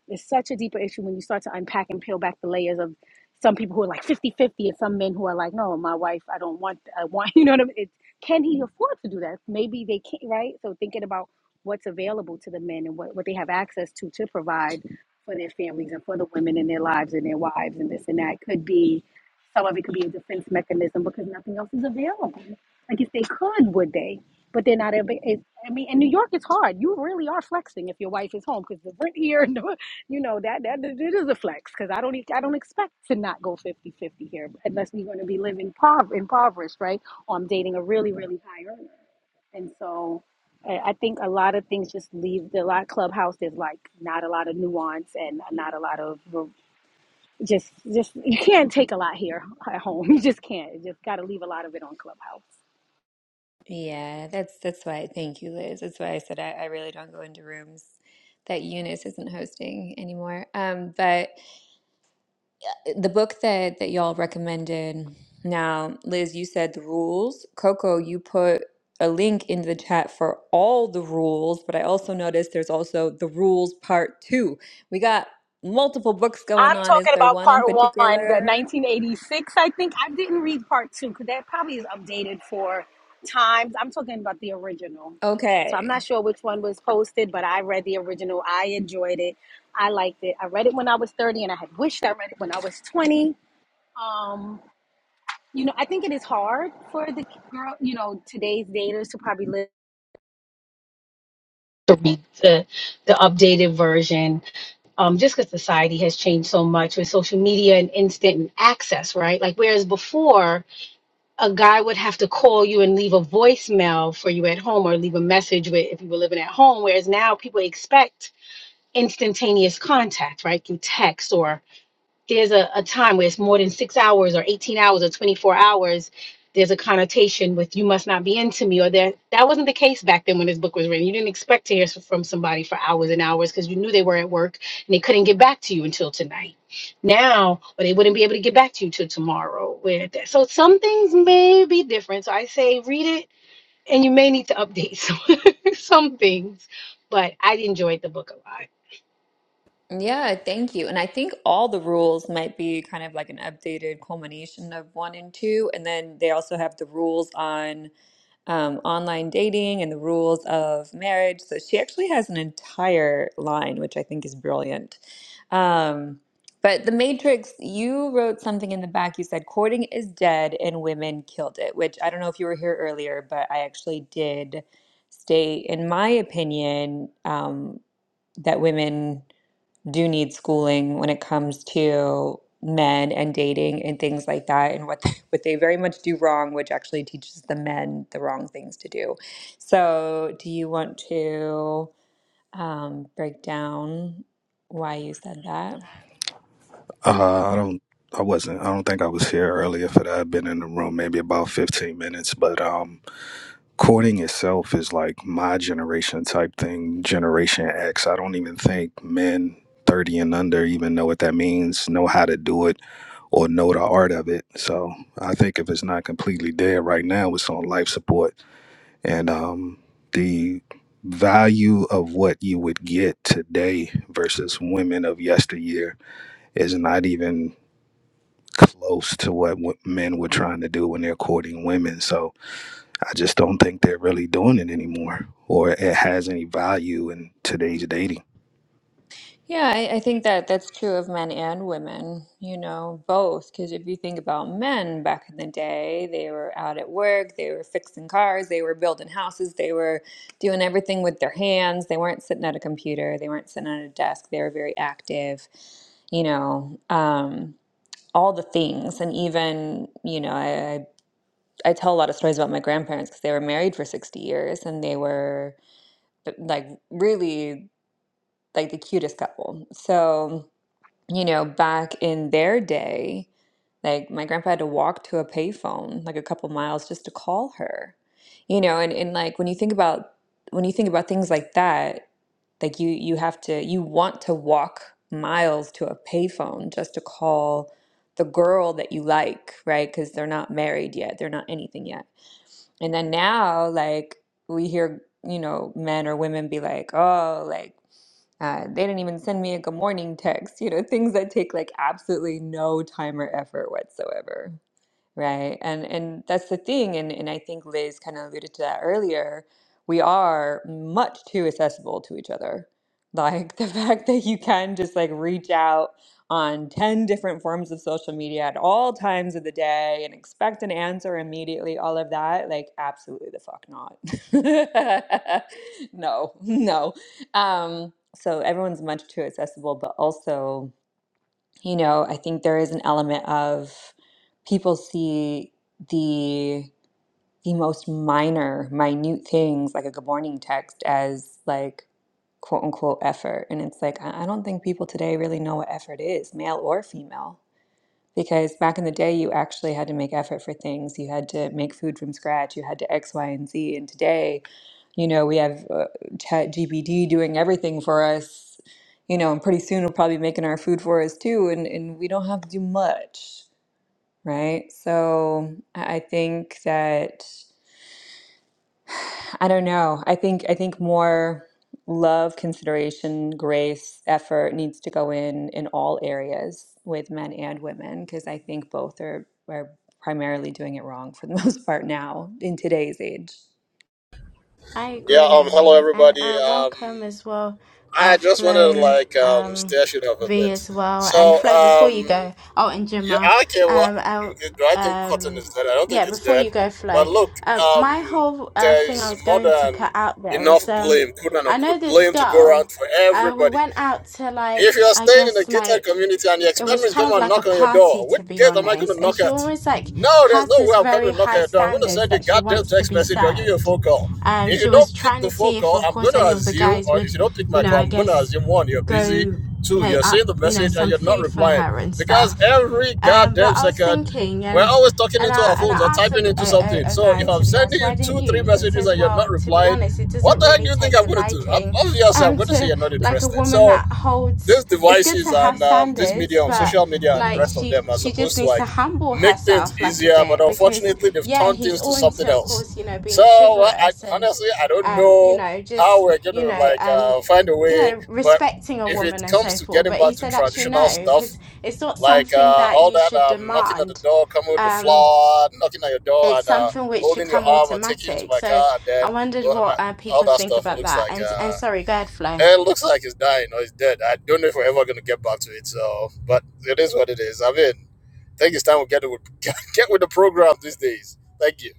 Speaker 8: It's such a deeper issue when you start to unpack and peel back the layers of some people who are like 50 50, and some men who are like no my wife i don't want i want [LAUGHS] you know what i mean it's, can he afford to do that maybe they can't right so thinking about what's available to the men and what, what they have access to to provide for their families and for the women in their lives and their wives and this and that could be some of it could be a defense mechanism because nothing else is available like if they could, would they? But they're not. able- It, I mean, in New York, it's hard. You really are flexing if your wife is home because the rent here, and the- you know that that it is a flex. Because I don't e- I don't expect to not go fifty fifty here unless we're going to be living pov- impoverished, right? Or I'm dating a really really high earner, and so I I think a lot of things just leave the lot clubhouse. is like not a lot of nuance and not a lot of just just you can't take a lot here at home. [LAUGHS] You just can't. You just got to leave a lot of it on clubhouse.
Speaker 2: Yeah, that's that's why. Thank you, Liz. That's why I said I, I really don't go into rooms that Eunice isn't hosting anymore. Um, but the book that that y'all recommended now liz you said the rules coco you put a link in the chat for all the rules but i also noticed there's also the rules part two we got multiple books going
Speaker 8: I'm
Speaker 2: on is
Speaker 8: talking
Speaker 2: there
Speaker 8: about
Speaker 2: one in
Speaker 8: part one, the
Speaker 2: particular
Speaker 8: 1986. I think I didn't read part two because that probably is updated for times. I'm talking about the original. So I'm
Speaker 2: okay
Speaker 8: not sure which one was posted, but I read the original. I enjoyed it. I liked it. I read it when I was 30, and I had wished I read it when I was 20. Um, you know, I think it is hard for the girl, you know, today's daters to probably live to read the, the updated version um, just because society has changed so much with social media and instant access, right? Like, whereas before, a guy would have to call you and leave a voicemail for you at home or leave a message with, if you were living at home, whereas now people expect instantaneous contact, right? Through text or there's a, a time where it's more than six hours or 18 hours or 24 hours there's a connotation with you must not be into me or that that wasn't the case back then when this book was written you didn't expect to hear from somebody for hours and hours because you knew they were at work and they couldn't get back to you until tonight now or they wouldn't be able to get back to you till tomorrow where that, so some things may be different so i say read it and you may need to update [LAUGHS] some, some things but i enjoyed the book a lot
Speaker 2: yeah thank you and i think all the rules might be kind of like an updated culmination of one and two and then they also have the rules on um, online dating and the rules of marriage. So she actually has an entire line, which I think is brilliant. Um, but The Matrix, you wrote something in the back. You said, courting is dead and women killed it, which I don't know if you were here earlier, but I actually did state, in my opinion, um, that women do need schooling when it comes to men and dating and things like that and what [LAUGHS] what they very much do wrong which actually teaches the men the wrong things to do so do you want to um, break down why you said that
Speaker 12: Uh, I don't. I wasn't. I don't think I was here earlier for that. I've been in the room maybe about fifteen minutes. But um, courting itself is like my generation type thing. Generation X. I don't even think men thirty and under even know what that means, know how to do it, or know the art of it. So I think if it's not completely dead right now, it's on life support. And um, the value of what you would get today versus women of yesteryear is not even close to what w- men were trying to do when they're courting women. So I just don't think they're really doing it anymore or it has any value in today's dating.
Speaker 2: Yeah, I, I think that that's true of men and women, you know, both. Because if you think about men back in the day, they were out at work, they were fixing cars, they were building houses, they were doing everything with their hands. They weren't sitting at a computer, they weren't sitting at a desk, they were very active, you know, um, all the things. And even, you know, I, I, I tell a lot of stories about my grandparents because they were married for 60 years and they were like really like the cutest couple. So, you know, back in their day, like my grandpa had to walk to a payphone like a couple miles just to call her. You know, and, and like when you think about when you think about things like that, like you you have to you want to walk miles to a payphone just to call the girl that you like, right? Because they're not married yet, they're not anything yet and then now, like, we hear, you know, men or women be like, oh, like, uh, they didn't even send me a good morning text, you know, things that take like absolutely no time or effort whatsoever. Right. And and that's the thing. And and I think Liz kind of alluded to that earlier. We are much too accessible to each other. Like the [LAUGHS] fact that you can just like reach out on 10 different forms of social media at all times of the day and expect an answer immediately, all of that, like absolutely the fuck not. [LAUGHS] No, no. Um, so everyone's much too accessible, but also you know, I think there is an element of people see the the most minor, minute things like a good morning text as like quote unquote effort. And it's like I I don't think people today really know what effort is, male or female. Because back in the day you actually had to make effort for things. You had to make food from scratch, you had to X, Y, and Z. And today you know, we have uh, ChatGPT doing everything for us, you know, and pretty soon it'll probably be making our food for us too, and, and we don't have to do much, right? So I I think that, I don't know, I think I think more love, consideration, grace, effort needs to go in in all areas with men and women, because I think both are are primarily doing it wrong for the [LAUGHS] most part now in today's age.
Speaker 1: I
Speaker 13: Yeah,
Speaker 1: agree,
Speaker 13: um, hello
Speaker 1: Annie, and
Speaker 13: everybody.
Speaker 1: uh,
Speaker 13: Um,
Speaker 1: welcome as well, uh,
Speaker 13: I just wanted to
Speaker 1: Flo,
Speaker 13: like um
Speaker 1: um,
Speaker 13: stash it up a
Speaker 1: V
Speaker 13: bit.
Speaker 1: as well, and
Speaker 13: So,
Speaker 1: Flo. Before you
Speaker 13: um,
Speaker 1: go, oh, and
Speaker 13: yeah, I
Speaker 1: Gemma,
Speaker 13: don't care what
Speaker 1: um, uh,
Speaker 13: do do I think cotton
Speaker 1: um,
Speaker 13: is dead? I don't
Speaker 1: yeah,
Speaker 13: think it's
Speaker 1: before
Speaker 13: dead.
Speaker 1: you go,
Speaker 13: But
Speaker 1: Flo.
Speaker 13: look,
Speaker 1: Uh, my
Speaker 13: um,
Speaker 1: whole uh,
Speaker 13: there
Speaker 1: thing I
Speaker 13: is
Speaker 1: was
Speaker 13: more
Speaker 1: going to
Speaker 13: than
Speaker 1: put out there was,
Speaker 13: enough
Speaker 1: um,
Speaker 13: blame, quote
Speaker 1: I know
Speaker 13: unquote,
Speaker 1: this
Speaker 13: blame to go
Speaker 1: girl.
Speaker 13: around for
Speaker 1: Uh, we
Speaker 13: everybody.
Speaker 1: went out to
Speaker 13: If
Speaker 1: like,
Speaker 13: you are
Speaker 1: I
Speaker 13: staying in a
Speaker 1: guess,
Speaker 13: gated
Speaker 1: like
Speaker 13: community and the
Speaker 1: it was
Speaker 13: experiments
Speaker 1: kind
Speaker 13: come
Speaker 1: of
Speaker 13: and
Speaker 1: like a
Speaker 13: knock on your
Speaker 1: party
Speaker 13: door, which
Speaker 1: to be
Speaker 13: gate am I going
Speaker 1: honest
Speaker 13: to
Speaker 1: and
Speaker 13: knock
Speaker 1: she
Speaker 13: at?
Speaker 1: always like
Speaker 13: No, there's
Speaker 1: has
Speaker 13: no
Speaker 1: this
Speaker 13: way I'm coming
Speaker 1: very
Speaker 13: to knock at
Speaker 1: high
Speaker 13: your door. I'm going to
Speaker 1: standards
Speaker 13: send you a
Speaker 1: that she
Speaker 13: goddamn
Speaker 1: wants to
Speaker 13: text
Speaker 1: be
Speaker 13: message or give you a
Speaker 1: served
Speaker 13: phone call.
Speaker 1: um
Speaker 13: If you
Speaker 1: she was
Speaker 13: don't pick
Speaker 1: trying to
Speaker 13: the phone
Speaker 1: see if
Speaker 13: call,
Speaker 1: of
Speaker 13: I'm going
Speaker 1: course
Speaker 13: to
Speaker 1: any of the
Speaker 13: assume,
Speaker 1: guys
Speaker 13: or if
Speaker 1: would
Speaker 13: you don't pick
Speaker 1: you
Speaker 13: my
Speaker 1: know
Speaker 13: call,
Speaker 1: i
Speaker 13: I'm going to
Speaker 1: guess
Speaker 13: assume one, you're busy,
Speaker 1: go
Speaker 13: two,
Speaker 1: play
Speaker 13: you're
Speaker 1: up
Speaker 13: seeing the
Speaker 1: you know
Speaker 13: message and
Speaker 1: some
Speaker 13: you're not
Speaker 1: food for
Speaker 13: replying.
Speaker 1: her and
Speaker 13: Because
Speaker 1: stuff
Speaker 13: every
Speaker 1: um but
Speaker 13: goddamn
Speaker 1: i was
Speaker 13: second,
Speaker 1: thinking
Speaker 13: we're
Speaker 1: and
Speaker 13: always talking
Speaker 1: and
Speaker 13: into
Speaker 1: I
Speaker 13: our
Speaker 1: and I
Speaker 13: phones or
Speaker 1: asked
Speaker 13: typing
Speaker 1: a,
Speaker 13: into
Speaker 1: a,
Speaker 13: something.
Speaker 1: a a
Speaker 13: So
Speaker 1: guy
Speaker 13: if I'm
Speaker 1: to be honest,
Speaker 13: sending
Speaker 1: why
Speaker 13: you
Speaker 1: didn't
Speaker 13: two, three
Speaker 1: you? And he
Speaker 13: messages
Speaker 1: says,
Speaker 13: and you're
Speaker 1: well,
Speaker 13: not
Speaker 1: to be
Speaker 13: replying,
Speaker 1: honest, it
Speaker 13: what
Speaker 1: doesn't
Speaker 13: the heck do
Speaker 1: really
Speaker 13: you think
Speaker 1: take a
Speaker 13: I'm going to do?
Speaker 1: liking
Speaker 13: Obviously, I'm
Speaker 1: um
Speaker 13: going to say
Speaker 1: to
Speaker 13: you're not
Speaker 1: like a
Speaker 13: interested.
Speaker 1: woman
Speaker 13: So
Speaker 1: that holds
Speaker 13: these
Speaker 1: it's good
Speaker 13: devices
Speaker 1: to have
Speaker 13: and um, this
Speaker 1: standards,
Speaker 13: medium,
Speaker 1: but
Speaker 13: social media and
Speaker 1: like
Speaker 13: rest of
Speaker 1: she
Speaker 13: them are
Speaker 1: she just
Speaker 13: supposed to
Speaker 1: needs to
Speaker 13: like
Speaker 1: humble
Speaker 13: make things
Speaker 1: herself like a
Speaker 13: easier, but
Speaker 1: bit because
Speaker 13: unfortunately they've
Speaker 1: yeah,
Speaker 13: turned
Speaker 1: he's
Speaker 13: things to
Speaker 1: all
Speaker 13: something
Speaker 1: into of
Speaker 13: else.
Speaker 1: course, you know,
Speaker 13: So
Speaker 1: being
Speaker 13: well, I,
Speaker 1: chivalrous and
Speaker 13: honestly, I don't
Speaker 1: um, you
Speaker 13: know
Speaker 1: know,
Speaker 13: how
Speaker 1: just,
Speaker 13: we're going
Speaker 1: you
Speaker 13: to
Speaker 1: know,
Speaker 13: like
Speaker 1: um,
Speaker 13: uh, find a
Speaker 1: you
Speaker 13: way,
Speaker 1: know,
Speaker 13: but
Speaker 1: respecting a
Speaker 13: if it
Speaker 1: woman and
Speaker 13: comes
Speaker 1: so
Speaker 13: to
Speaker 1: forth.
Speaker 13: getting
Speaker 1: But he
Speaker 13: back to
Speaker 1: said actually
Speaker 13: traditional
Speaker 1: no,
Speaker 13: stuff,
Speaker 1: because it's not
Speaker 13: like
Speaker 1: something
Speaker 13: uh,
Speaker 1: that
Speaker 13: all
Speaker 1: you
Speaker 13: that
Speaker 1: should
Speaker 13: um, knocking at the
Speaker 1: demand.
Speaker 13: door, coming with the
Speaker 1: Um
Speaker 13: flower, knocking at your door
Speaker 1: it's
Speaker 13: and uh,
Speaker 1: something which should
Speaker 13: holding your
Speaker 1: come
Speaker 13: arm and taking you to
Speaker 1: automatic.
Speaker 13: my
Speaker 1: So
Speaker 13: car and
Speaker 1: I
Speaker 13: then
Speaker 1: wondered
Speaker 13: well,
Speaker 1: what
Speaker 13: not,
Speaker 1: uh,
Speaker 13: all
Speaker 1: people
Speaker 13: that
Speaker 1: think
Speaker 13: stuff
Speaker 1: about
Speaker 13: looks
Speaker 1: that.
Speaker 13: like,
Speaker 1: And and
Speaker 13: uh,
Speaker 1: sorry, go ahead, Flo.
Speaker 13: it looks like it's dying or it's dead. I don't know if we're ever going to get back to it. So, but it is what it is. I mean, I think it's time we get with [LAUGHS] get with the program these days. Thank you.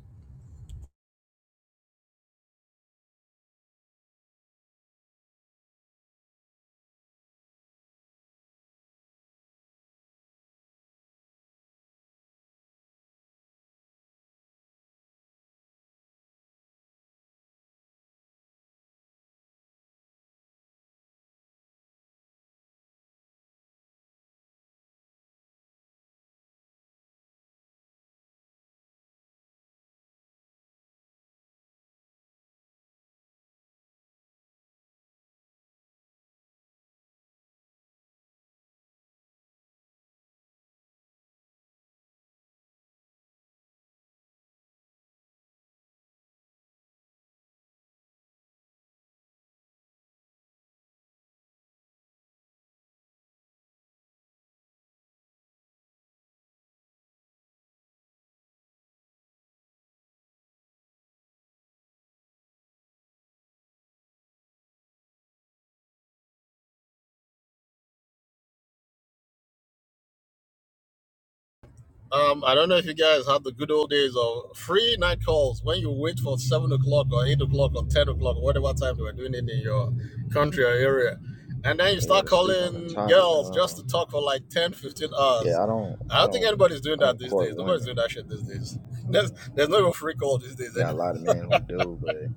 Speaker 13: Um, I don't know if you guys had the good old days of free night calls when you wait for seven o'clock or eight o'clock or ten o'clock, or whatever time they were doing it in your country or area, and then you
Speaker 14: Yeah,
Speaker 13: start
Speaker 14: to speak on the
Speaker 13: calling
Speaker 14: topic,
Speaker 13: girls just
Speaker 14: um,
Speaker 13: to talk for like 10, 15 hours.
Speaker 14: yeah, I don't,
Speaker 13: I
Speaker 14: I
Speaker 13: don't think
Speaker 14: don't,
Speaker 13: anybody's doing
Speaker 14: I
Speaker 13: that
Speaker 14: don't
Speaker 13: these
Speaker 14: court
Speaker 13: days. Nobody's
Speaker 14: women.
Speaker 13: doing that shit these
Speaker 14: You
Speaker 13: days. [LAUGHS]
Speaker 14: know,
Speaker 13: There's,
Speaker 14: uh,
Speaker 13: there's no even free call these days.
Speaker 14: you got a
Speaker 13: anyway.
Speaker 14: lot of men who do, but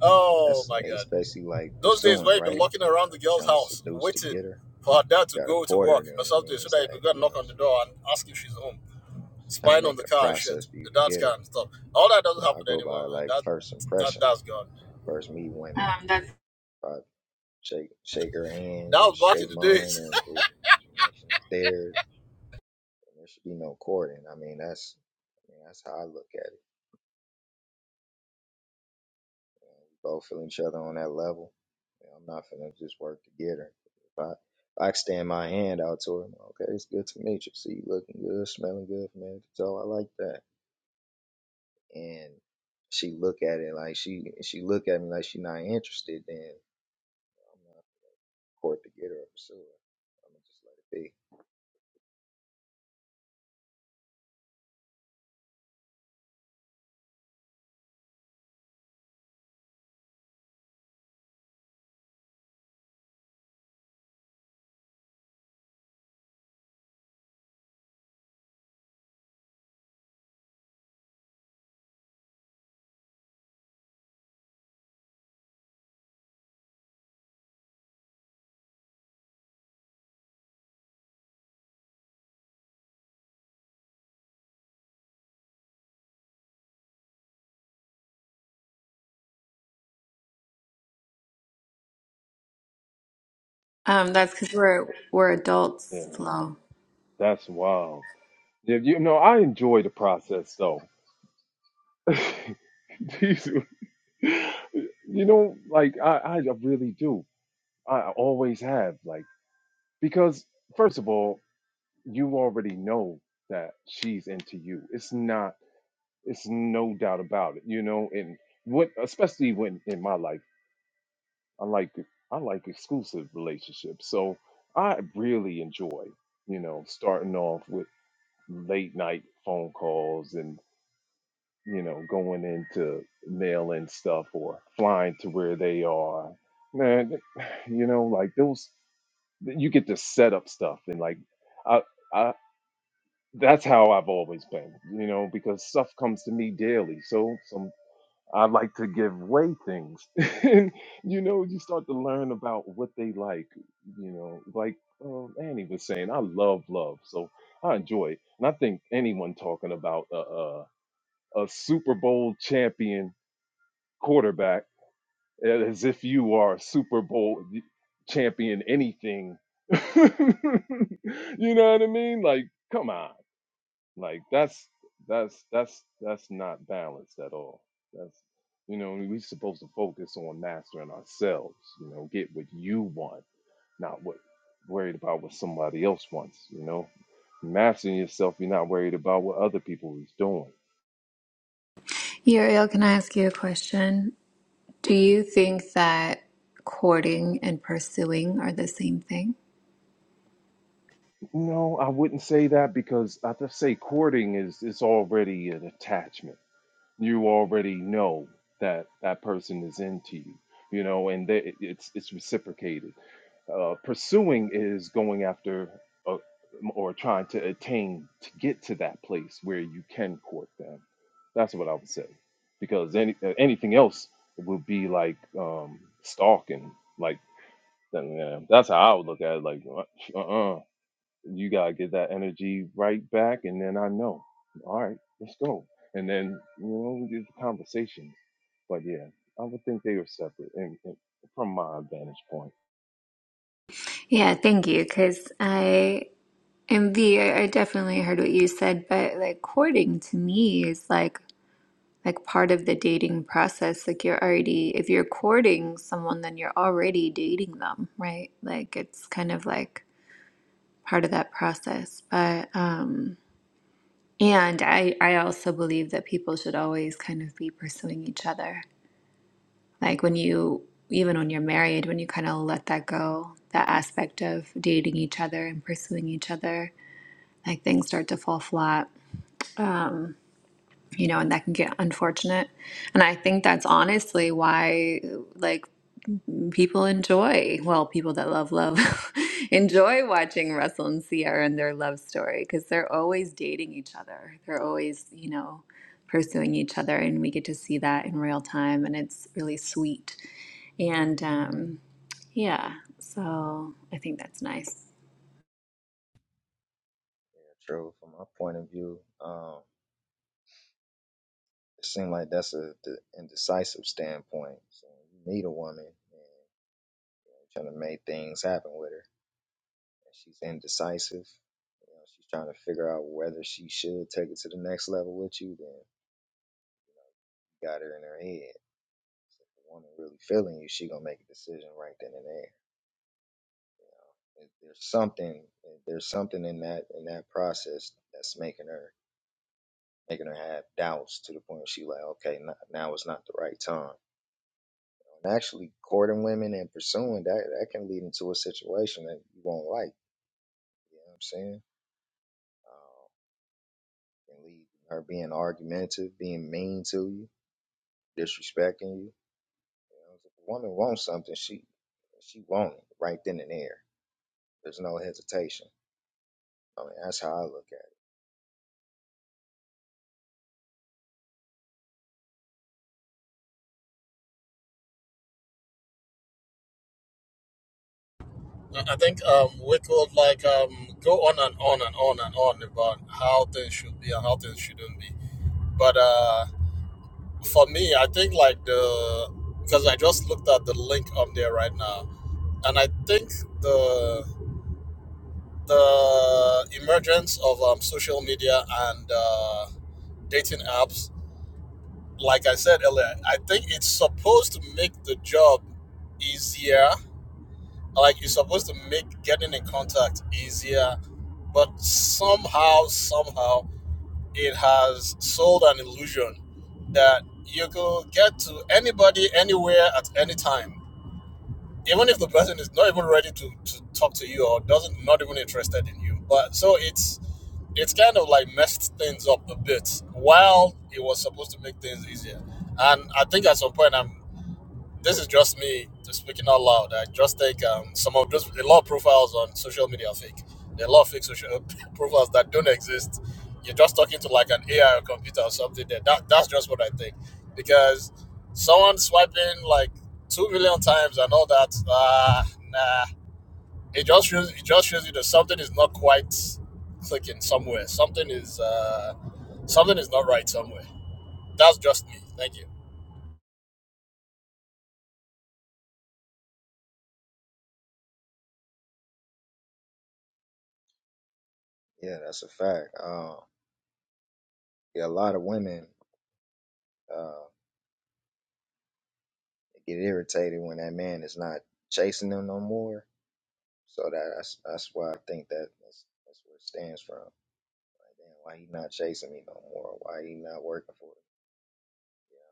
Speaker 13: Oh
Speaker 14: that's
Speaker 13: my
Speaker 14: it's
Speaker 13: god.
Speaker 14: basically like
Speaker 13: Those
Speaker 14: pursuing,
Speaker 13: days where you have been
Speaker 14: right?
Speaker 13: locking around the
Speaker 14: Like you're
Speaker 13: girl's
Speaker 14: trying to
Speaker 13: house,
Speaker 14: seduce to
Speaker 13: waiting
Speaker 14: get her.
Speaker 13: for her dad to
Speaker 14: You got to
Speaker 13: go to
Speaker 14: court her,
Speaker 13: work or
Speaker 14: then it
Speaker 13: something, so
Speaker 14: means
Speaker 13: that you
Speaker 14: that
Speaker 13: could go and
Speaker 14: you know
Speaker 13: knock on the
Speaker 14: she,
Speaker 13: door and ask if she's home,
Speaker 14: she's trying to
Speaker 13: spying
Speaker 14: make
Speaker 13: on the
Speaker 14: it a
Speaker 13: car and shit,
Speaker 14: process for you
Speaker 13: the
Speaker 14: to
Speaker 13: dad's
Speaker 14: get
Speaker 13: car
Speaker 14: her.
Speaker 13: and stuff. All that doesn't
Speaker 14: So I
Speaker 13: happen
Speaker 14: go
Speaker 13: anymore,
Speaker 14: by
Speaker 13: man.
Speaker 14: like
Speaker 13: That
Speaker 14: first
Speaker 13: that
Speaker 14: impression
Speaker 13: that's gone.
Speaker 14: when I first meet women.
Speaker 13: Um, that's
Speaker 14: If I shake shake her hand,
Speaker 13: That
Speaker 14: you know,
Speaker 13: was back in
Speaker 14: shake
Speaker 13: the
Speaker 14: mine,
Speaker 13: days. [LAUGHS]
Speaker 14: and the connection is there. and There should be no courting. I mean, that's I mean, that's how I look at it. Man. We both feel each other on that level. You know, I'm not gonna just work to get her. If I if I extend my hand out to her, okay, it's good to meet you. See, you looking good, smelling good from head to toe. I like that. And she look at it like she she look at me like she not interested. Then I'm not gonna court to get her or pursue her. I'm gonna just let it be.
Speaker 2: Um, that's because we're we're
Speaker 10: Yeah,
Speaker 2: adults, Flo.
Speaker 10: that's wild. Yeah, You know, I enjoy the process though. [LAUGHS] Jesus. You know, like I, I really do. I always have, like, because first of all, you already know that she's into you. It's not, it's no doubt about it, you know, and what especially when in my life, I like I like exclusive relationships. So I really enjoy, you know, starting off with late night phone calls and. you know, going into mailing stuff or flying to where they are. Man, th- [SIGHS] you know, like those, you get to set up stuff and like, I, I, that's how I've always been, you know, because stuff comes to me daily. So some, I like to give way things, [LAUGHS] and you know, you start to learn about what they like, you know, like um, Annie was saying, I love love, so I enjoy it, and I think anyone talking about a uh, a Super Bowl champion quarterback as if you are Super Bowl champion anything. [LAUGHS] you know what I mean? Like, come on. Like that's that's that's that's not balanced at all. That's you know, we're supposed to focus on mastering ourselves, you know, get what you want, not what worried about what somebody else wants, you know. Mastering yourself, you're not worried about what other people is doing.
Speaker 2: Uriel, can I ask you a question? Do you think that courting and pursuing are the same thing?
Speaker 10: No, I wouldn't say that because I just say courting is it's already an attachment. You already know that that person is into you, you know, and that it's it's reciprocated. Uh, pursuing is going after uh, or trying to attain to get to that place where you can court them. That's what I would say, because any uh, anything else would be like um, stalking. Like uh, that's how I would look at it. Like uh-uh you gotta get that energy right back, and then I know, all right, let's go. And then you know, we do the conversation. But yeah, I would think they were separate, and, and from my vantage point,
Speaker 2: Yeah, thank you. Because I, and V, I, I definitely heard what you said, but like courting to me is like, like part of the dating process. Like you're already, if you're courting someone, then you're already dating them, right? Like it's kind of like part of that process. But, um, and I, I also believe that people should always kind of be pursuing each other Like when you, even when you're married, when you kind of let that go, that aspect of dating each other and pursuing each other, like things start to fall flat, um, you know, and that can get unfortunate. And I think that's honestly why, like, people enjoy well people that love love [LAUGHS] enjoy watching russell and sierra and their love story because they're always dating each other they're always you know pursuing each other and we get to see that in real time and it's really sweet and um, yeah so i think that's nice
Speaker 14: Yeah, true. From my point of view, Um. It seems like that's a the indecisive standpoint. So you meet a woman and you know, trying to make things happen with her, and she's indecisive. You know, she's trying to figure out whether she should take it to the next level with you. Then you know, you got her in her head. So if the woman really feeling you, she gonna make a decision right then and there. You know, there's something, there's something in that in that process that's making her making her have doubts to the point where she like, okay, n- now is not the right time. And actually courting women and pursuing that that can lead into a situation that you won't like. You know what I'm saying? Uh, can lead to her being argumentative, being mean to you, disrespecting you. you know, if a woman wants something, she she wants it right then and there. There's no hesitation. I mean, that's how I look at
Speaker 13: I think um, we could like um, go on and on and on and on about how things should be and how things shouldn't be. But uh, for me, I think like the because I just looked at the link on there right now, and I think the. the emergence of um, social media and uh, dating apps, like I said earlier, I think it's supposed to make the job easier. Like it's supposed to make getting in contact easier, but somehow, somehow, it has sold an illusion that you could get to anybody, anywhere, at any time even if the person is not even ready to, to talk to you or doesn't not even interested in you but so it's it's kind of like messed things up a bit while it was supposed to make things easier and i think at some point i'm this is just me just speaking out loud. I just think um, some of just a lot of profiles on social media are fake. There are a lot of fake social [LAUGHS] profiles that don't exist. You're just talking to like an AI or computer or something. There, that that's just what I think because someone swiping like two million times and all that. Ah, nah. It just shows it just shows you that something is not quite clicking somewhere. Something is uh, something is not right somewhere. That's just me. Thank you.
Speaker 14: it. Yeah, that's a fact. Uh, yeah, a lot of women uh, get irritated when that man is not chasing them no more. So that, that's that's why I think that that's, that's where it stands from. Like, damn, why he not chasing me no more? Why he not working for me? You know,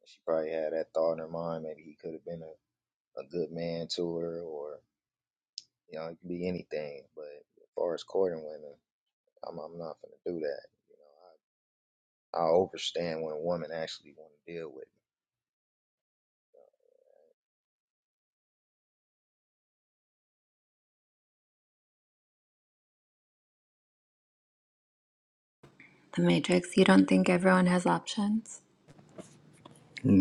Speaker 14: and she probably had that thought in her mind. Maybe he could have been a, a good man to her, or you know, it could be anything. But as far as courting women, I'm I'm not gonna do that. You know, I I overstand when a woman actually want to deal with me.
Speaker 2: the matrix you don't think everyone has options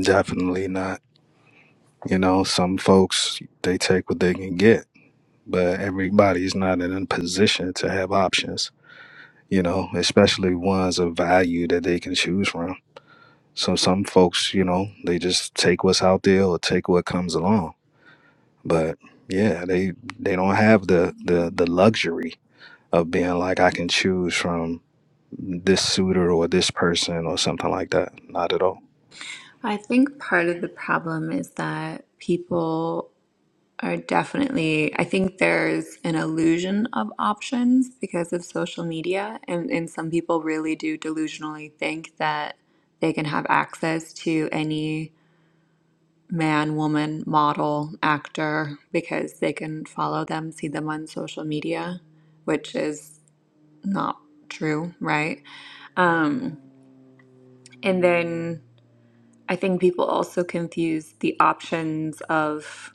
Speaker 12: Definitely not. You know, some folks, they take what they can get, but everybody's not in a position to have options, you know, especially ones of value that they can choose from. So some folks, you know, they just take what's out there or take what comes along. But yeah, they they don't have the the the luxury of being like I can choose from this suitor or this person or something like that. Not at all.
Speaker 2: i think part of the problem is that people are definitely, I think there's an illusion of options because of social media, and, and some people really do delusionally think that they can have access to any man, woman, model, actor because they can follow them, see them on social media, which is not true, right? Um, and then I think people also confuse the options of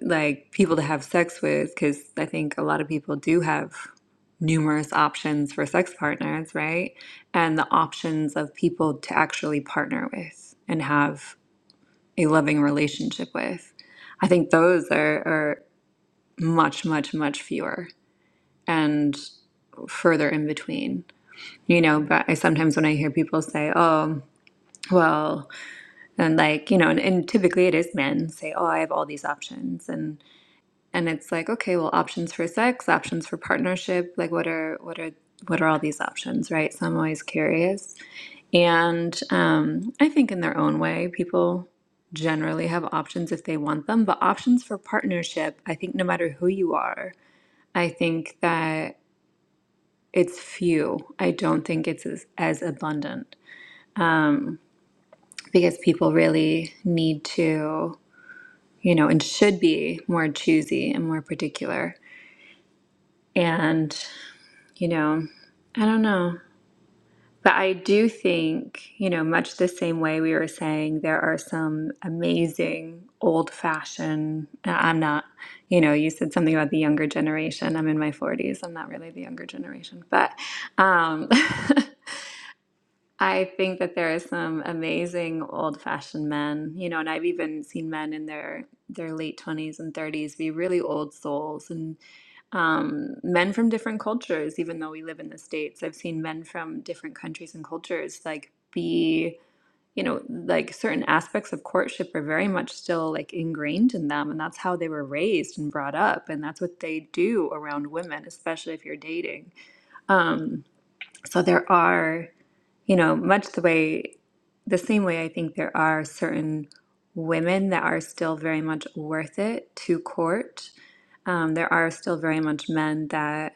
Speaker 2: like people to have sex with because I think a lot of people do have numerous options for sex partners, right? And the options of people to actually partner with and have a loving relationship with. I think those are, are much, much, much fewer and further in between. You know, but I sometimes when I hear people say, oh, well, and like, you know, and, and typically it is men say, oh, I have all these options. and. and it's like okay well options for sex options for partnership like what are what are what are all these options right so i'm always curious and um, i think in their own way people generally have options if they want them but options for partnership i think no matter who you are i think that it's few i don't think it's as, as abundant because people really need to you know and should be more choosy and more particular and you know, I don't know. But I do think, you know, much the same way we were saying, there are some amazing old fashioned. I'm not, you know, you said something about the younger generation. I'm in my 40s. I'm not really the younger generation, but um, [LAUGHS] I think that there are some amazing old-fashioned men, you know, and I've even seen men in their their late 20s and 30s be really old souls and um, men from different cultures, even though we live in the States. I've seen men from different countries and cultures like be, you know, like certain aspects of courtship are very much still like ingrained in them, and that's how they were raised and brought up, and that's what they do around women, especially if you're dating. Um, so there are you know, much the way, the same way I think there are certain women that are still very much worth it to court. Um, there are still very much men that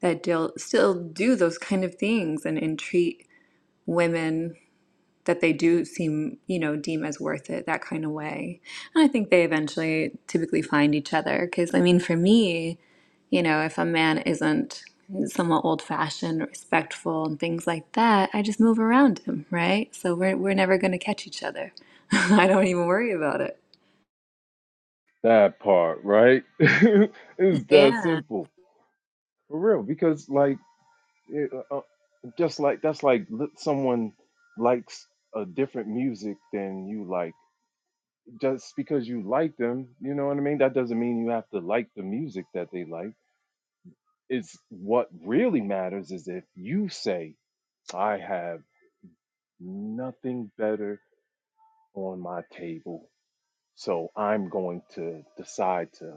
Speaker 2: that deal, still do those kind of things and, and treat women that they do seem, you know, deem as worth it that kind of way. And I think they eventually typically find each other because I mean, for me, you know, if a man isn't somewhat old fashioned, respectful, and things like that, I just move around him, right? So we're, we're never going to catch each other. [LAUGHS] I don't even worry about it.
Speaker 10: that part, right, [LAUGHS] is that
Speaker 2: Yeah.
Speaker 10: simple for real. Because like, it, uh, uh, just like that's like li- someone likes a different music than you like. Just because you like them, you know what I mean. That doesn't mean you have to like the music that they like is what really matters is if you say, I have nothing better on my table, so I'm going to decide to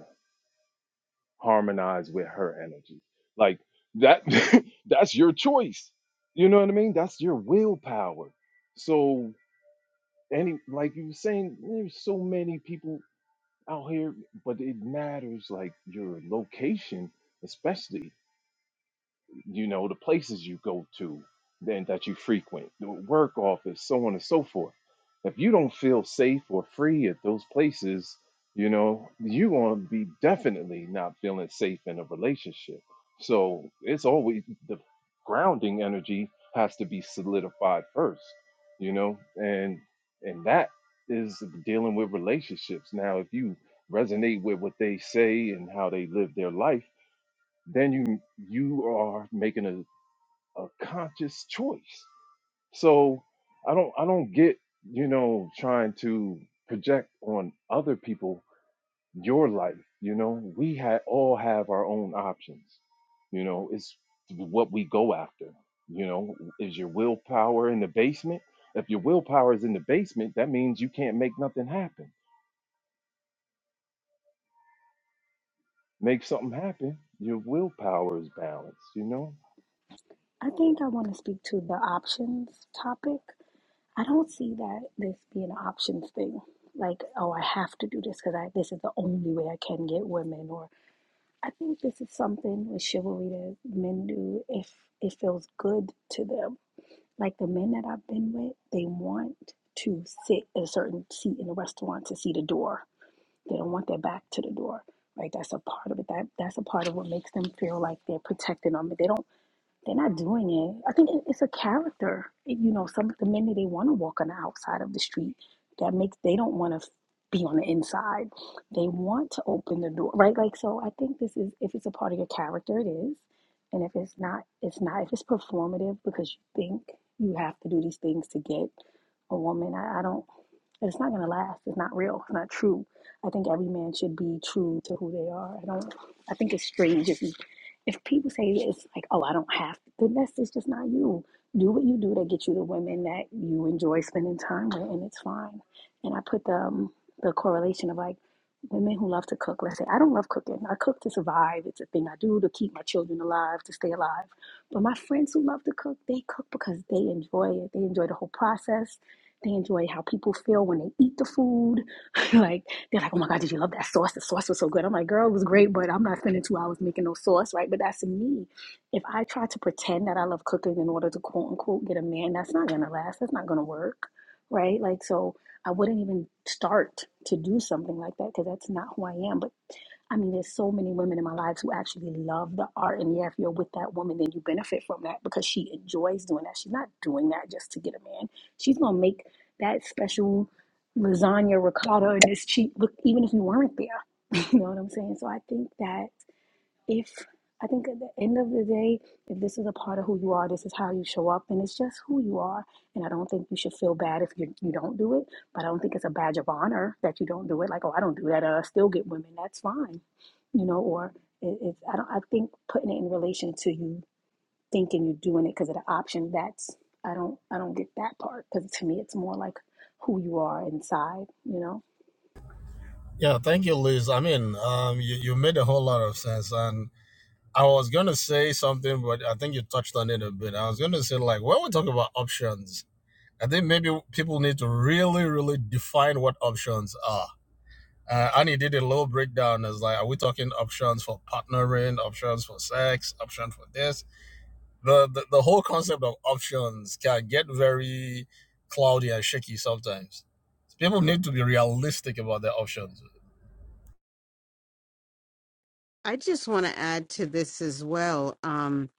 Speaker 10: harmonize with her energy. Like that, [LAUGHS] that's your choice. You know what I mean? That's your willpower. So, any, like you were saying, there's so many people out here, but it matters like your location, especially. you know, the places you go to then that you frequent, the work office, so on and so forth. If you don't feel safe or free at those places, you know, you're going to be definitely not feeling safe in a relationship. So it's always the grounding energy has to be solidified first, you know, and and that is dealing with relationships. Now, if you resonate with what they say and how they live their life then you you are making a, a conscious choice so i don't i don't get you know trying to project on other people your life you know we ha- all have our own options you know it's what we go after you know is your willpower in the basement if your willpower is in the basement that means you can't make nothing happen make something happen your willpower is balanced you know
Speaker 8: I think I want to speak to the options topic. I don't see that this being an options thing. Like, oh, I have to do this because I this is the only way I can get women. Or I think this is something with chivalry that men do if it feels good to them. Like the men that I've been with, they want to sit in a certain seat in a restaurant to see the door. They don't want their back to the door. Right? That's a part of it. That that's a part of what makes them feel like they're protected on me. They don't they're not doing it. I think it- it's a character. It- you know, some of the men that they want to walk on the outside of the street, that makes they don't want to be on the inside. They want to open the door, right? Like so. I think this is if it's a part of your character, it is, and if it's not, it's not. If it's performative because you think you have to do these things to get a woman, I, I don't. And it's not going to last. It's not real. It's not true. I think every man should be true to who they are. I don't. I think it's strange if you, if people say it's like, oh, I don't have to. Then that's it's just not you. Do what you do to get you the women that you enjoy spending time with, and it's fine. And I put the um, the correlation of like women who love to cook. Let's say I don't love cooking. I cook to survive. It's a thing I do to keep my children alive, to stay alive. But my friends who love to cook, they cook because they enjoy it. They enjoy the whole process they enjoy how people feel when they eat the food. [LAUGHS] like they're like, "Oh my God, did you love that sauce? The sauce was so good." I'm like, "Girl, it was great, but I'm not spending two hours making no sauce, right?" But that's me. If I try to pretend that I love cooking in order to quote unquote get a man, that's not gonna last. That's not gonna work, right? Like so. I wouldn't even start to do something like that because that's not who I am. But I mean, there's so many women in my lives who actually love the art. And yeah, if you're with that woman, then you benefit from that because she enjoys doing that. She's not doing that just to get a man. She's gonna make that special lasagna ricotta and this cheap look, even if you weren't there. [LAUGHS] you know what I'm saying? So I think that if I think at the end of the day, if this is a part of who you are, this is how you show up, and it's just who you are. And I don't think you should feel bad if you you don't do it. But I don't think it's a badge of honor that you don't do it. Like, oh, I don't do that, I still get women. That's fine, you know. Or it, it's I don't. I think putting it in relation to you thinking you're doing it because of the option. That's I don't I don't get that part because to me it's more like who you are inside, you know
Speaker 13: Yeah, thank you, Liz. I mean, um, you, you made a whole lot of sense. And I was going to say something, but I think you touched on it a bit. I was going to say, like, when we talk about options, I think maybe people need to really, really define what options are. Uh, and he did a little breakdown as like, are we talking options for partnering, options for sex, option for this? The, the, the whole concept of options can get very cloudy and shaky sometimes. People need to be realistic about their options
Speaker 5: I just want to add to this as well. Um,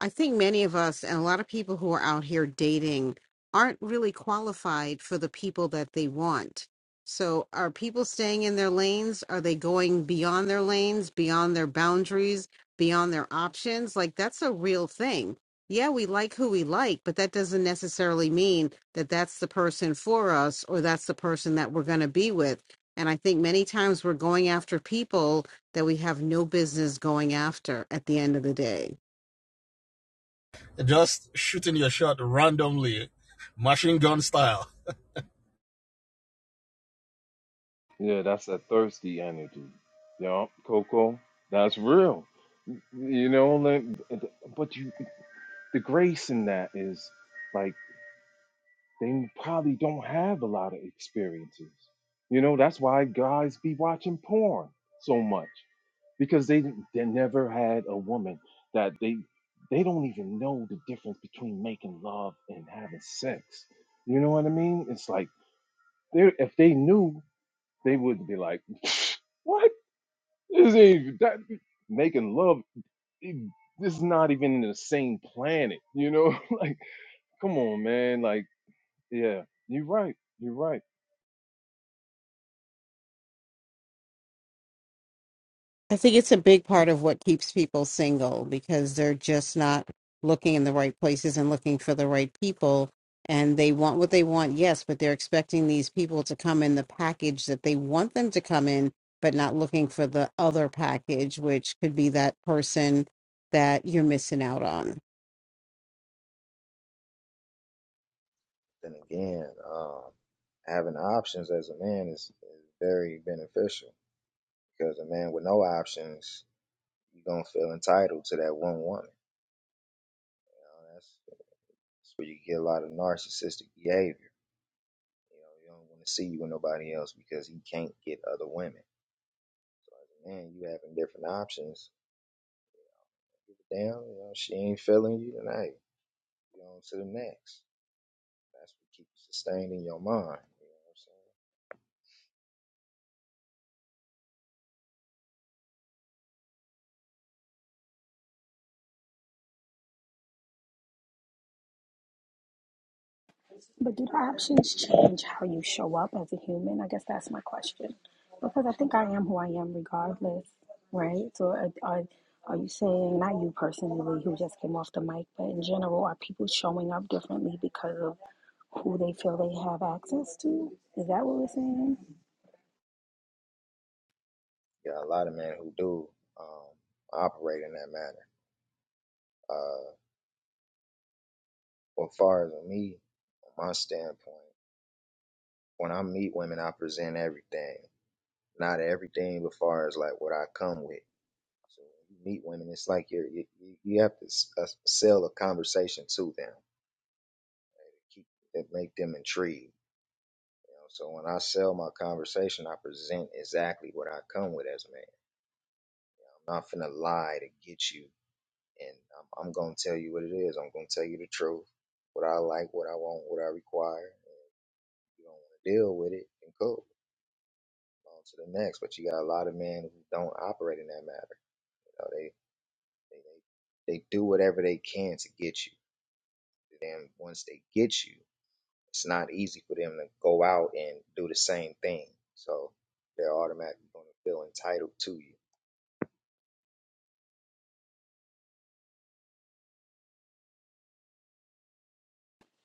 Speaker 5: I think many of us and a lot of people who are out here dating aren't really qualified for the people that they want. So, are people staying in their lanes? Are they going beyond their lanes, beyond their boundaries, beyond their options? Like, that's a real thing. Yeah, we like who we like, but that doesn't necessarily mean that that's the person for us or that's the person that we're going to be with. And I think many times we're going after people that we have no business going after at the end of the day.
Speaker 13: Just shooting your shot randomly, machine gun style.
Speaker 10: Yeah, that's a thirsty energy. Yeah, Coco, that's real. You know, like, but you, the grace in that is like they probably don't have a lot of experiences. You know, that's why guys be watching porn so much because they they never had a woman that they they don't even know the difference between making love and having sex. You know what I mean? It's like they if they knew, they would be like, [LAUGHS] [SNIFFS] "What? This ain't that making love. it- this is not even in the same planet, you know. [LAUGHS] like, come on, man. Like, yeah, you're right. You're right.
Speaker 5: I think it's a big part of what keeps people single because they're just not looking in the right places and looking for the right people. And they want what they want, yes, but they're expecting these people to come in the package that they want them to come in, but not looking for the other package, which could be that person that you're missing out on.
Speaker 14: Then again, um, having options as a man is, is very beneficial because a man with no options, you're gonna feel entitled to that one woman. You know, that's, that's where you get a lot of narcissistic behavior You know, you don't want to see you with nobody else because he can't get other women. So as a man, you having different options. Give a damn, you know, she ain't feeling you tonight. You know, to the next. That's what keeps you sustained in your mind. You know what I'm saying?
Speaker 8: But do the options change how you show up as a human? I guess that's my question. Because I think I am who I am regardless, right? So are, are, are you saying, not you personally who just came off the mic, but in general, are people showing up differently because of who they feel they have access to? Is that what we're saying?
Speaker 14: You got a lot of men who do um, operate in that manner. Uh, but far as me, from my standpoint, when I meet women, I present everything. Not everything, but as far as like what I come with. So when you meet women, it's like you're, you you have to s- uh, sell a conversation to them, right? to keep that make them intrigued. You know, so when I sell my conversation, I present exactly what I come with as a man. You know, I'm not finna lie to get you, and I'm, I'm gonna tell you what it is. I'm gonna tell you the truth, what I like, what I want, what I require. And if you don't want to deal with it, then cool, on to the next. But you got a lot of men who don't operate in that matter. You know, they they they, they do whatever they can to get you them once they get you, it's not easy for them to go out and do the same thing. So they're automatically going to feel entitled to you.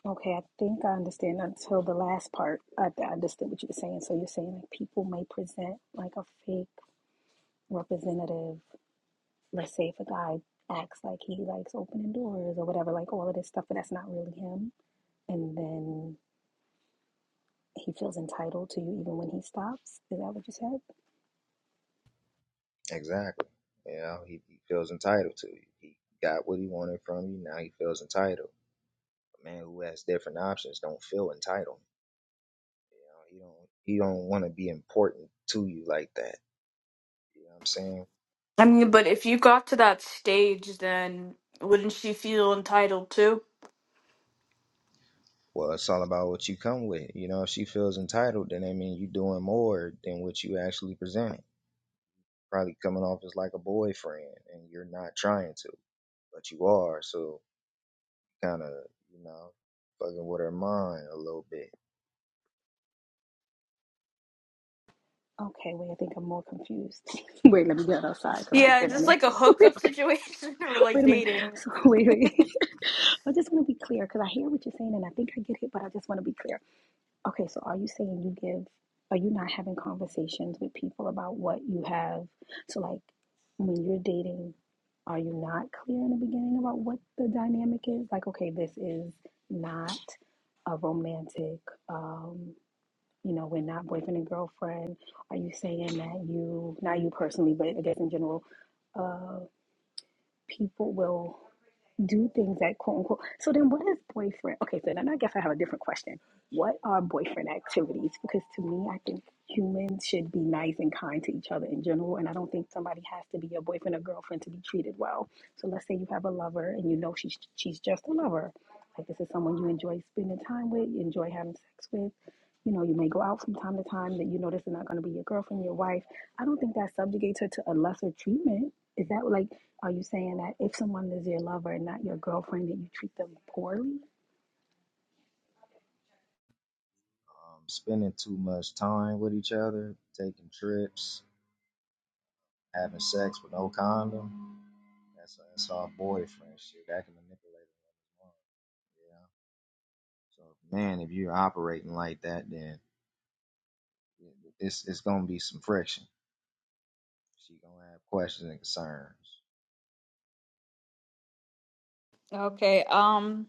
Speaker 8: Okay, I think I understand until the last part. I, I understood what you were saying. So you're saying like people may present like a fake representative let's say if a guy acts like he likes opening doors or whatever, like all of this stuff, but that's not really him, and then he feels entitled to you even when he stops. Is that what you said?
Speaker 14: Exactly. You know, he, he feels entitled to you. He got what he wanted from you. Now he feels entitled. A man who has different options don't feel entitled. You know, he don't he don't want to be important to you like that. You know what I'm saying?
Speaker 9: I mean, but if you got to that stage, then wouldn't she feel entitled too?
Speaker 14: Well, it's all about what you come with. You know, if she feels entitled, then that means you're doing more than what you actually presented. probably coming off as like a boyfriend and you're not trying to, but you are. So kind of, you know, fucking with her mind a little bit.
Speaker 8: Okay, wait, I think I'm more confused. [LAUGHS] wait, let me get outside because
Speaker 9: Yeah,
Speaker 8: I'm standing
Speaker 9: it's
Speaker 8: in.
Speaker 9: like a
Speaker 8: [LAUGHS]
Speaker 9: hookup situation [LAUGHS] or like
Speaker 8: wait a minute.
Speaker 9: dating.
Speaker 8: So wait, wait. [LAUGHS] I just want to be clear because I hear what you're saying and I think I get it, but I just want to be clear. Okay, so are you saying you give, are you not having conversations with people about what you have? So, like, when you're dating, are you not clear in the beginning about what the dynamic is? Like, okay, this is not a romantic, um, you know, we're not boyfriend and girlfriend. Are you saying that you, not you personally, but I guess in general, uh, people will do things that quote unquote. So then, what is boyfriend? Okay, so then I guess I have a different question. What are boyfriend activities? Because to me, I think humans should be nice and kind to each other in general, and I don't think somebody has to be your boyfriend or girlfriend to be treated well. So let's say you have a lover and you know she's she's just a lover. Like this is someone you enjoy spending time with, you enjoy having sex with. You know, you may go out from time to time that you know this is not going to be your girlfriend, your wife. I don't think that subjugates her to a lesser treatment. Is that like, are you saying that if someone is your lover and not your girlfriend, that you treat them poorly?
Speaker 14: Um, spending too much time with each other, taking trips, having sex with no condom. That's, that's all boyfriend shit. That can manipulate a woman's mind. Yeah. So, man, if you're operating like that, then it's, it's going to be some friction. She going to have questions and concerns.
Speaker 9: Okay. Um,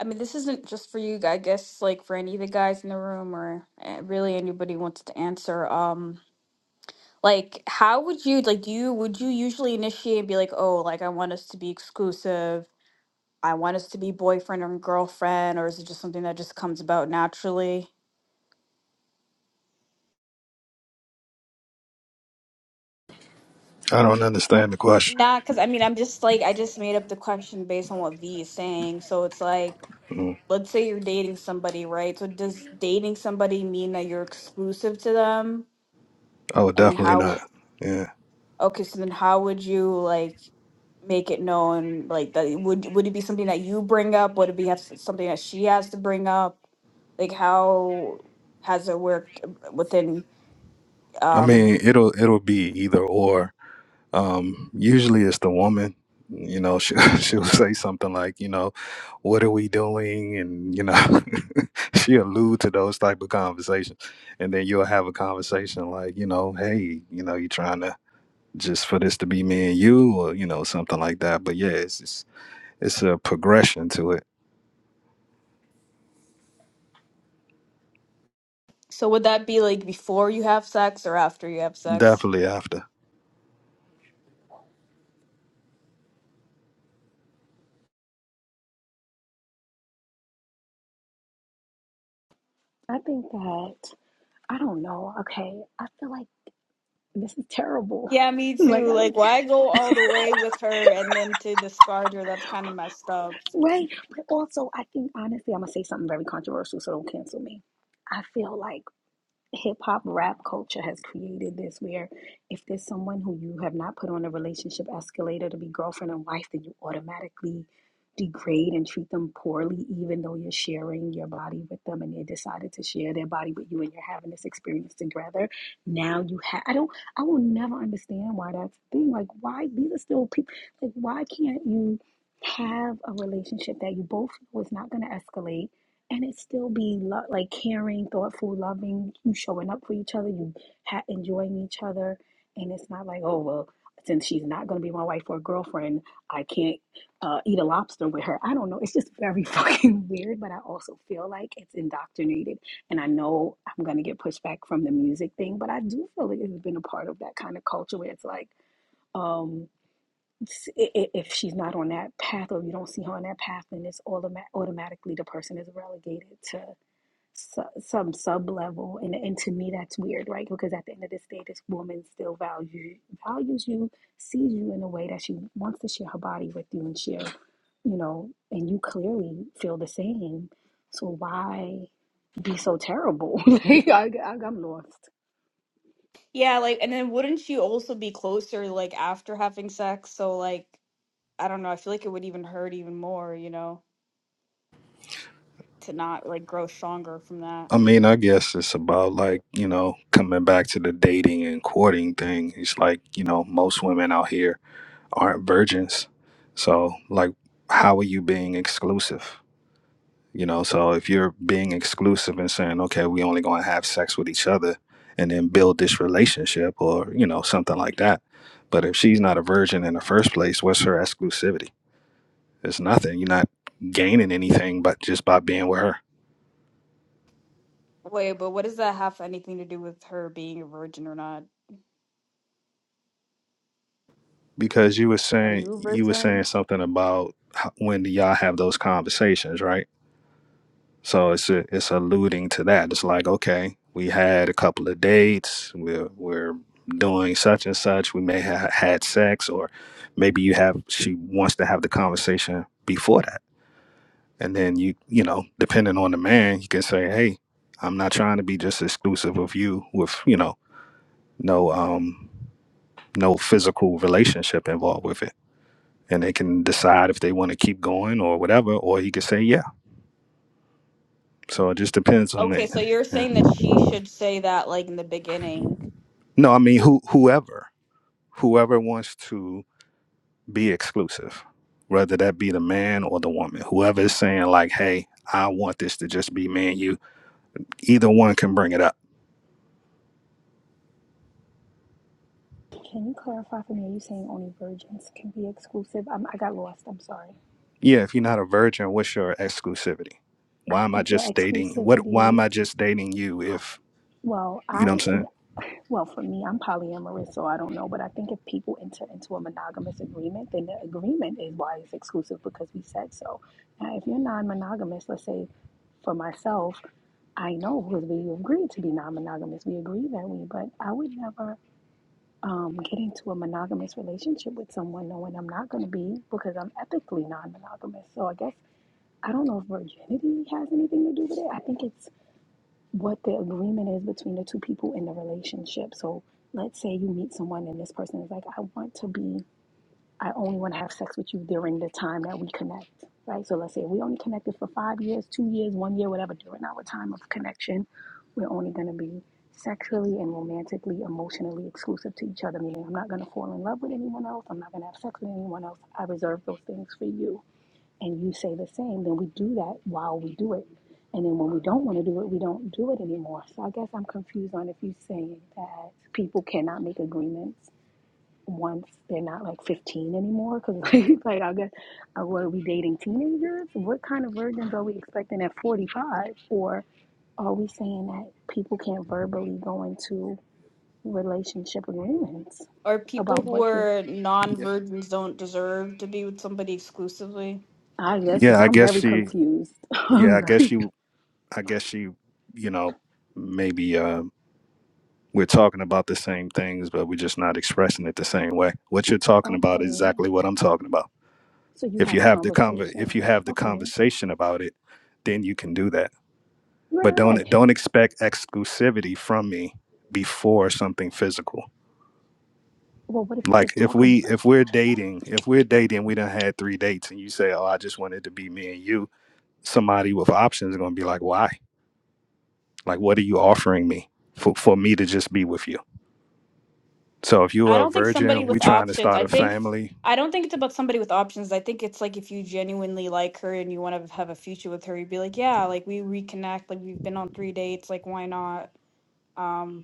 Speaker 9: I mean, this isn't just for you. I guess like for any of the guys in the room or uh, really anybody wants to answer. Um, like how would you like do you would you usually initiate and be like oh like i want us to be exclusive i want us to be boyfriend and girlfriend or is it just something that just comes about naturally
Speaker 12: I don't understand the question.
Speaker 9: nah because i mean i'm just like i just made up the question based on what v is saying so it's like let's say you're dating somebody right so does dating somebody mean that you're exclusive to them
Speaker 12: Oh,
Speaker 9: and then
Speaker 12: definitely
Speaker 9: how
Speaker 12: not. Yeah.
Speaker 9: okay so then how would you like make it known like that it- would would it be something that you bring up would it be have something that she has to bring up like how has it worked uh, within
Speaker 12: I
Speaker 9: um
Speaker 12: mean, it'll it'll be either or. Um, usually it's the woman. You know, she, [LAUGHS] she'll say something like, you know, what are we doing? And you know, [LAUGHS] she allude to those type of conversations, and then you'll have a conversation like, you know, hey, you know, you trying to just for this to be me and you, or you know, something like that. But yeah, it's it's It's a progression to it.
Speaker 9: so would that be like before you have sex or after you have sex
Speaker 12: Definitely after.
Speaker 8: I think that, I don't know. Okay. I feel like this is terrible.
Speaker 9: yeah me
Speaker 8: [LAUGHS]
Speaker 9: too
Speaker 8: like, I don't,
Speaker 9: like why go all the way with her and then to discard her that's kind of messed up
Speaker 8: right? But also, I think, honestly, I'm going to say something very controversial, so don't cancel me. I feel like hip hop rap culture has created this where if there's someone who you have not put on a relationship escalator to be girlfriend and wife, then you automatically degrade and treat them poorly, even though you're sharing your body with them and they decided to share their body with you and you're having this experience together. Now you have, I don't, I will never understand why that's a thing. Like, why these are still people, like, why can't you have a relationship that you both know is not going to escalate? and it still be lo- like caring, thoughtful, loving. You showing up for each other. You ha- enjoying each other, and it's not like oh well, since she's not going to be my wife or girlfriend, I can't uh, eat a lobster with her. I don't know. It's just very [LAUGHS] fucking weird, but I also feel like it's indoctrinated, and I know I'm going to get pushback from the music thing, but I do feel like it's been a part of that kind of culture where it's like. um s- i- i- if she's not on that path or you don't see her on that path, then it's automa- automatically the person is relegated to su- some sub level and and to me that's weird right because at the end of this day this woman still values values you sees you in a way that she wants to share her body with you and share you know and you clearly feel the same so why be so terrible [LAUGHS] like I, I, i'm lost
Speaker 9: yeah like and then wouldn't she also be closer like after having sex so like i don't know i feel like it would even hurt even more you know to not like grow stronger from that
Speaker 12: I mean, I guess it's about like, you know, coming back to the dating and courting thing. It's like, you know, most women out here aren't virgins. So, like, how are you being exclusive? You know, so if you're being exclusive and saying, okay, we only going to have sex with each other and then build this relationship or, you know, something like that. But if she's not a virgin in the first place, what's her exclusivity? It's nothing. You're not gaining anything but just by being with her.
Speaker 9: Wait, but what does that have anything to do with her being a virgin or not?
Speaker 12: because you were
Speaker 9: Are
Speaker 12: saying
Speaker 9: you a
Speaker 12: you were
Speaker 9: virgin?
Speaker 12: saying something about how, when y'all have those conversations, right? So it's a, it's alluding to that. It's like, okay, we had a couple of dates. We're we're doing such and such. We may have had sex, or maybe you have. She wants to have the conversation before that, and then you you know, depending on the man, you can say, hey, I'm not trying to be just exclusive of you with you know no um no physical relationship involved with it and they can decide if they want to keep going or whatever, or he could say yeah. So it just depends on
Speaker 9: Okay, so
Speaker 12: the.
Speaker 9: you're
Speaker 12: Yeah.
Speaker 9: saying that she should say that like in the beginning.
Speaker 12: No, I mean who whoever whoever wants to be exclusive, whether that be the man or the woman, whoever is saying like, hey, I want this to just be me and you. Either one can bring it up.
Speaker 8: can you clarify for me are you saying only virgins can be exclusive i i got lost i'm sorry
Speaker 12: Yeah, if you're not a virgin, what's your exclusivity?
Speaker 8: i
Speaker 12: Why am I
Speaker 8: think your
Speaker 12: just dating? What? Why am
Speaker 8: exclusivity
Speaker 12: I just dating you? If
Speaker 8: well
Speaker 12: you know what I'm
Speaker 8: i
Speaker 12: saying?
Speaker 8: Well, for me, I'm polyamorous, so I don't know. But I think if people enter into a monogamous agreement, then the agreement is why it's exclusive because we said so. Now, if you're non monogamous, let's say for myself, I know because we agreed to be non monogamous. We agree that we, but I would never um, get into a monogamous relationship with someone knowing I'm not going to be because I'm ethically non monogamous. So I guess I don't know if virginity has anything to do with it. I think it's what the agreement is between the two people in the relationship. So let's say you meet someone and this person is like, I want to be, I only want to have sex with you during the time that we connect, right? So let's say we only connected for five years, two years, one year, whatever, during our time of connection, we're only going to be sexually and romantically, emotionally exclusive to each other, meaning I'm not going to fall in love with anyone else. I'm not going to have sex with anyone else. I reserve those things for you and you say the same, then we do that while we do it. And then when we don't want to do it, we don't do it anymore. So I guess I'm confused on if you're saying that people cannot make agreements once they're not like 15 anymore. Because, [LAUGHS] like, like, I guess, uh, were we dating teenagers? What kind of virgins are we expecting at 45? Or are we saying that people can't verbally go into relationship agreements
Speaker 9: Are people
Speaker 8: about
Speaker 9: who
Speaker 8: what the.
Speaker 9: are
Speaker 12: Yeah.
Speaker 9: non-virgins don't deserve to be with somebody exclusively?
Speaker 8: I guess
Speaker 12: Yeah,
Speaker 8: this,
Speaker 12: I
Speaker 8: I'm
Speaker 12: guess
Speaker 8: very
Speaker 12: she.
Speaker 8: confused. [LAUGHS]
Speaker 12: Yeah,
Speaker 8: I'm
Speaker 12: I guess
Speaker 8: very.
Speaker 12: you. I guess she. You know, maybe. uh, We're talking about the same things, but we're just not expressing it the same way. What you're talking about is
Speaker 8: Okay.
Speaker 12: exactly what I'm talking about.
Speaker 8: So you
Speaker 12: If
Speaker 8: have
Speaker 12: you
Speaker 8: a
Speaker 12: have the conver- if
Speaker 8: conversation.
Speaker 12: you have the
Speaker 8: Okay.
Speaker 12: conversation about it, then you can do that.
Speaker 8: Right,
Speaker 12: But
Speaker 8: right,
Speaker 12: don't
Speaker 8: right.
Speaker 12: don't expect exclusivity from me before something physical.
Speaker 8: Well, what if you
Speaker 12: Like
Speaker 8: just
Speaker 12: if
Speaker 8: talk about
Speaker 12: we if we're dating, if we're dating, we done had three dates, and you say, "Oh, I just wanted to be me and you." Somebody with options is gonna be like, "Why? Like, what are you offering me for for me to just be with you?" So if you
Speaker 9: I
Speaker 12: are a
Speaker 9: don't think somebody
Speaker 12: virgin, we
Speaker 9: with
Speaker 12: trying to
Speaker 9: options.
Speaker 12: start
Speaker 9: I
Speaker 12: a
Speaker 9: think
Speaker 12: family.
Speaker 9: I don't think it's about somebody with options. I think it's like if you genuinely like her and you want to have a future with her, you'd be like, yeah, like we reconnect, like we've been on three dates, like why not? Um.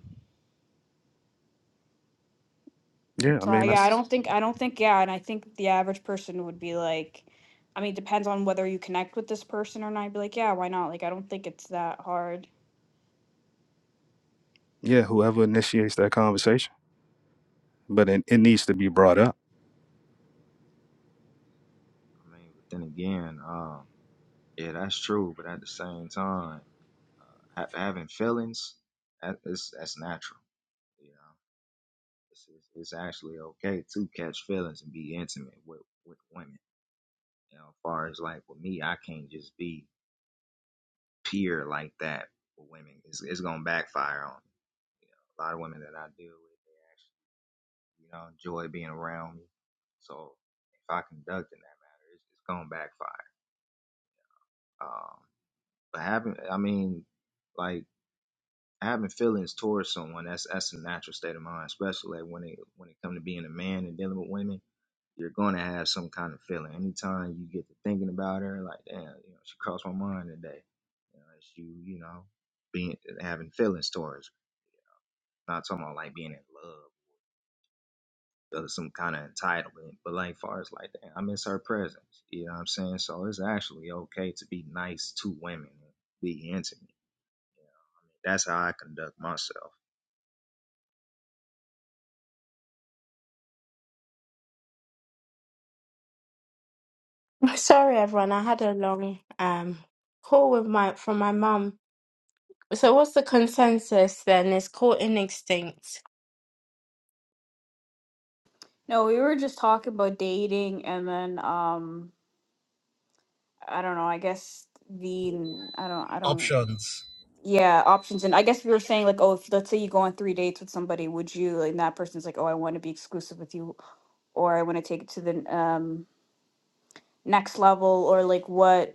Speaker 12: Yeah, I
Speaker 9: So
Speaker 12: mean
Speaker 9: I- yeah, I
Speaker 12: that's
Speaker 9: don't think I don't think yeah, and I think the average person would be like, I mean, depends on whether you connect with this person or not. I'd be like, yeah, why not? Like, I don't think it's that hard.
Speaker 12: yeah, whoever initiates that conversation. But it, it needs to be brought up.
Speaker 14: I mean, but then again, um, Yeah, that's true, but at the same time, uh, ha- having feelings, that is that's natural. You know, it's, it's it's actually okay to catch feelings and be intimate with with women. You know, as far as like with me, I can't just be pure like that with women. It's it's gonna backfire on me. You know, a lot of women that I deal with, they actually you know enjoy being around me. So if I conduct in that matter, it's, it's gonna backfire. Um, but having, I mean, like having feelings towards someone that's that's a natural state of mind especially like, when it when it comes to being a man and dealing with women you're going to have some kind of feeling anytime you get to thinking about her like damn you know she crossed my mind today you know it's you know being having feelings towards her. I'm not talking about like being in love or some kind of entitlement but like far as like damn, i miss her presence you know what i'm saying so it's actually okay to be nice to women and be intimate you know? I mean, that's how i conduct myself
Speaker 1: Sorry, everyone. I had a long um call with my from my mum. So what's the consensus then? Is caught in extinct.
Speaker 9: No, we were just talking about dating, and then um, I don't know. I guess the I don't I don't
Speaker 13: Options.
Speaker 9: yeah options, and I guess we were saying like, oh, if let's say you go on three dates with somebody, would you? And that person's like, oh, I want to be exclusive with you, or I want to take it to the um next level, or like what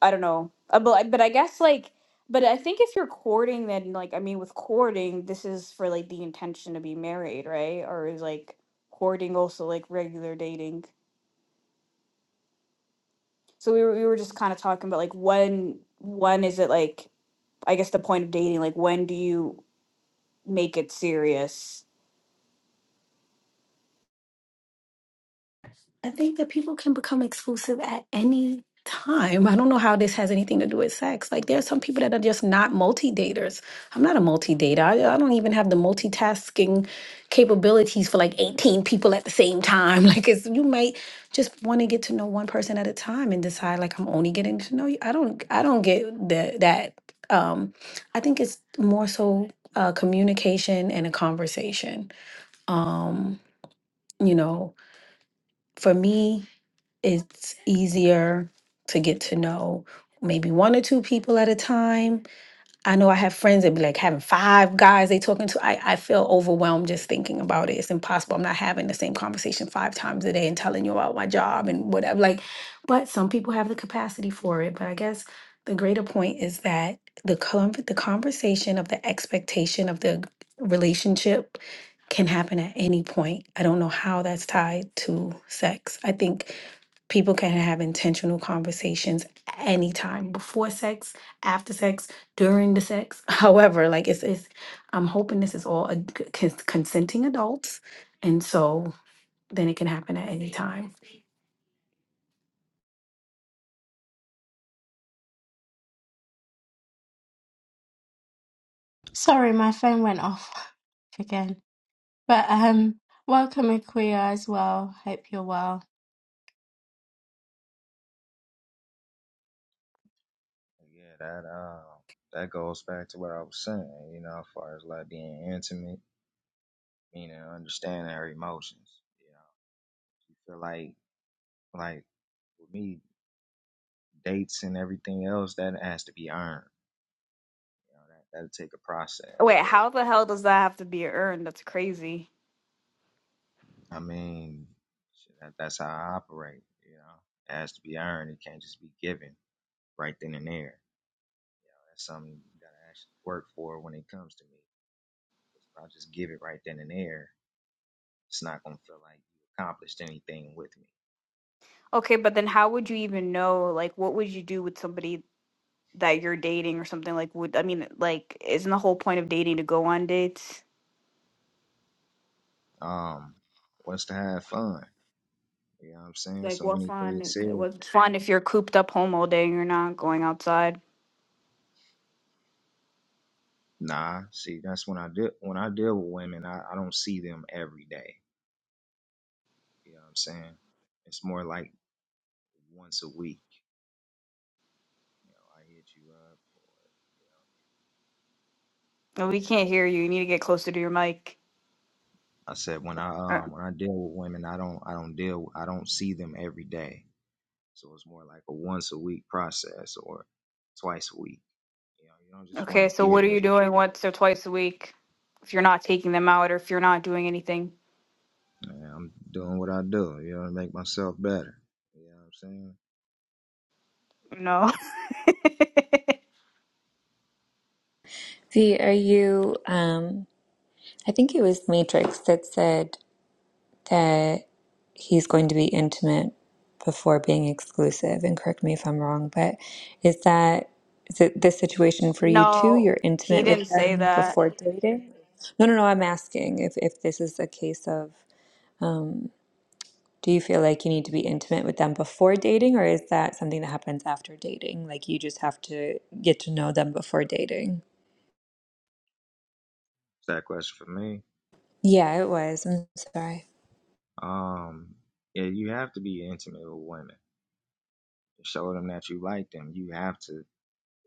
Speaker 9: I don't know. Uh, But but I guess like but I think if you're courting then like I mean with courting this is for like the intention to be married, right? Or is like courting also like regular dating. So we were we were just kind of talking about like when when is it like I guess the point of dating like when do you make it serious?
Speaker 8: I think that people can become exclusive at any time. I don't know how this has anything to do with sex. Like, there are some people that are just not multi daters. I'm not a multi dater. I, I don't even have the multitasking capabilities for like 18 people at the same time. [LAUGHS] Like, it's, you might just want to get to know one person at a time and decide, like, I'm only getting to know you. I don't, I don't get that. that. Um, I think it's more so uh, communication and a conversation. Um, you know, for me, it's easier to get to know maybe one or two people at a time I know I have friends that be like having five guys they talking to. I, I feel overwhelmed just thinking about it. It's impossible. I'm not having the same conversation five times a day and telling you about my job and whatever. Like, but some people have the capacity for it. But I guess the greater point is that the con- the conversation of the expectation of the relationship can happen at any point. I don't know how that's tied to sex. I think people can have intentional conversations anytime before sex, after sex during the sex. [LAUGHS] However, like it's it's I'm hoping this is all a, cons- consenting adults, and so then it can happen at any time.
Speaker 1: Sorry, my phone went off [LAUGHS] again. But um, welcome Akuya as well. Hope you're well.
Speaker 14: Yeah, that um, that goes back to what I was saying. You know, as far as like being intimate, meaning understanding her emotions. You know, you feel like like with me, dates and everything else that has to be earned. You know, that that'll take a process.
Speaker 9: Wait,
Speaker 14: But
Speaker 9: how the hell does that have to be earned? That's crazy.
Speaker 14: I mean, shit, that, that's how I operate. You know, it has to be earned. It can't just be given right then and there. You know, that's something you gotta actually work for when it comes to me. 'Cause If I just give it right then and there. It's not gonna feel like you accomplished anything with me.
Speaker 9: Okay, but then how would you even know like what would you do with somebody that you're dating or something like would I mean like isn't the whole point of dating to go on dates?
Speaker 14: Um, what's to have fun? You know what I'm saying?
Speaker 9: Like
Speaker 14: So
Speaker 9: what
Speaker 14: anything
Speaker 9: fun
Speaker 14: serious?
Speaker 9: what's fun if you're cooped up home all day and you're not going outside.
Speaker 14: Nah. See, that's when I deal when I deal with women, I, I don't see them every day. You know what I'm saying? It's more like once a week. You know, I hit you up, or you know, if
Speaker 9: No, we
Speaker 14: you miss
Speaker 9: can't
Speaker 14: me.
Speaker 9: hear you. You need to get closer to your mic.
Speaker 14: I said when I
Speaker 9: Uh,
Speaker 14: um when I deal with women, I don't I don't deal I don't see them every day. So it's more like a once a week process or twice a week. You know, you don't just want to
Speaker 9: Okay, so
Speaker 14: give
Speaker 9: what are
Speaker 14: every
Speaker 9: you doing once or twice a week if you're not taking them out or if you're not doing anything?
Speaker 14: Man, I'm doing what I do, you know, to make myself better. You know what I'm saying?
Speaker 9: No. [LAUGHS]
Speaker 2: V, are you, um, I think it was Matrix that said that he's going to be intimate before being exclusive, and correct me if I'm wrong, but is that is it this situation for you too?
Speaker 9: No,
Speaker 2: You're
Speaker 9: he
Speaker 2: intimate with
Speaker 9: didn't say
Speaker 2: them
Speaker 9: that.
Speaker 2: before dating? No, no, no, I'm asking if, if this is a case of Do you feel like you need to be intimate with them before dating, or is that something that happens after dating? Like you just have to get to know them before dating?
Speaker 14: It's that question for me.
Speaker 2: Yeah, it was. I'm sorry.
Speaker 14: Um, yeah, you have to be intimate with women. Show them that you like them. You have to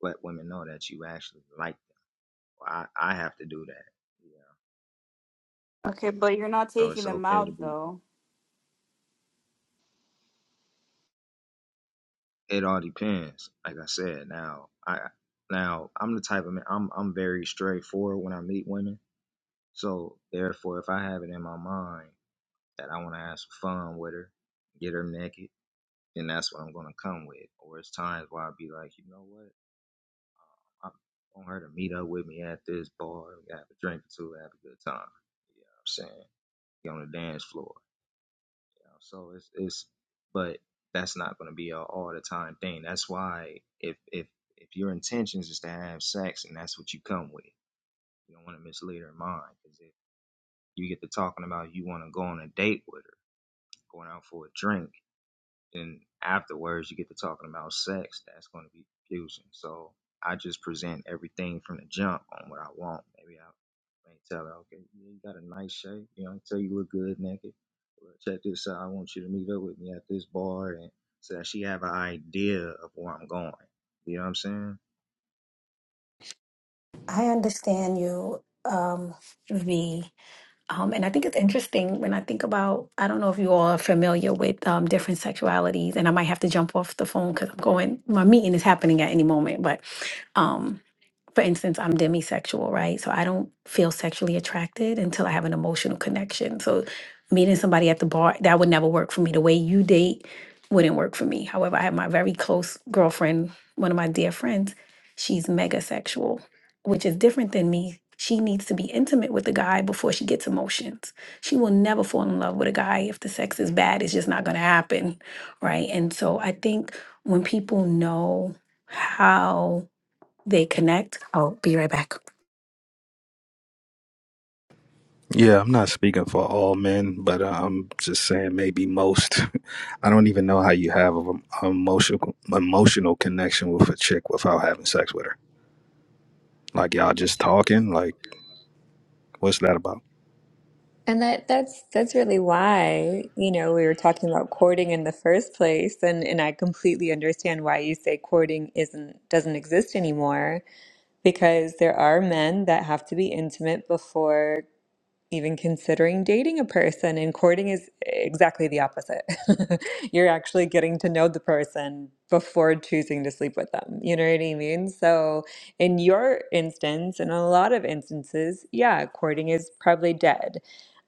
Speaker 14: let women know that you actually like them. Well, I, I have to do that. You know?
Speaker 9: Okay, but you're not
Speaker 14: So
Speaker 9: taking
Speaker 14: it's
Speaker 9: them
Speaker 14: okay to
Speaker 9: out
Speaker 14: be
Speaker 9: though.
Speaker 14: it all depends. Like I said, now I now I'm the type of man I'm I'm very straightforward when I meet women. So therefore if I have it in my mind that I wanna have some fun with her, get her naked then that's what I'm gonna come with. Or it's times where I'll be like, you know what, I want her to meet up with me at this bar, have a drink or two, have a good time. You know what I'm saying? Get on the dance floor. You know? So it's it's, but that's not gonna be a all the time thing. That's why if if if your intentions is to have sex and that's what you come with, you don't want to mislead her mind because if you get to talking about you want to go on a date with her, going out for a drink and afterwards you get to talking about sex, that's going to be confusing. So I just present everything from the jump on what I want. Maybe I may tell her, okay, yeah, you got a nice shape. You know, I tell you look good naked. But check this out. I want you to meet up with me at this bar, and so that she have an idea of where I'm going. You know what I'm saying?
Speaker 8: I understand you, um, V. Um, and I think it's interesting when I think about I don't know if you all are familiar with um, different sexualities, and I might have to jump off the phone because I'm going. My meeting is happening at any moment, but um, for instance, I'm demisexual, right? So I don't feel sexually attracted until I have an emotional connection. So meeting somebody at the bar, that would never work for me. The way you date wouldn't work for me. However, I have my very close girlfriend, one of my dear friends, she's mega sexual, which is different than me. She needs to be intimate with the guy before she gets emotions. She will never fall in love with a guy if the sex is bad. It's just not going to happen, right? And so I think when people know how they connect. I'll be right back.
Speaker 12: Yeah, I'm not speaking for all men, but uh, I'm just saying maybe most. [LAUGHS] I don't even know how you have an emotional emotional connection with a chick without having sex with her. Like y'all just talking. Like what's that about?
Speaker 2: And that that's that's really why, you know, we were talking about courting in the first place, and and I completely understand why you say courting isn't doesn't exist anymore because there are men that have to be intimate before even considering dating a person and courting is exactly the opposite. [LAUGHS] You're actually getting to know the person before choosing to sleep with them. You know what I mean? So, in your instance, in a lot of instances, yeah, courting is probably dead.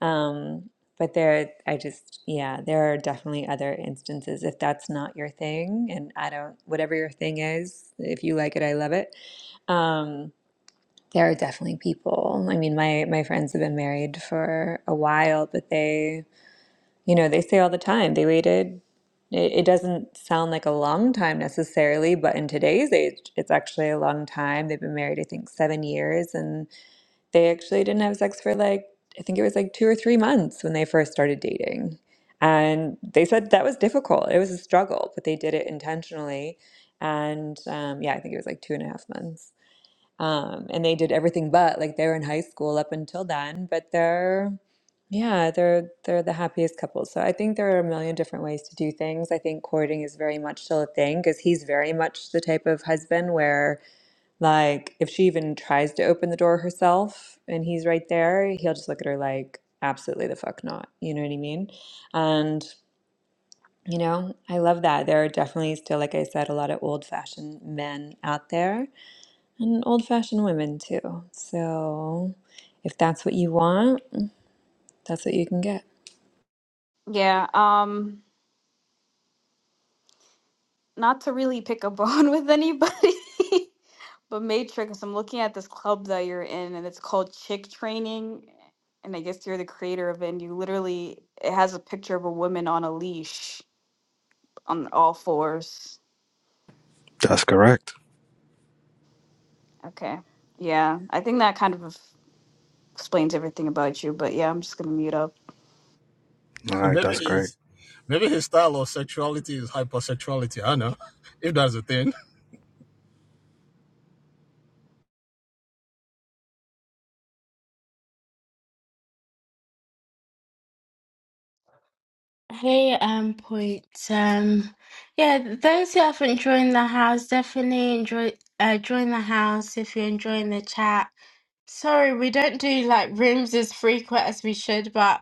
Speaker 2: Um, but there, I just, yeah, there are definitely other instances if that's not your thing. And I don't, whatever your thing is, if you like it, I love it. Um, there are definitely people. I mean, my my friends have been married for a while, but they, you know, they say all the time they waited. It, it doesn't sound like a long time necessarily, but in today's age, it's actually a long time. They've been married, I think, seven years, and they actually didn't have sex for like I think it was like two or three months when they first started dating, and they said that was difficult. It was a struggle, but they did it intentionally, and um, yeah, I think it was like two and a half months um, and they did everything but like they were in high school up until then but they're yeah they're they're the happiest couple so i think there are a million different ways to do things i think courting is very much still a thing because he's very much the type of husband where like if she even tries to open the door herself and he's right there he'll just look at her like absolutely the fuck not you know what i mean and you know i love that there are definitely still like i said a lot of old fashioned men out there and old-fashioned women too. So if that's what you want, that's what you can get.
Speaker 9: Yeah, um not to really pick a bone [LAUGHS] with anybody. [LAUGHS] But Matrix, I'm looking at this club that you're in, and it's called Chick Training. And I guess you're the creator of it. And you literally, it has a picture of a woman on a leash on all fours.
Speaker 12: That's correct.
Speaker 9: Okay. Yeah. I think that kind of explains everything about you. But yeah, I'm just going to mute up.
Speaker 12: All right,
Speaker 13: Maybe
Speaker 12: that's great.
Speaker 13: his maybe his style of sexuality is hypersexuality. I don't know if that's a thing.
Speaker 1: Hey, um, point. Um, yeah, those who haven't joined the house definitely enjoy uh join the house if you're enjoying the chat. Sorry, we don't do like rooms as frequent as we should, but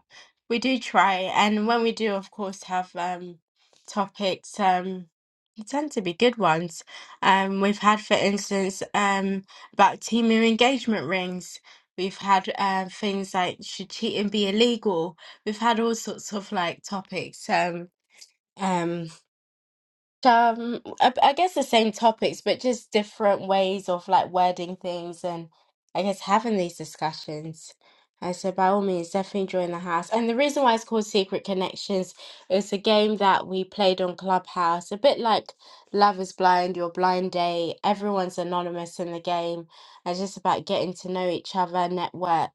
Speaker 1: we do try. And when we do, of course, have um topics, um they tend to be good ones. Um we've had, for instance, um about Timu engagement rings. We've had uh, things like should cheating be illegal? We've had all sorts of like topics. Um um um, I, I guess the same topics, but just different ways of like wording things and I guess having these discussions. And so, by all means, definitely join the house. And the reason why it's called Secret Connections is a game that we played on Clubhouse, a bit like Love is Blind, Your Blind Date. Everyone's anonymous in the game. And It's just about getting to know each other, network.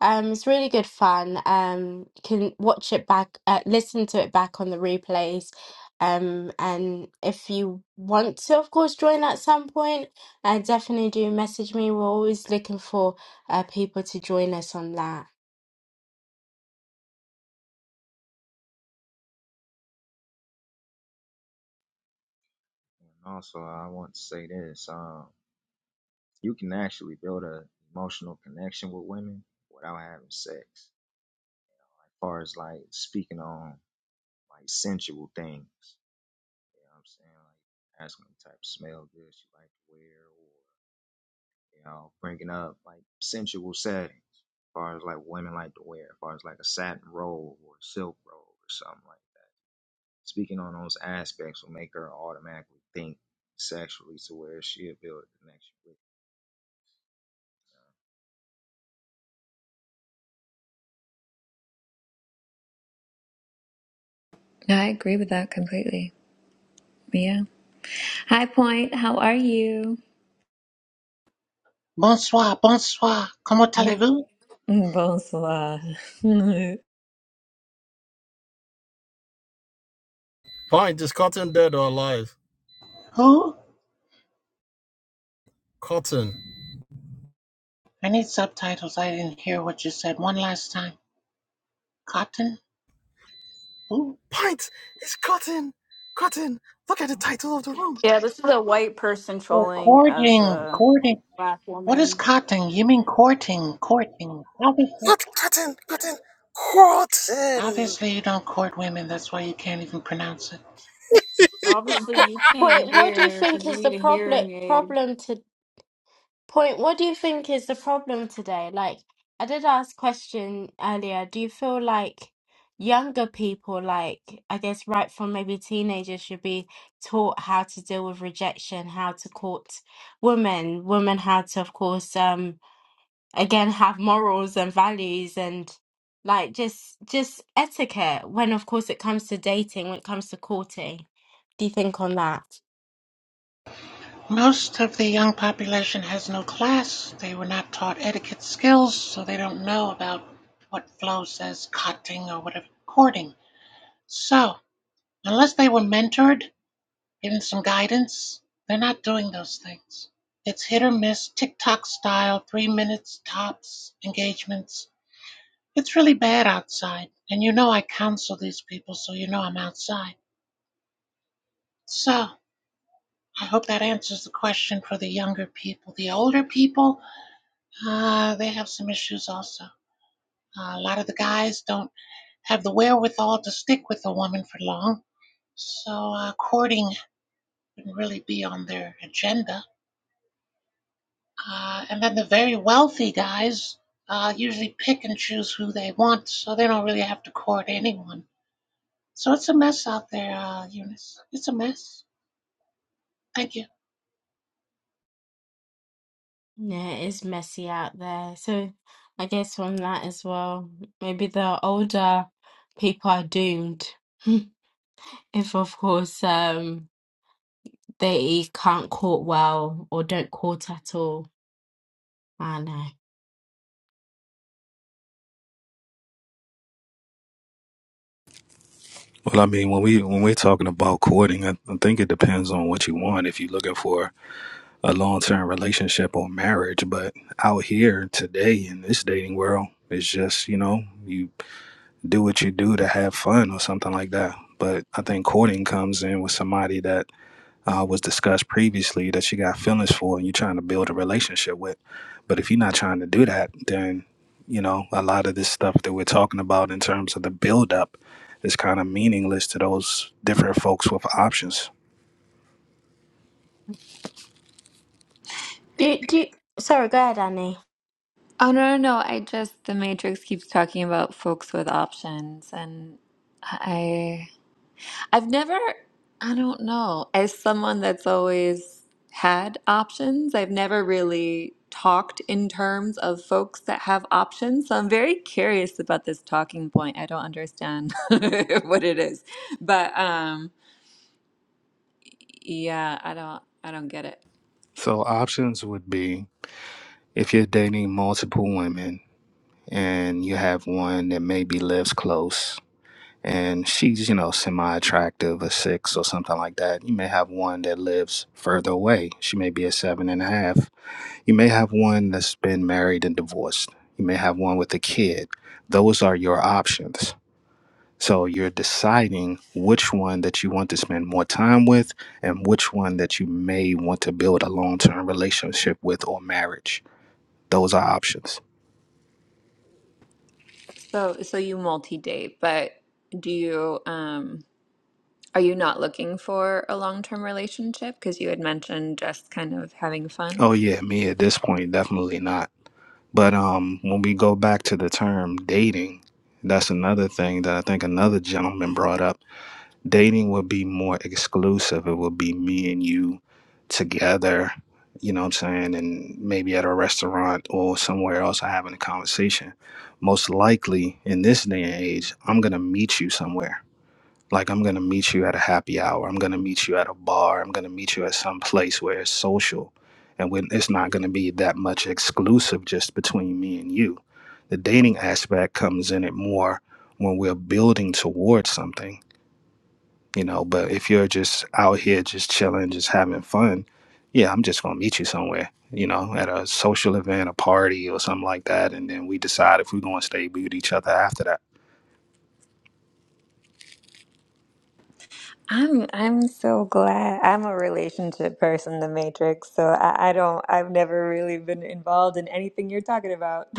Speaker 1: Um, it's really good fun. Um, can watch it back, uh, listen to it back on the replays um, and if you want to, of course, join at some point, uh, definitely do message me. We're always looking for uh, people to join us on that.
Speaker 14: And also, I want to say this: um, you can actually build an emotional connection with women without having sex. You know, As far as like speaking on like sensual things. You know what I'm saying? Like asking what type of smell good she like to wear, or you know, bringing up like sensual settings. As far as like women like to wear, as far as like a satin robe or a silk robe or something like that. Speaking on those aspects will make her automatically think sexually to where she'll build a connection with. you.
Speaker 2: I agree with that completely. Yeah. Hi, Point. How are you?
Speaker 15: Bonsoir, bonsoir. Comment
Speaker 2: Mm,
Speaker 15: allez-vous?
Speaker 2: Bonsoir. [LAUGHS] oh, no,
Speaker 13: Pint is cotton dead or alive?
Speaker 15: Who?
Speaker 13: Cotton.
Speaker 15: I need subtitles. I didn't hear what you said one last time. Cotton? Who?
Speaker 13: Pint is cotton. Cotton. Look at the title of the room.
Speaker 9: Yeah. This is a white person
Speaker 15: Oh,
Speaker 9: trolling as
Speaker 15: courting,
Speaker 9: a
Speaker 15: courting.
Speaker 9: black
Speaker 15: What is
Speaker 9: woman.
Speaker 15: cotton? You mean courting, courting. Obviously.
Speaker 13: Not cotton. Cotton. Cotton.
Speaker 15: Obviously, you don't court women. That's why you can't even pronounce it.
Speaker 1: Um,
Speaker 9: Obviously,
Speaker 1: po-
Speaker 9: you
Speaker 1: point,
Speaker 9: can't
Speaker 1: what do you
Speaker 9: hear
Speaker 1: think
Speaker 9: because you
Speaker 1: is the
Speaker 9: need a
Speaker 1: problem
Speaker 9: hearing aid.
Speaker 1: problem to point? What do you think is the problem today? Like, I did ask question earlier. Do you feel like younger people, like I guess right from maybe teenagers, should be taught how to deal with rejection, how to court women, women how to, of course, um again have morals and values and like just just etiquette when of course it comes to dating when it comes to courting do you think on that
Speaker 15: Most of the young population has no class. They were not taught etiquette skills, so they don't know about what Flo says, cotting or whatever, courting. So, unless they were mentored, give some guidance. They're not doing those things. It's hit or miss, TikTok style, three minutes tops engagements. It's really bad outside. And you know I counsel these people, so you know I'm outside. So I hope that answers the question for the younger people. The older people, uh, they have some issues also. Uh, a lot of the guys don't have the wherewithal to stick with a woman for long. So uh, courting can really be on their agenda Uh, and then the very wealthy guys uh, usually pick and choose who they want, so they don't really have to court anyone. So it's a mess out there, uh, Eunice. It's a mess. Thank you.
Speaker 1: yeah it is messy out there so i guess on that as well maybe the older people are doomed [LAUGHS] if of course um they can't court well or don't court at all i know
Speaker 12: Well, I mean, when we when we're talking about courting, I, I think it depends on what you want. If you're looking for a long term relationship or marriage, but out here today in this dating world, it's just you know you do what you do to have fun or something like that. But I think courting comes in with somebody that uh, was discussed previously that you got feelings for and you're trying to build a relationship with. But if you're not trying to do that, then you know a lot of this stuff that we're talking about in terms of the build up is kind of meaningless to those different folks with options.
Speaker 1: do do sorry go ahead annie
Speaker 2: no, no. I just, the Matrix keeps talking about folks with options, and I. I've never, I don't know, as someone that's always had options, I've never really talked in terms of folks that have options. So I'm very curious about this talking point. I don't understand [LAUGHS] what it is. But um yeah, I don't I don't get it.
Speaker 12: So options would be if you're dating multiple women and you have one that maybe lives close and she's you know semi attractive a six or something like that you may have one that lives further away she may be a seven and a half You may have one that's been married and divorced. You may have one with a kid. Those are your options. So you're deciding which one that you want to spend more time with and which one that you may want to build a long term relationship with or marriage. Those are options.
Speaker 2: So so you multi-date, but do you um are you not looking for a long-term relationship? Because you had mentioned just kind of having fun.
Speaker 12: Oh, yeah, me at this point, definitely not. But um, when we go back to the term dating, that's another thing that I think another gentleman brought up dating would be more exclusive. It would be me and you together, you know what I'm saying? And maybe at a restaurant or somewhere else, I having a conversation. Most likely in this day and age, I'm going to meet you somewhere. Like, I'm going to meet you at a happy hour. I'm going to meet you at a bar. I'm going to meet you at some place where it's social. And when it's not going to be that much exclusive just between me and you. The dating aspect comes in it more when we're building towards something you know. But if you're just out here just chilling, just having fun, yeah, I'm just gonna meet you somewhere, you know, at a social event, a party, or something like that, and then we decide if we're gonna stay with each other after that.
Speaker 2: I'm I'm so glad. I'm a relationship person, the Matrix, so I, I don't I've never really been involved in anything you're talking about. [LAUGHS]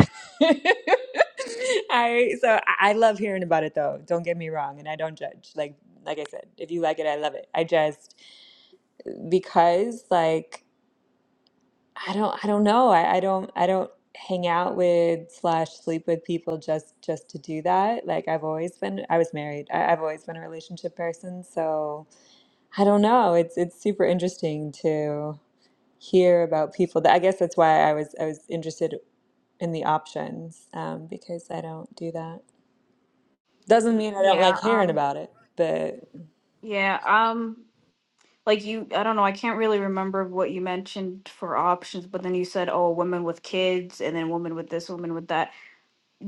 Speaker 2: I so I I love hearing about it though. Don't get me wrong, and I don't judge. Like like I said, if you like it, I love it. I just because like I don't I don't know. I, I don't I don't hang out with slash sleep with people just just to do that. Like I've always been I was married. I, I've always been a relationship person, so I don't know. It's it's super interesting to hear about people that I guess that's why I was I was interested in the options um, because I don't do that. Doesn't mean I don't like
Speaker 9: Yeah.
Speaker 2: hearing
Speaker 9: Um,
Speaker 2: about it, but
Speaker 9: yeah. Um, like you i don't know i can't really remember what you mentioned for options but then you said oh women with kids and then women with this women with that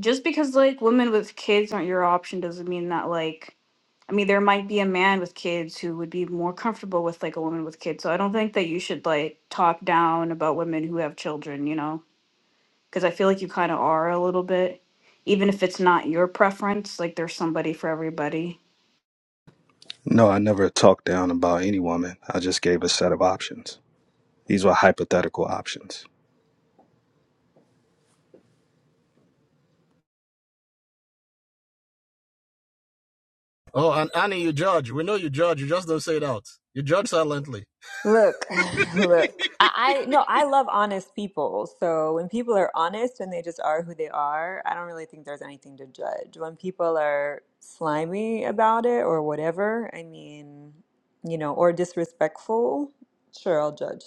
Speaker 9: just because like women with kids aren't your option doesn't mean that like i mean there might be a man with kids who would be more comfortable with like a woman with kids so i don't think that you should like talk down about women who have children you know because i feel like you kind of are a little bit even if it's not your preference like there's somebody for everybody
Speaker 12: No, I never talked down about any woman. I just gave a set of options. These were hypothetical options.
Speaker 13: Oh, and Annie, you judge. We know you judge. You just don't say it out. You judge silently.
Speaker 2: look, [SIGHS] look. I, I no, I love honest people. So when people are honest and they just are who they are, I don't really think there's anything to judge. When people are slimy about it or whatever, I mean, you know, or disrespectful, sure, I'll judge.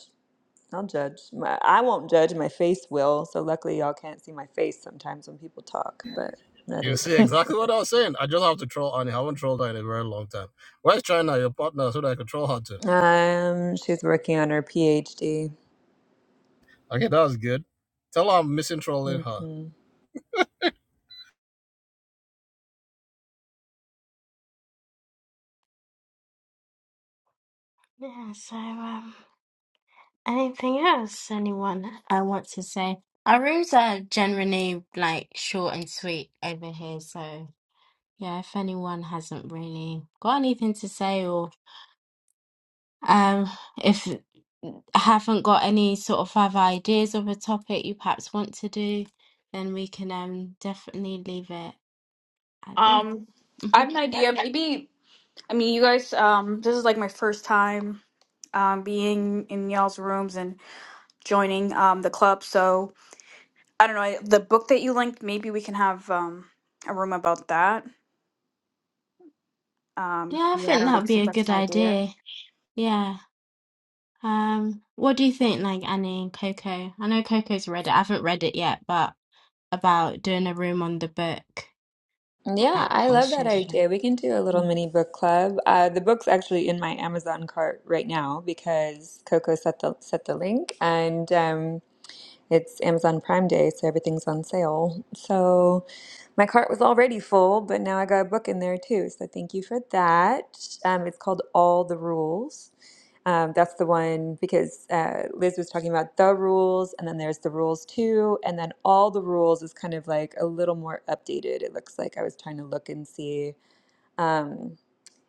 Speaker 2: I'll judge. My, I won't judge. My face will. So luckily, y'all can't see my face sometimes when people talk. But that
Speaker 13: You
Speaker 2: is.
Speaker 13: see exactly what I
Speaker 2: [LAUGHS]
Speaker 13: was saying. I just have to troll Annie. I haven't trolled her in a very long time. Where's China, your partner, so that I could troll her too?
Speaker 2: um, she's working on her PhD.
Speaker 13: Okay, that was good. Tell her I'm missing trolling her.
Speaker 2: hmm
Speaker 1: yeah so um Anything else anyone I want to say? Our rooms are generally like short and sweet over here, so yeah, if anyone hasn't really got anything to say or um if haven't got any sort of other ideas of a topic you perhaps want to do, then we can um definitely leave it at this.
Speaker 9: Um, I
Speaker 1: hmm
Speaker 9: have an idea. Maybe I mean, you guys, um, this is like my first time um, being in y'all's rooms and joining um, the club. So I don't know I- the book that you linked. Maybe we can have um, a room about that. Um,
Speaker 1: Yeah, I
Speaker 9: yeah, I
Speaker 1: think
Speaker 9: don't know
Speaker 1: that'd be
Speaker 9: if
Speaker 1: a
Speaker 9: that's
Speaker 1: good
Speaker 9: an idea.
Speaker 1: idea. Yeah. Um, what do you think, like Annie and Coco? I know Coco's read it. I haven't read it yet, but about doing a room on the book.
Speaker 2: Yeah,
Speaker 1: Uh,
Speaker 2: I
Speaker 1: we'll
Speaker 2: love that
Speaker 1: share that. then.
Speaker 2: idea. We can do a little
Speaker 1: Mm.
Speaker 2: mini book club. Uh, the book's actually in my Amazon cart right now because Coco set the set the link, and um, It's Amazon Prime Day, so everything's on sale. So my cart was already full, but now I got a book in there too. So thank you for that. Um, it's called All the Rules. Um, that's the one because uh, Liz was talking about the rules, and then there's the rules too, and then all the rules is kind of like a little more updated. It looks like I was trying to look and see. Um,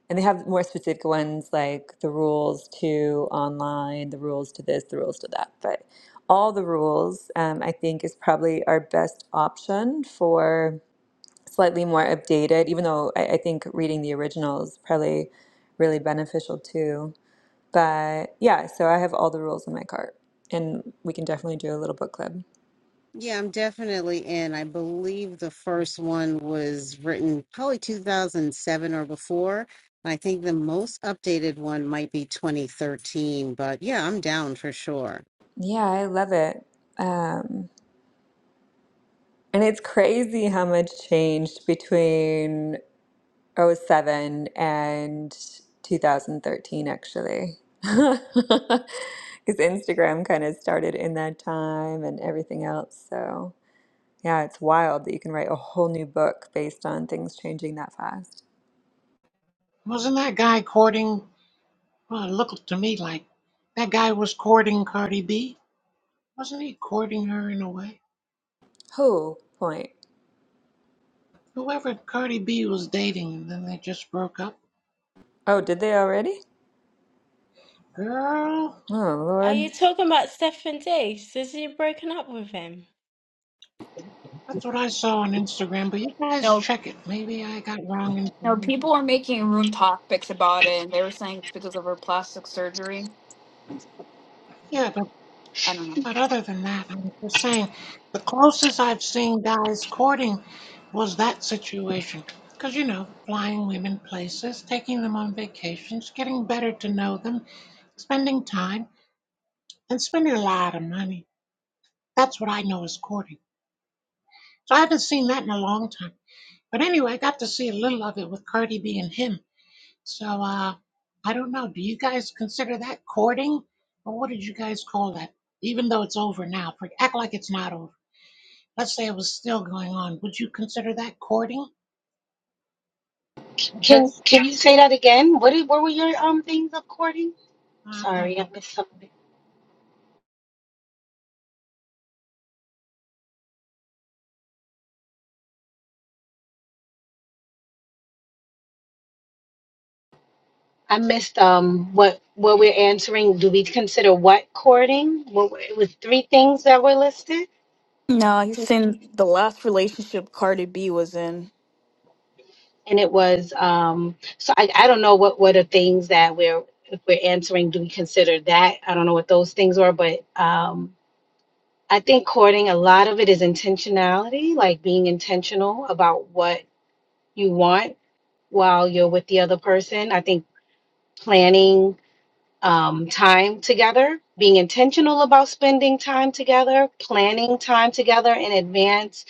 Speaker 2: and they have more specific ones like the rules to online, the rules to this, the rules to that. But all the rules, um, I think, is probably our best option for slightly more updated, even though I, I think reading the original is probably really beneficial too. But yeah, so I have all the rules in my cart, and we can definitely do a little book club.
Speaker 5: Yeah, I'm definitely in. I believe the first one was written probably 2007 or before. I think the most updated one might be 2013, but yeah, I'm down for sure.
Speaker 2: Yeah, I love it. Um, and it's crazy how much changed between Oh seven and 2013 actually [LAUGHS] because instagram kind of started in that time and everything else so yeah it's wild that you can write a whole new book based on things changing that fast
Speaker 15: Wasn't that guy courting? Well, it looked to me like that guy was courting Cardi B. Wasn't he courting her in a way?
Speaker 2: who point
Speaker 15: Whoever Cardi B was dating, and then they just broke up.
Speaker 2: oh did they already
Speaker 15: Girl,
Speaker 2: oh
Speaker 1: Are
Speaker 2: lord
Speaker 1: you talking about Stefan Diggs? Is he broken up with him?
Speaker 15: that's what I saw on Instagram, but you guys
Speaker 9: No,
Speaker 15: check it. Maybe I got wrong
Speaker 9: no,
Speaker 15: information.
Speaker 9: people are making room topics about it, and they were saying it's because of her plastic surgery.
Speaker 15: Yeah, the
Speaker 9: I don't know.
Speaker 15: But other than that, I'm just saying the closest I've seen guys courting was that situation. Because, you know, flying women places, taking them on vacations, getting better to know them, spending time, and spending a lot of money. That's what I know is courting. So I haven't seen that in a long time. But anyway, I got to see a little of it with Cardi B and him. So uh, I don't know. Do you guys consider that courting? Or what did you guys call that? Even though it's over now, for- act like it's not over. let's say it was still going on, would you consider that courting?
Speaker 8: Can
Speaker 15: Just,
Speaker 8: can you say that again? What did, what were your um things of courting?
Speaker 15: uh, I'm not sure.
Speaker 8: Sorry, I missed something. I missed um what what we're answering. Do we consider what courting? What were- it was three things that were listed,
Speaker 9: No, he's in the last relationship Cardi B was in.
Speaker 8: and it was um. So I I don't know what what are things that we're if we're answering. Do we consider that? I don't know what those things were, but um. I think courting, a lot of it is intentionality, like being intentional about what you want while you're with the other person. I think planning um, time together, being intentional about spending time together, planning time together in advance,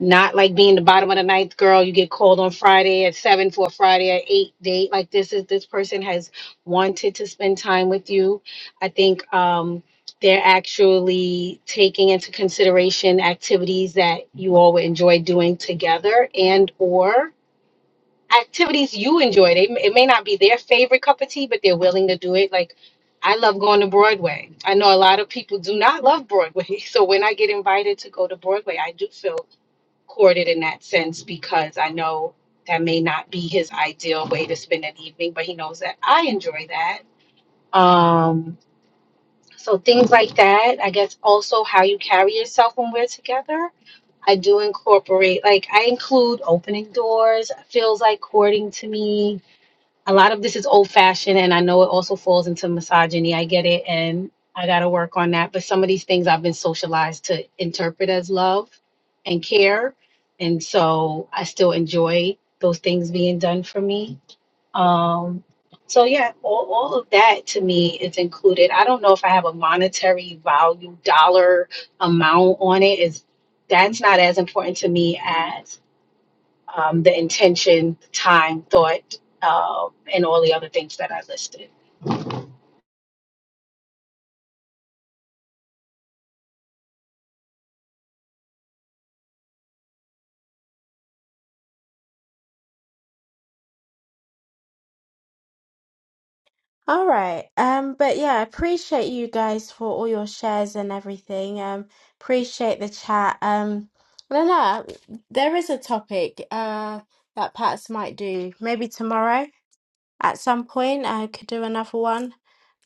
Speaker 8: not like being the bottom of the ninth girl. You get called on Friday at seven for a Friday at eight date. Like this is this person has wanted to spend time with you. I think um, they're actually taking into consideration activities that you all would enjoy doing together and or activities you enjoy. They it may not be their favorite cup of tea, but they're willing to do it. Like I love going to Broadway. I know a lot of people do not love Broadway, [LAUGHS] so when I get invited to go to Broadway, I do feel courted in that sense because I know that may not be his ideal way to spend an evening, but he knows that I enjoy that. Um, so things like that. I guess also how you carry yourself when we're together. I do incorporate, like I include opening doors. Feels like courting to me a lot of this is old fashioned and I know it also falls into misogyny. I get it and I got to work on that. But some of these things I've been socialized to interpret as love and care. And so I still enjoy those things being done for me. Um, so yeah, all, all of that to me is included. I don't know if I have a monetary value dollar amount on it is that's not as important to me as um, the intention, time, thought, uh, and all the other things that I listed.
Speaker 1: All right. Um, but yeah, I appreciate you guys for all your shares and everything. Um, appreciate the chat. Um, I don't know. There is a topic uh that Pats might do maybe tomorrow. at some point I could do another one.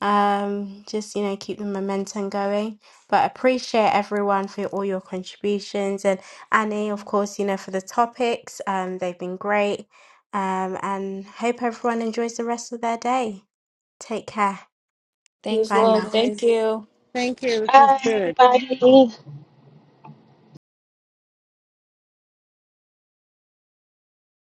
Speaker 1: Um, just you know, keep the momentum going. But appreciate everyone for all your contributions and Annie, of course, you know, for the topics. Um, they've been great. Um, and hope everyone enjoys the rest of their day. Take care.
Speaker 9: He was
Speaker 2: thanks
Speaker 1: Bye now.
Speaker 9: well. Thank
Speaker 2: eunice
Speaker 9: you.
Speaker 5: Thank you. This was
Speaker 8: Bye,
Speaker 5: good.
Speaker 8: everybody.